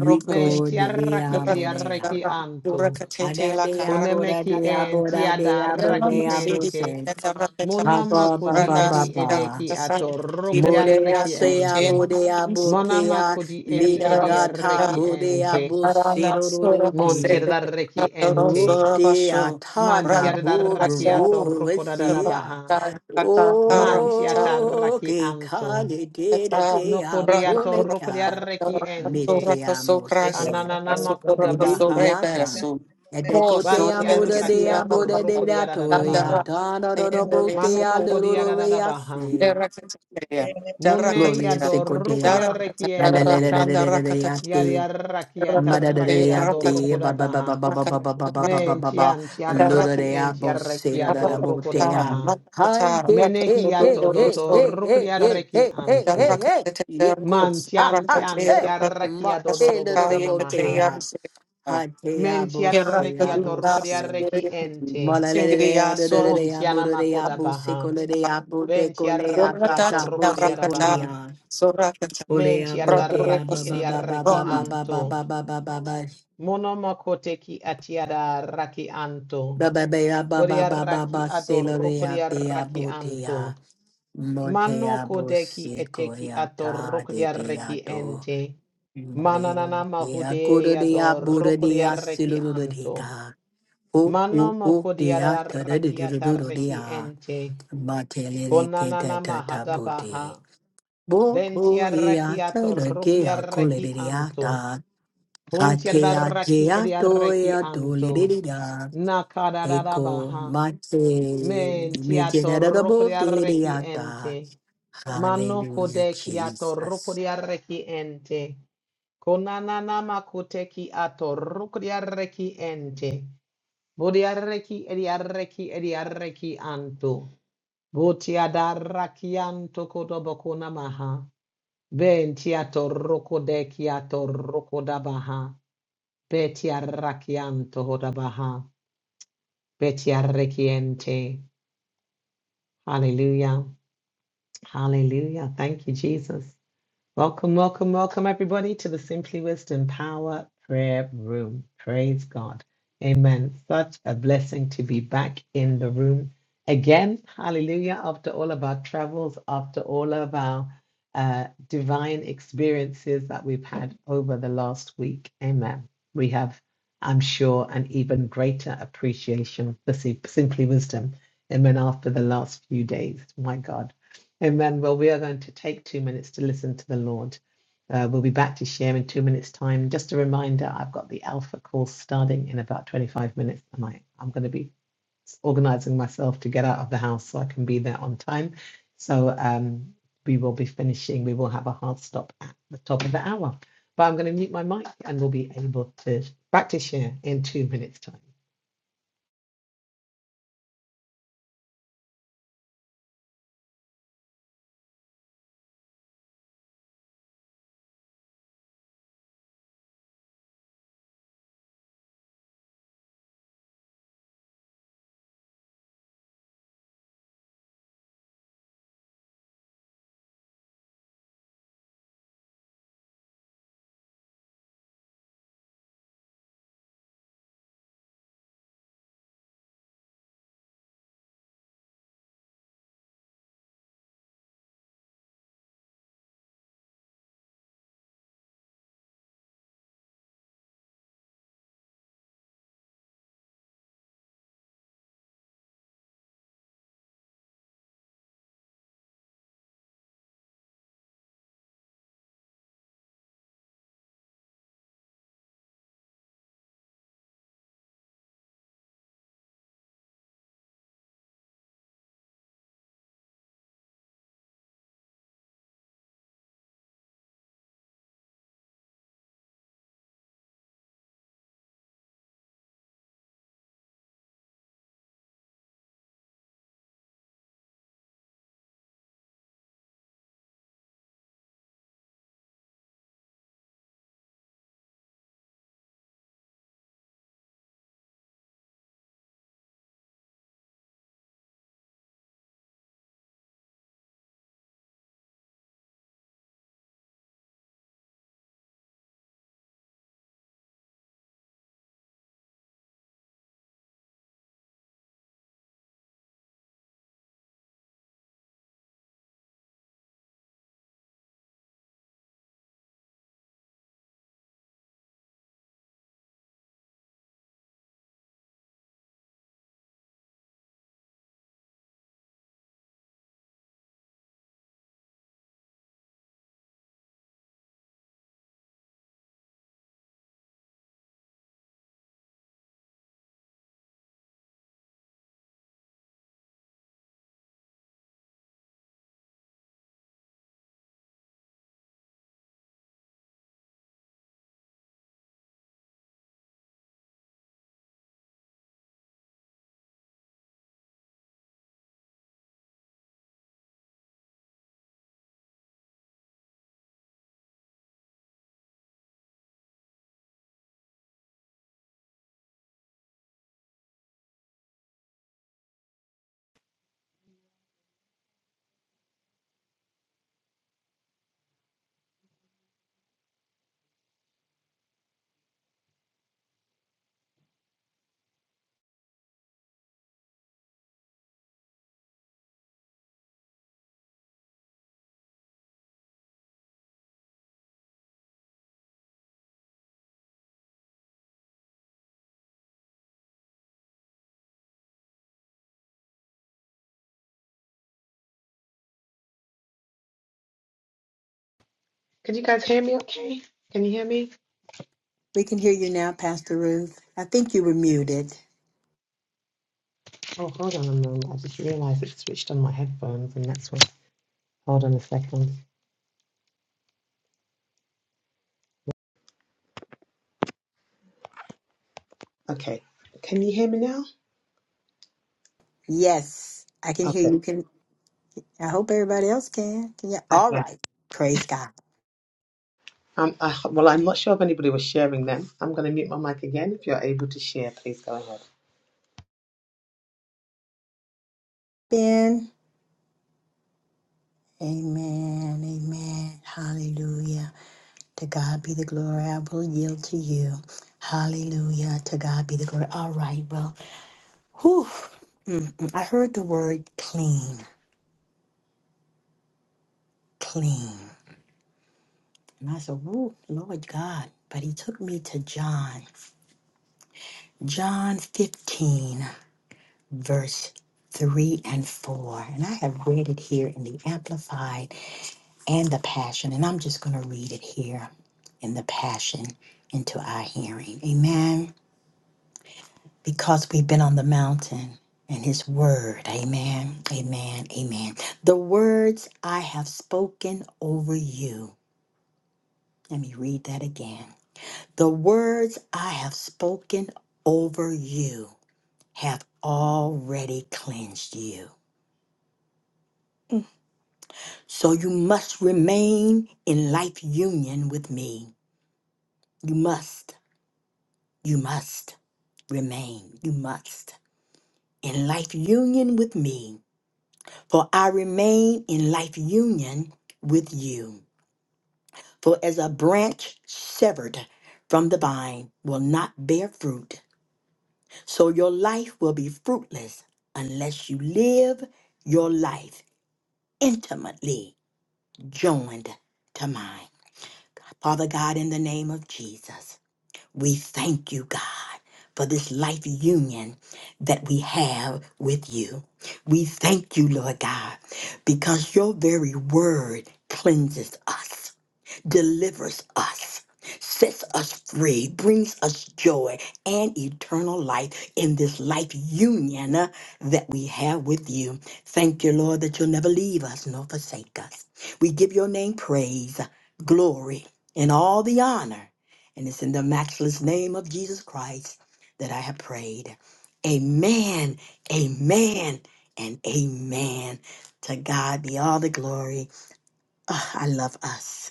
[SPEAKER 3] rokubish
[SPEAKER 2] Menti arraki
[SPEAKER 4] dea
[SPEAKER 2] eri
[SPEAKER 3] rakata
[SPEAKER 4] bodea.
[SPEAKER 2] arreki
[SPEAKER 3] rakata
[SPEAKER 2] anto.
[SPEAKER 3] rakata
[SPEAKER 4] Ada
[SPEAKER 3] la
[SPEAKER 4] dea
[SPEAKER 3] karakata
[SPEAKER 4] boda
[SPEAKER 2] Konemeki
[SPEAKER 4] dea
[SPEAKER 2] enti
[SPEAKER 4] boda dea
[SPEAKER 3] yela
[SPEAKER 2] adarraki
[SPEAKER 4] bodea
[SPEAKER 3] masidi
[SPEAKER 2] ente.
[SPEAKER 4] bose.
[SPEAKER 3] rakata rakata
[SPEAKER 2] Muna
[SPEAKER 4] Papa
[SPEAKER 2] makodi
[SPEAKER 4] papa
[SPEAKER 3] rana
[SPEAKER 2] edi
[SPEAKER 3] sida
[SPEAKER 4] papa.
[SPEAKER 2] edeki
[SPEAKER 3] rakasa
[SPEAKER 2] atorrokri
[SPEAKER 3] kiriyaya
[SPEAKER 4] Modea
[SPEAKER 2] arreki
[SPEAKER 4] tea
[SPEAKER 2] ente.
[SPEAKER 3] surten
[SPEAKER 4] bodea
[SPEAKER 3] insa
[SPEAKER 2] Mona
[SPEAKER 4] bokea.
[SPEAKER 2] makodi edi
[SPEAKER 4] Lida
[SPEAKER 2] edi
[SPEAKER 4] data
[SPEAKER 2] arreki
[SPEAKER 4] bodea
[SPEAKER 2] ente.
[SPEAKER 3] Arana sura
[SPEAKER 4] bosiro
[SPEAKER 2] Montiada
[SPEAKER 3] pasete
[SPEAKER 2] da reki
[SPEAKER 3] doro
[SPEAKER 2] ente.
[SPEAKER 3] sura
[SPEAKER 4] Rukti
[SPEAKER 3] basho.
[SPEAKER 4] atada
[SPEAKER 3] Rana
[SPEAKER 2] Mantiada da
[SPEAKER 3] pasha
[SPEAKER 2] rakiato
[SPEAKER 4] bhuvruvu
[SPEAKER 2] rokoda da
[SPEAKER 3] sura
[SPEAKER 4] vesya.
[SPEAKER 2] baha.
[SPEAKER 3] kaka kaka cha
[SPEAKER 2] Mantiata
[SPEAKER 4] O
[SPEAKER 2] raki
[SPEAKER 4] ke
[SPEAKER 2] anto.
[SPEAKER 4] kali dira
[SPEAKER 3] cha.
[SPEAKER 4] dea
[SPEAKER 3] Rana
[SPEAKER 2] Nokodiato
[SPEAKER 3] sura
[SPEAKER 2] rokodia
[SPEAKER 4] boleka.
[SPEAKER 2] reki
[SPEAKER 3] doro
[SPEAKER 2] ente.
[SPEAKER 3] sura kaso
[SPEAKER 4] Mitiamo
[SPEAKER 3] krasa
[SPEAKER 4] se.
[SPEAKER 3] kaso
[SPEAKER 2] Anananama
[SPEAKER 3] sura
[SPEAKER 2] koda
[SPEAKER 3] kaso
[SPEAKER 2] baha.
[SPEAKER 4] Ididiata.
[SPEAKER 3] reberasu. O
[SPEAKER 4] Edeco
[SPEAKER 3] sura
[SPEAKER 4] dea
[SPEAKER 2] Bantia
[SPEAKER 4] muda
[SPEAKER 3] elisia
[SPEAKER 4] dea
[SPEAKER 2] rakiato
[SPEAKER 3] rana
[SPEAKER 4] buda da
[SPEAKER 2] rokodia da
[SPEAKER 3] dandara
[SPEAKER 4] toya.
[SPEAKER 2] baha.
[SPEAKER 4] Tana do do
[SPEAKER 3] ayendere
[SPEAKER 4] botea
[SPEAKER 2] Manuma
[SPEAKER 3] sura
[SPEAKER 2] kodia
[SPEAKER 4] lulu
[SPEAKER 2] da baha.
[SPEAKER 4] reasi.
[SPEAKER 3] dera kacaya. Dara
[SPEAKER 2] Mune
[SPEAKER 4] Gloria
[SPEAKER 3] kacaya.
[SPEAKER 2] yado
[SPEAKER 4] secodea.
[SPEAKER 2] rokodia reki ente.
[SPEAKER 4] Eleleleleleleleate.
[SPEAKER 2] Yaria rakiata
[SPEAKER 4] Madadadadea,
[SPEAKER 2] rakiato
[SPEAKER 4] ba-
[SPEAKER 2] rokoda
[SPEAKER 4] ba- ba- ba-
[SPEAKER 2] baha.
[SPEAKER 4] ba- ba-
[SPEAKER 3] Rakata,
[SPEAKER 4] ba- ba- ba- ba- ba-
[SPEAKER 3] Rakata,
[SPEAKER 4] ba- ba- ba.
[SPEAKER 2] Mentiantia
[SPEAKER 3] Rakata,
[SPEAKER 2] raki
[SPEAKER 4] Ludadea,
[SPEAKER 2] entia
[SPEAKER 4] bo- se- da- da-
[SPEAKER 2] rakiado
[SPEAKER 4] da- bo-
[SPEAKER 2] rokoda
[SPEAKER 4] dea.
[SPEAKER 2] baha.
[SPEAKER 4] Hi, hey, hey,
[SPEAKER 2] Menehia
[SPEAKER 4] hey, hey,
[SPEAKER 2] tododo
[SPEAKER 4] hey, hey, hey,
[SPEAKER 2] rukriareki
[SPEAKER 4] hey, hey,
[SPEAKER 2] antu.
[SPEAKER 4] hey, hey. Yeko,
[SPEAKER 2] Man
[SPEAKER 4] ha,
[SPEAKER 3] Rakata,
[SPEAKER 2] tian
[SPEAKER 4] ha,
[SPEAKER 2] tian
[SPEAKER 4] te.
[SPEAKER 2] tiaraki
[SPEAKER 4] Ma, te,
[SPEAKER 2] adododo
[SPEAKER 4] da- da- da- bo-
[SPEAKER 2] bokonamaha.
[SPEAKER 4] dea. Ha,
[SPEAKER 2] Men
[SPEAKER 4] dea, bo- se,
[SPEAKER 2] tiarareki
[SPEAKER 4] a, bo- se.
[SPEAKER 2] atorukriareki ente.
[SPEAKER 4] Ma, la- la- la- dea, da- da- da-
[SPEAKER 2] Mon
[SPEAKER 4] dea, bo- da- dea,
[SPEAKER 2] tianamakoda
[SPEAKER 4] bo- se,
[SPEAKER 2] baha.
[SPEAKER 4] ko- la- dea, bo-
[SPEAKER 2] Ben
[SPEAKER 4] de- ko- lea,
[SPEAKER 2] tiaraki
[SPEAKER 4] ta- ta, bo- se, ko-
[SPEAKER 2] atorukriarabaha.
[SPEAKER 4] lea.
[SPEAKER 3] Rakata,
[SPEAKER 2] Men
[SPEAKER 4] Olea, botea,
[SPEAKER 2] tiararaki
[SPEAKER 4] ba, ba, ba, ba,
[SPEAKER 2] idiareki
[SPEAKER 4] ba, ba,
[SPEAKER 3] Rakata,
[SPEAKER 4] ba, ba,
[SPEAKER 2] antu.
[SPEAKER 4] ba, ba, ba, ba, ba, ba.
[SPEAKER 2] Monomakoteki atiadaraki antu.
[SPEAKER 4] Ba ba ba ya ba ba ba ba
[SPEAKER 2] Boriaraki
[SPEAKER 4] ba seloria te
[SPEAKER 2] adorukriareki
[SPEAKER 4] abutia
[SPEAKER 2] antu. Mano
[SPEAKER 4] motea
[SPEAKER 2] kodeki
[SPEAKER 4] bosico
[SPEAKER 2] eteki
[SPEAKER 4] ya ta de dia
[SPEAKER 2] atorokodiareki
[SPEAKER 4] diato
[SPEAKER 2] ente.
[SPEAKER 4] morea
[SPEAKER 2] Mananana
[SPEAKER 4] dea cura
[SPEAKER 2] mahude
[SPEAKER 4] dea bura dea
[SPEAKER 2] adorokodiareki anto.
[SPEAKER 4] silurica o o
[SPEAKER 2] Mano
[SPEAKER 4] o dia ta de de
[SPEAKER 2] makodiareki
[SPEAKER 4] de de de
[SPEAKER 2] atareki
[SPEAKER 4] dea
[SPEAKER 2] ente.
[SPEAKER 4] matele ke ta
[SPEAKER 2] Konanana
[SPEAKER 4] ta ta buti
[SPEAKER 2] mahadabaha.
[SPEAKER 4] bo o
[SPEAKER 2] Ventiareki
[SPEAKER 4] ya ta le ke ya cole
[SPEAKER 2] atorokodiareki
[SPEAKER 4] dia
[SPEAKER 2] anto.
[SPEAKER 4] ta ha te ya te
[SPEAKER 2] Pontiareki
[SPEAKER 4] ya to
[SPEAKER 2] ediareki
[SPEAKER 4] ya to le
[SPEAKER 2] anto.
[SPEAKER 4] dia Eko
[SPEAKER 2] Nakadarabaha.
[SPEAKER 4] mate mejerabo
[SPEAKER 2] Mentiatorokodiareki
[SPEAKER 4] deliriata.
[SPEAKER 2] ente. Mano
[SPEAKER 4] Hallelujah,
[SPEAKER 2] kodeki
[SPEAKER 4] Jesus.
[SPEAKER 2] atorukuriareki ente. Konananama kuteki atorukuriareki ente. Buriareki eriareki eriareki anto. buti Butiadaraki anto kodobokunamaha. Benti atorukodeki beti Betiaraki anto hodabaha. Betiareki ente. Hallelujah. Hallelujah. Thank you, Jesus. Welcome, welcome, welcome, everybody, to the Simply Wisdom Power Prayer Room. Praise God. Amen. Such a blessing to be back in the room again. Hallelujah. After all of our travels, after all of our uh, divine experiences that we've had over the last week. Amen. We have, I'm sure, an even greater appreciation for Sim- Simply Wisdom. Amen. After the last few days. My God. Amen. Well, we are going to take two minutes to listen to the Lord. Uh, we'll be back to share in two minutes' time. Just a reminder I've got the Alpha course starting in about 25 minutes, and I, I'm going to be organizing myself to get out of the house so I can be there on time. So um, we will be finishing, we will have a hard stop at the top of the hour. But I'm going to mute my mic and we'll be able to back to share in two minutes' time. Can you guys hear me okay? Can you hear me?
[SPEAKER 4] We can hear you now, Pastor Ruth. I think you were muted.
[SPEAKER 2] Oh, hold on a moment. I just realized it switched on my headphones, and that's why. Hold on a second. Okay. Can you hear me now?
[SPEAKER 4] Yes, I can hear
[SPEAKER 2] Okay.
[SPEAKER 4] you. Can I hope everybody else can? Can you?
[SPEAKER 2] I
[SPEAKER 4] All
[SPEAKER 2] can.
[SPEAKER 4] right. Praise God.
[SPEAKER 2] Um, I, well, I'm not sure if anybody was sharing them. I'm going to mute my mic again. If you're able to share, please go ahead.
[SPEAKER 4] Ben. Amen. Amen. Hallelujah. To God be the glory. I will yield to you. Hallelujah. To God be the glory. All right. Well, whew. Mm, mm. I heard the word clean. clean. And I said, Whoa, Lord God. But he took me to John, John 15, verse 3 and 4. And I have read it here in the Amplified and the Passion. And I'm just going to read it here in the Passion into our hearing. Amen. Because we've been on the mountain and his word. Amen. Amen. Amen. The words I have spoken over you. Let me read that again The words I have spoken over you have already cleansed you. So you must remain in life union with me. You must, you must remain, you must in life union with me. For I remain in life union with you. For as a branch severed from the vine will not bear fruit So your life will be fruitless unless you live your life intimately joined to mine. Father God, in the name of Jesus, we thank you, God, for this life union that we have with you. We thank you, Lord God, because your very word cleanses us delivers us, sets us free, brings us joy and eternal life in this life union uh, that we have with you. Thank you, Lord, that you'll never leave us nor forsake us. We give your name praise, glory, and all the honor. And it's in the matchless name of Jesus Christ that I have prayed. Amen, amen, and amen. To God be all the glory. Ah, I love us.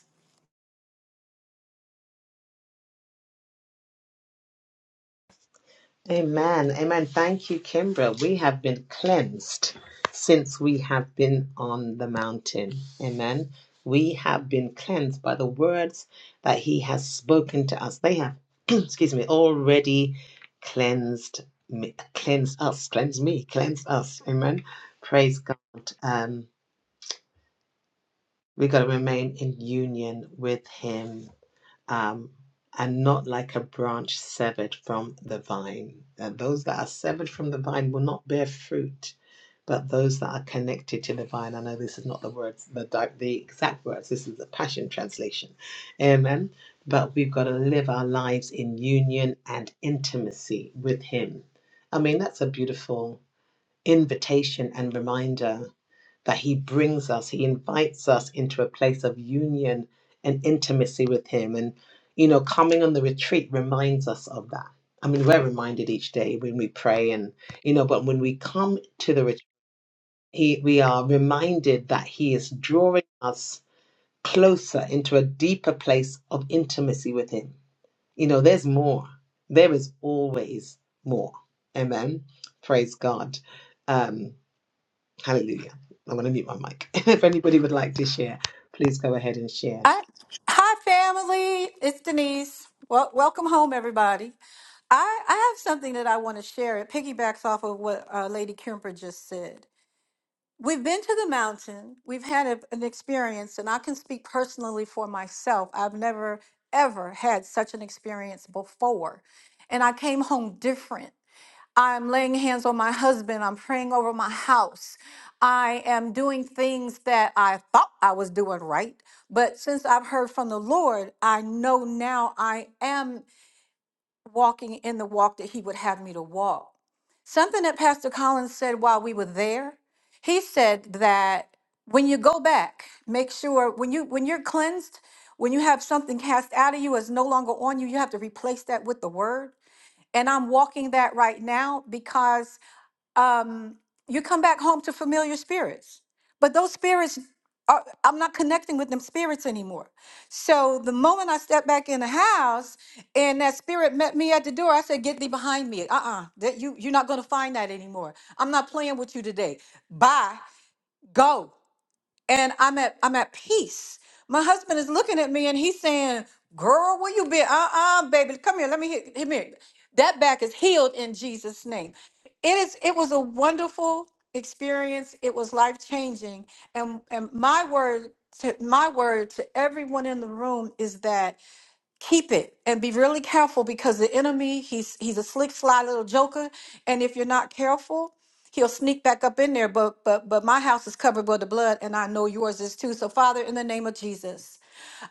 [SPEAKER 2] Amen. Amen. Thank you, Kimbra. We have been cleansed since we have been on the mountain. Amen. We have been cleansed by the words that he has spoken to us. They have, excuse me, already cleansed me, cleansed us, cleansed me, cleansed us. Amen. Praise God. Um, we got to remain in union with him um, and not like a branch severed from the vine. And those that are severed from the vine will not bear fruit, but those that are connected to the vine. I know this is not the words, the di- the exact words. This is the Passion Translation. Amen. But we've got to live our lives in union and intimacy with Him. I mean, that's a beautiful invitation and reminder that He brings us, He invites us into a place of union and intimacy with Him. And, you know, coming on the retreat reminds us of that. I mean, we're reminded each day when we pray, and, you know, but when we come to the retreat, he, we are reminded that He is drawing us closer into a deeper place of intimacy with Him. You know, there's more, there is always more. Amen. Praise God. Um. Hallelujah. I'm going to mute my mic. if anybody would like to share, please go ahead and share.
[SPEAKER 5] I, hi, family. It's Denise. Well, welcome home, everybody. I, I have something that I want to share. It piggybacks off of what uh, Lady Kemper just said. We've been to the mountain, we've had a, an experience, and I can speak personally for myself. I've never, ever had such an experience before. And I came home different. I'm laying hands on my husband. I'm praying over my house. I am doing things that I thought I was doing right. But since I've heard from the Lord, I know now I am walking in the walk that He would have me to walk. Something that Pastor Collins said while we were there, he said that when you go back, make sure when you when you're cleansed, when you have something cast out of you is no longer on you, you have to replace that with the word. And I'm walking that right now because um, you come back home to familiar spirits. But those spirits, are, I'm not connecting with them spirits anymore. So the moment I stepped back in the house and that spirit met me at the door, I said, "Get thee behind me! Uh-uh, that you you're not going to find that anymore. I'm not playing with you today. Bye, go." and I'm at I'm at peace. My husband is looking at me and he's saying, "Girl, where you been? Uh-uh, baby, come here. Let me hit, hit me. That back is healed in Jesus' name. It is. It was a wonderful experience. It was life changing. And and my word, to, my word to everyone in the room is that keep it and be really careful because the enemy he's he's a slick sly little joker and if you're not careful he'll sneak back up in there but but but my house is covered with the blood and i know yours is too so father in the name of jesus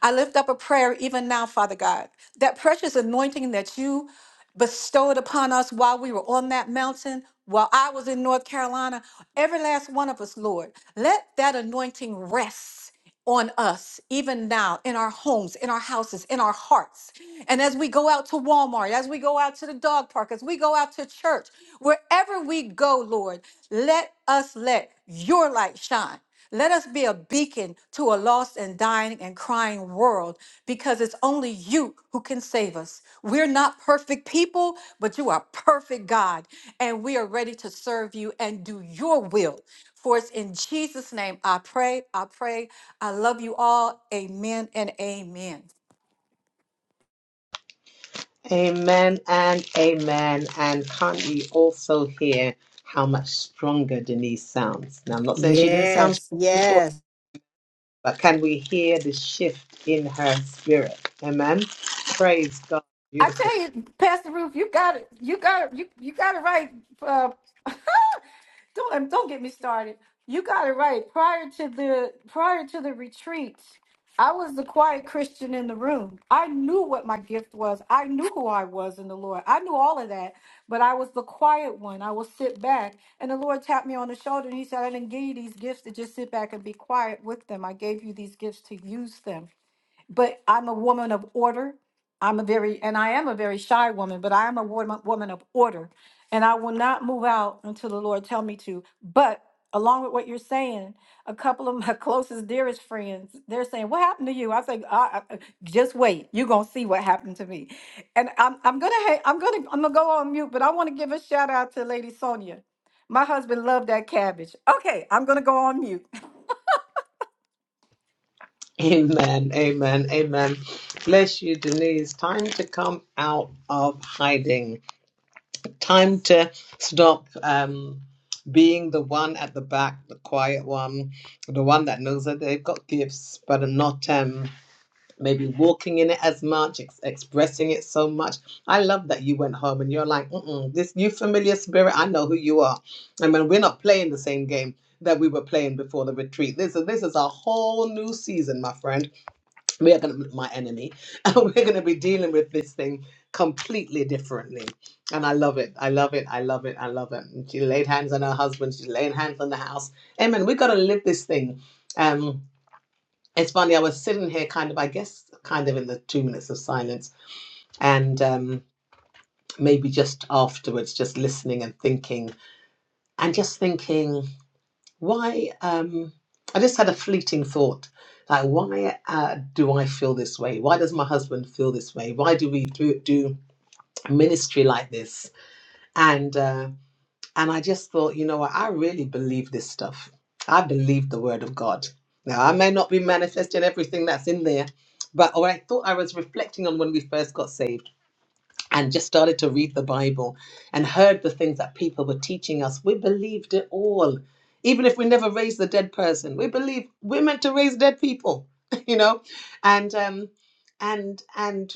[SPEAKER 5] I lift up a prayer even now, Father God, that precious anointing that you bestowed upon us while we were on that mountain, while I was in North Carolina, every last one of us, Lord, let that anointing rest on us even now in our homes in our houses in our hearts and as we go out to Walmart as we go out to the dog park as we go out to church wherever we go lord let us let your light shine let us be a beacon to a lost and dying and crying world because it's only you who can save us. We're not perfect people, but you are perfect, God. And we are ready to serve you and do your will. For it's in Jesus' name I pray, I pray. I love you all. Amen and amen.
[SPEAKER 2] Amen and amen. And can't we also hear how much stronger Denise sounds? Now, I'm not saying she didn't sound strong
[SPEAKER 4] Yes,
[SPEAKER 2] before,
[SPEAKER 4] yes.
[SPEAKER 2] but can we hear the shift in her spirit? Amen. Praise God.
[SPEAKER 5] I
[SPEAKER 2] Beautiful.
[SPEAKER 5] tell you, Pastor Ruth, you got it. You got it. You you got it right. Uh, don't um, don't get me started. You got it right. Prior to the prior to the retreats, I was the quiet Christian in the room. I knew what my gift was. I knew who I was in the Lord. I knew all of that, but I was the quiet one. I will sit back, and the Lord tapped me on the shoulder and He said, "I didn't give you these gifts to just sit back and be quiet with them. I gave you these gifts to use them." but I'm a woman of order. I'm a very, and I am a very shy woman, but I am a woman, woman of order. And I will not move out until the Lord tell me to. But along with what you're saying, a couple of my closest, dearest friends, they're saying, what happened to you? I think, I, I, just wait. You're going to see what happened to me. And I'm, I'm going to, I'm going to, I'm going to go on mute, but I want to give a shout out to Lady Sonia. My husband loved that cabbage. Okay. I'm going to go on mute.
[SPEAKER 2] Amen. Amen. Amen. Bless you, Denise. Time to come out of hiding. time to stop um, being the one at the back, the quiet one, the one that knows that they've got gifts, but are not um, maybe walking in it as much, ex- expressing it so much. I love that you went home and you're like, Mm-mm, this you familiar spirit, I know who you are. I mean, we're not playing the same game that we were playing before the retreat. This is this is a whole new season, my friend we are going to my enemy and we're going to be dealing with this thing completely differently and i love it i love it i love it i love it And she laid hands on her husband she's laying hands on the house amen we got to live this thing um it's funny i was sitting here kind of i guess kind of in the two minutes of silence and um maybe just afterwards just listening and thinking and just thinking why? Um, I just had a fleeting thought. Like, why uh, do I feel this way? Why does my husband feel this way? Why do we do, do ministry like this? And uh, and I just thought, you know what? I really believe this stuff. I believe the word of God. Now, I may not be manifesting everything that's in there, but what I thought I was reflecting on when we first got saved and just started to read the Bible and heard the things that people were teaching us, we believed it all. Even if we never raised the dead person, we believe we're meant to raise dead people, you know, and um, and and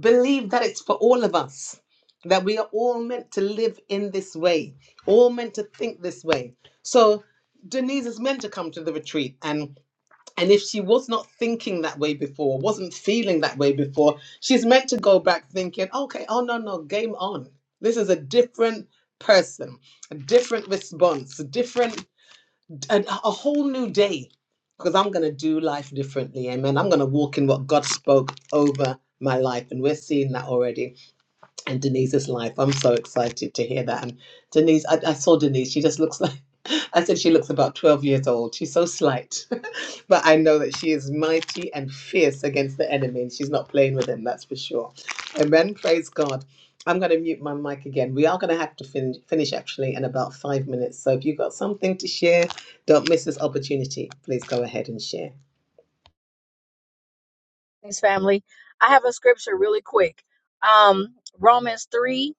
[SPEAKER 2] believe that it's for all of us that we are all meant to live in this way, all meant to think this way. So Denise is meant to come to the retreat, and and if she was not thinking that way before, wasn't feeling that way before, she's meant to go back thinking, okay, oh no, no, game on. This is a different person, a different response, a different, a, a whole new day. Because I'm going to do life differently. Amen. I'm going to walk in what God spoke over my life. And we're seeing that already and Denise's life. I'm so excited to hear that. And Denise, I, I saw Denise. She just looks like I said she looks about 12 years old. She's so slight, but I know that she is mighty and fierce against the enemy, and she's not playing with him. That's for sure. Amen. Praise God. I'm going to mute my mic again. We are going to have to fin- finish actually in about five minutes. So if you've got something to share don't miss this opportunity. Please go ahead and share.
[SPEAKER 6] Thanks, family. I have a scripture really quick. Um, Romans 3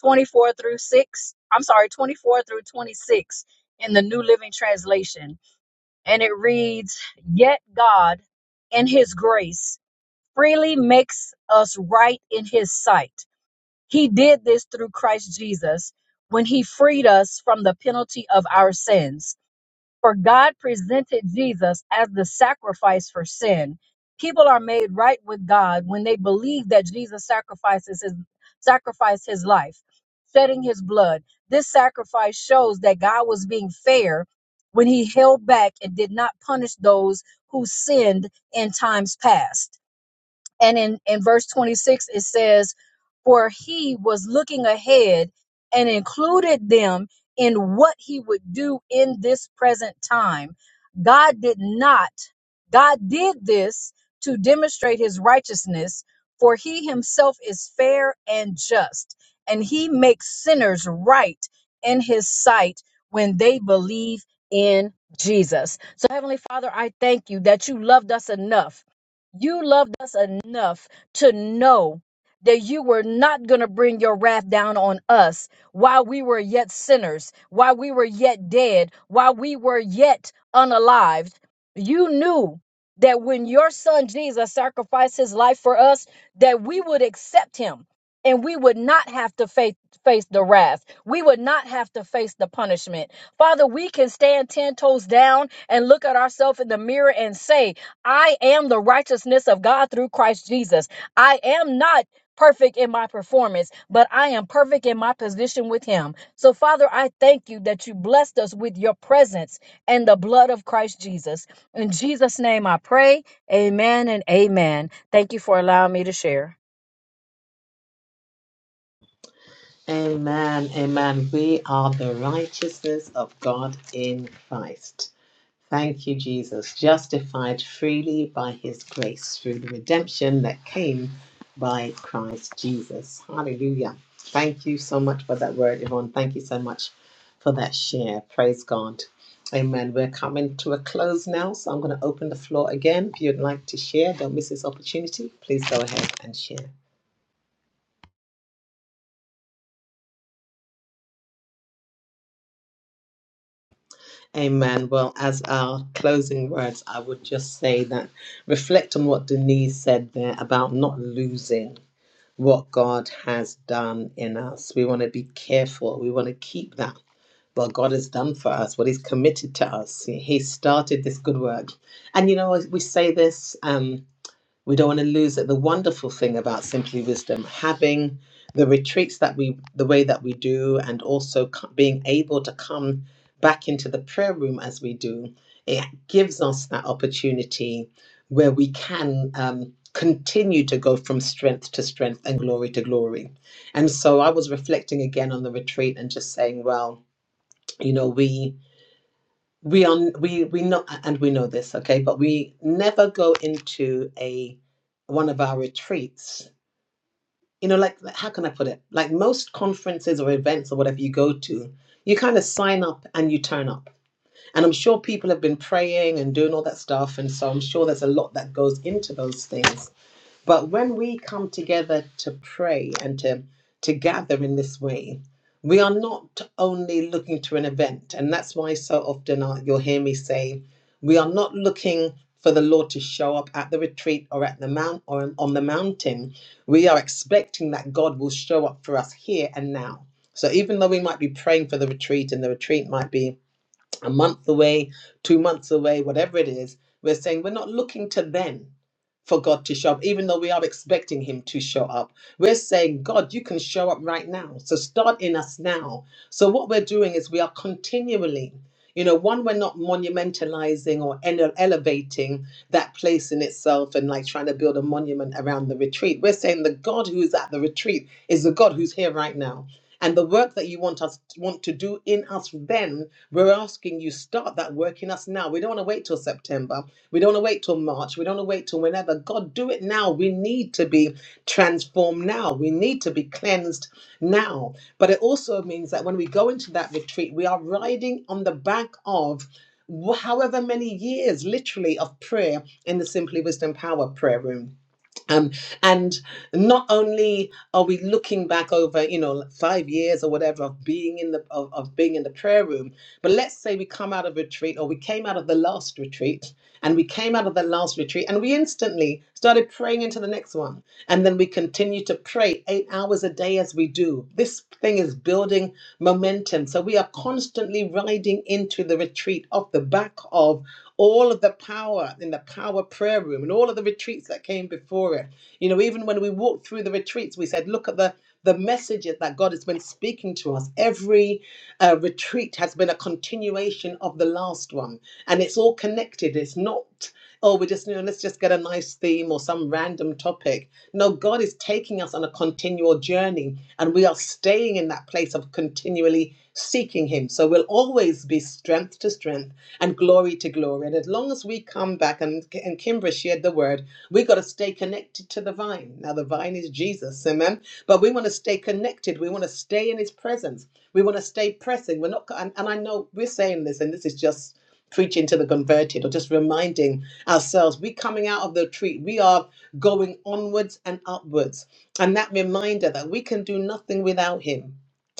[SPEAKER 6] 24 through 6. I'm sorry, 24 through 26 in the New Living Translation. And it reads, Yet God, in His grace, freely makes us right in His sight. He did this through Christ Jesus when He freed us from the penalty of our sins. For God presented Jesus as the sacrifice for sin. People are made right with God when they believe that Jesus sacrifices his sacrificed his life, shedding his blood. This sacrifice shows that God was being fair when he held back and did not punish those who sinned in times past and in, in verse 26 it says for he was looking ahead and included them in what he would do in this present time god did not god did this to demonstrate his righteousness for he himself is fair and just and he makes sinners right in his sight when they believe in jesus so heavenly father i thank you that you loved us enough you loved us enough to know that you were not going to bring your wrath down on us while we were yet sinners, while we were yet dead, while we were yet unalived. You knew that when your son Jesus sacrificed his life for us, that we would accept him and we would not have to face face the wrath. We would not have to face the punishment. Father, we can stand 10 toes down and look at ourselves in the mirror and say, I am the righteousness of God through Christ Jesus. I am not perfect in my performance, but I am perfect in my position with Him. So, Father, I thank you that you blessed us with your presence and the blood of Christ Jesus. In Jesus' name I pray. Amen and amen. Thank you for allowing me to share.
[SPEAKER 2] Amen. Amen. We are the righteousness of God in Christ. Thank you, Jesus. Justified freely by his grace through the redemption that came by Christ Jesus. Hallelujah. Thank you so much for that word, Yvonne. Thank you so much for that share. Praise God. Amen. We're coming to a close now, so I'm going to open the floor again. If you'd like to share, don't miss this opportunity. Please go ahead and share. Amen. Well, as our closing words, I would just say that reflect on what Denise said there about not losing what God has done in us. We want to be careful, we want to keep that. What God has done for us, what He's committed to us. He started this good work. And you know, we say this. Um, we don't want to lose it. The wonderful thing about Simply Wisdom, having the retreats that we, the way that we do, and also co- being able to come back into the prayer room as we do, it gives us that opportunity where we can um, continue to go from strength to strength and glory to glory. And so I was reflecting again on the retreat and just saying, well, you know, we we are we we know and we know this okay but we never go into a one of our retreats you know like how can i put it like most conferences or events or whatever you go to you kind of sign up and you turn up and i'm sure people have been praying and doing all that stuff and so i'm sure there's a lot that goes into those things but when we come together to pray and to, to gather in this way, we are not only looking to an event. And that's why so often I- you'll hear me say, we are not looking for the Lord to show up at the retreat or at the mount or on on the mountain. We are expecting that God will show up for us here and now. So even though we might be praying for the retreat and the retreat might be a month away, two months away, whatever it is, we're saying we're not looking to then for God to show up, even though we are expecting Him to show up. We're saying, God, you can show up right now. So start in us now. So what we're doing is we are continually. You know, one, we're not monumentalizing or ele- elevating that place in itself and like trying to build a monument around the retreat. We're saying the God who's at the retreat is the God who's here right now. And the work that you want us want to do in us then we're asking you start that work in us now. We don't want to wait till September. We don't want to wait till March. We don't want to wait till whenever. God, do it now. We need to be transformed now. We need to be cleansed now. But it also means that when we go into that retreat, we are riding on the back of wh- however many years literally of prayer in the simply wisdom power prayer room um, and not only are we looking back over, you know, like five years or whatever of being in the of, of being in the prayer room, but let's say we come out of retreat or we came out of the last retreat and we came out of the last retreat and we instantly started praying into the next one. And then we continue to pray eight hours a day as we do. This thing is building momentum. So we are constantly riding into the retreat off the back of all of the power in the power prayer room and all of the retreats that came before it. You know, even when we walked through the retreats, we said, look at the the messages that God has been speaking to us. Every uh, retreat has been a continuation of the last one, and it's all connected. It's not oh, we just, you know, let's just get a nice theme or some random topic. No, God is taking us on a continual journey and we are staying in that place of continually seeking Him. So we'll always be strength to strength and glory to glory. And as long as we come back, and, and Kimbra shared the word, we got to stay connected to the vine. Now, the vine is Jesus, amen. But we want to stay connected, we want to stay in His presence. We want to stay pressing. We're not, and, and I know we're saying this, and this is just preaching to the converted or just reminding ourselves. We coming out of the retreat, we are going onwards and upwards. And that reminder that we can do nothing without Him.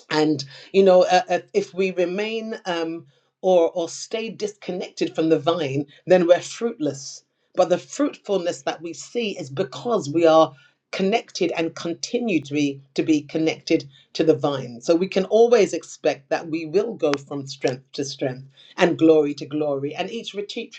[SPEAKER 2] And, you know, uh, uh, if we remain um, or, or stay disconnected from the vine, then we're fruitless. But the fruitfulness that we see is because we are connected and continue to be to be connected to the vine so we can always expect that we will go from strength to strength and glory to glory. And each retreat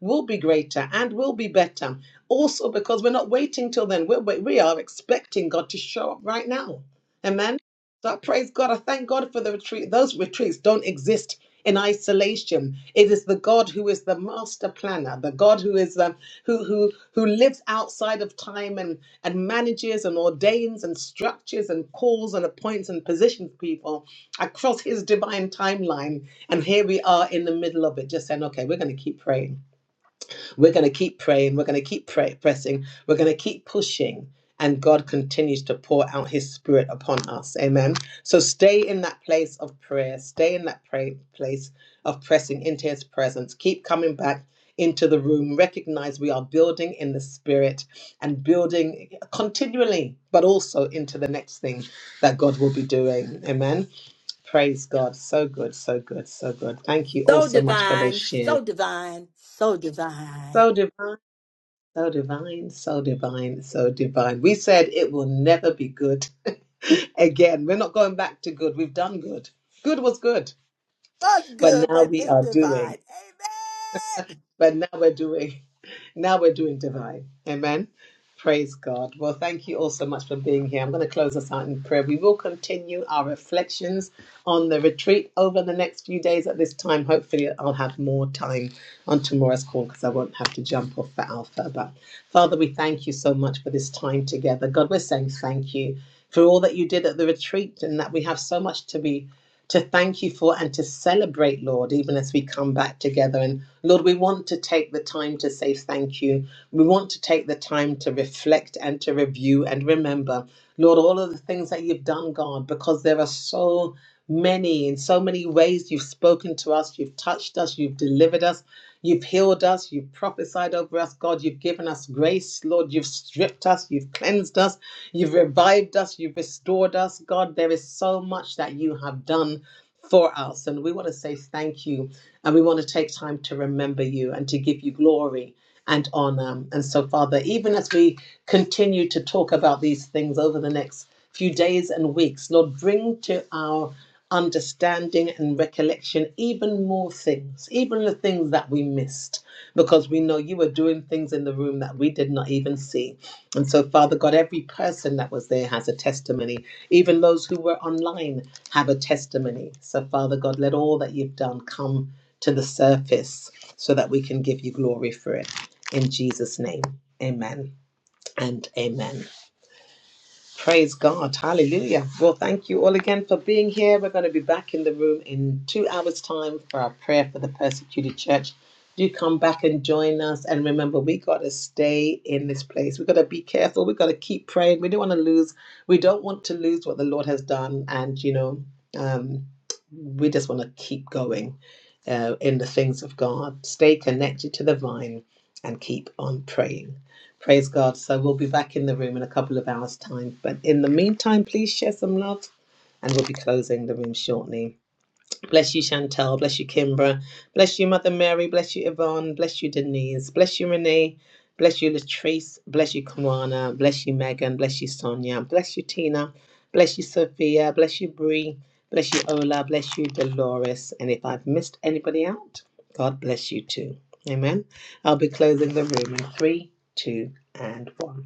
[SPEAKER 2] will be greater and will be better. Also, because we're not waiting till then, we're, we we are expecting God to show up right now. Amen. So I praise God. I thank God for the retreat. Those retreats don't exist in isolation. It is the God who is the master planner, the God who is the who who who lives outside of time and and manages and ordains and structures and calls and appoints and positions people across his divine timeline. And here we are in the middle of it, just saying, okay, we're going to keep praying. We're going to keep praying. We're going to keep pray- pressing. We're going to keep pushing. And God continues to pour out his spirit upon us. Amen. So stay in that place of prayer. Stay in that pray- place of pressing into his presence. Keep coming back into the room. Recognize we are building in the spirit and building continually, but also into the next thing that God will be doing. Amen. Praise God. So good, so good, so good. Thank you all
[SPEAKER 4] So
[SPEAKER 2] so much for those
[SPEAKER 4] divine,
[SPEAKER 2] shares.
[SPEAKER 4] so divine, so divine.
[SPEAKER 2] So divine, so divine, so divine, so divine. We said it will never be good again. We're not going back to good. We've done good. Good was good.
[SPEAKER 4] Was
[SPEAKER 2] But
[SPEAKER 4] good,
[SPEAKER 2] now
[SPEAKER 4] but
[SPEAKER 2] we
[SPEAKER 4] it's
[SPEAKER 2] are doing
[SPEAKER 4] divine. Amen.
[SPEAKER 2] but now we're doing now we're doing divine amen praise god well thank you all so much for being here i'm going to close us out in prayer we will continue our reflections on the retreat over the next few days at this time hopefully i'll have more time on tomorrow's call because i won't have to jump off for alpha but father we thank you so much for this time together god we're saying thank you for all that you did at the retreat and that we have so much to be to thank you for and to celebrate, Lord, even as we come back together. And Lord, we want to take the time to say thank you. We want to take the time to reflect and to review and remember, Lord, all of the things that you've done, God, because there are so many, in so many ways, you've spoken to us, you've touched us, you've delivered us, you've healed us, you've prophesied over us, God, you've given us grace, Lord, you've stripped us, you've cleansed us. You've revived us. You've restored us. God, there is so much that you have done for us. And we want to say thank you. And we want to take time to remember you and to give you glory and honor. And so, Father, even as we continue to talk about these things over the next few days and weeks, Lord, bring to our understanding and recollection even more things, even the things that we missed, because we know you were doing things in the room that we did not even see. And so, Father God, every person that was there has a testimony. Even those who were online have a testimony. So, Father God, let all that you've done come to the surface so that we can give you glory for it. In Jesus' name, amen and amen. Praise God. Hallelujah. Well, thank you all again for being here. We're going to be back in the room in two hours' time for our prayer for the persecuted church. Do come back and join us. And remember, we got to stay in this place. We've got to be careful. We've got to keep praying. We don't want to lose. We don't want to lose what the Lord has done. And, you know, um, we just want to keep going uh, in the things of God. Stay connected to the vine and keep on praying. Praise God. So we'll be back in the room in a couple of hours' time. But in the meantime, please share some love and we'll be closing the room shortly. Bless you, Chantel. Bless you, Kimbra. Bless you, Mother Mary. Bless you, Yvonne. Bless you, Denise. Bless you, Renee. Bless you, Latrice. Bless you, Kawana. Bless you, Megan. Bless you, Sonia. Bless you, Tina. Bless you, Sophia. Bless you, Bree. Bless you, Ola. Bless you, Dolores. And if I've missed anybody out, God bless you too. Amen. I'll be closing the room in three, two, and one.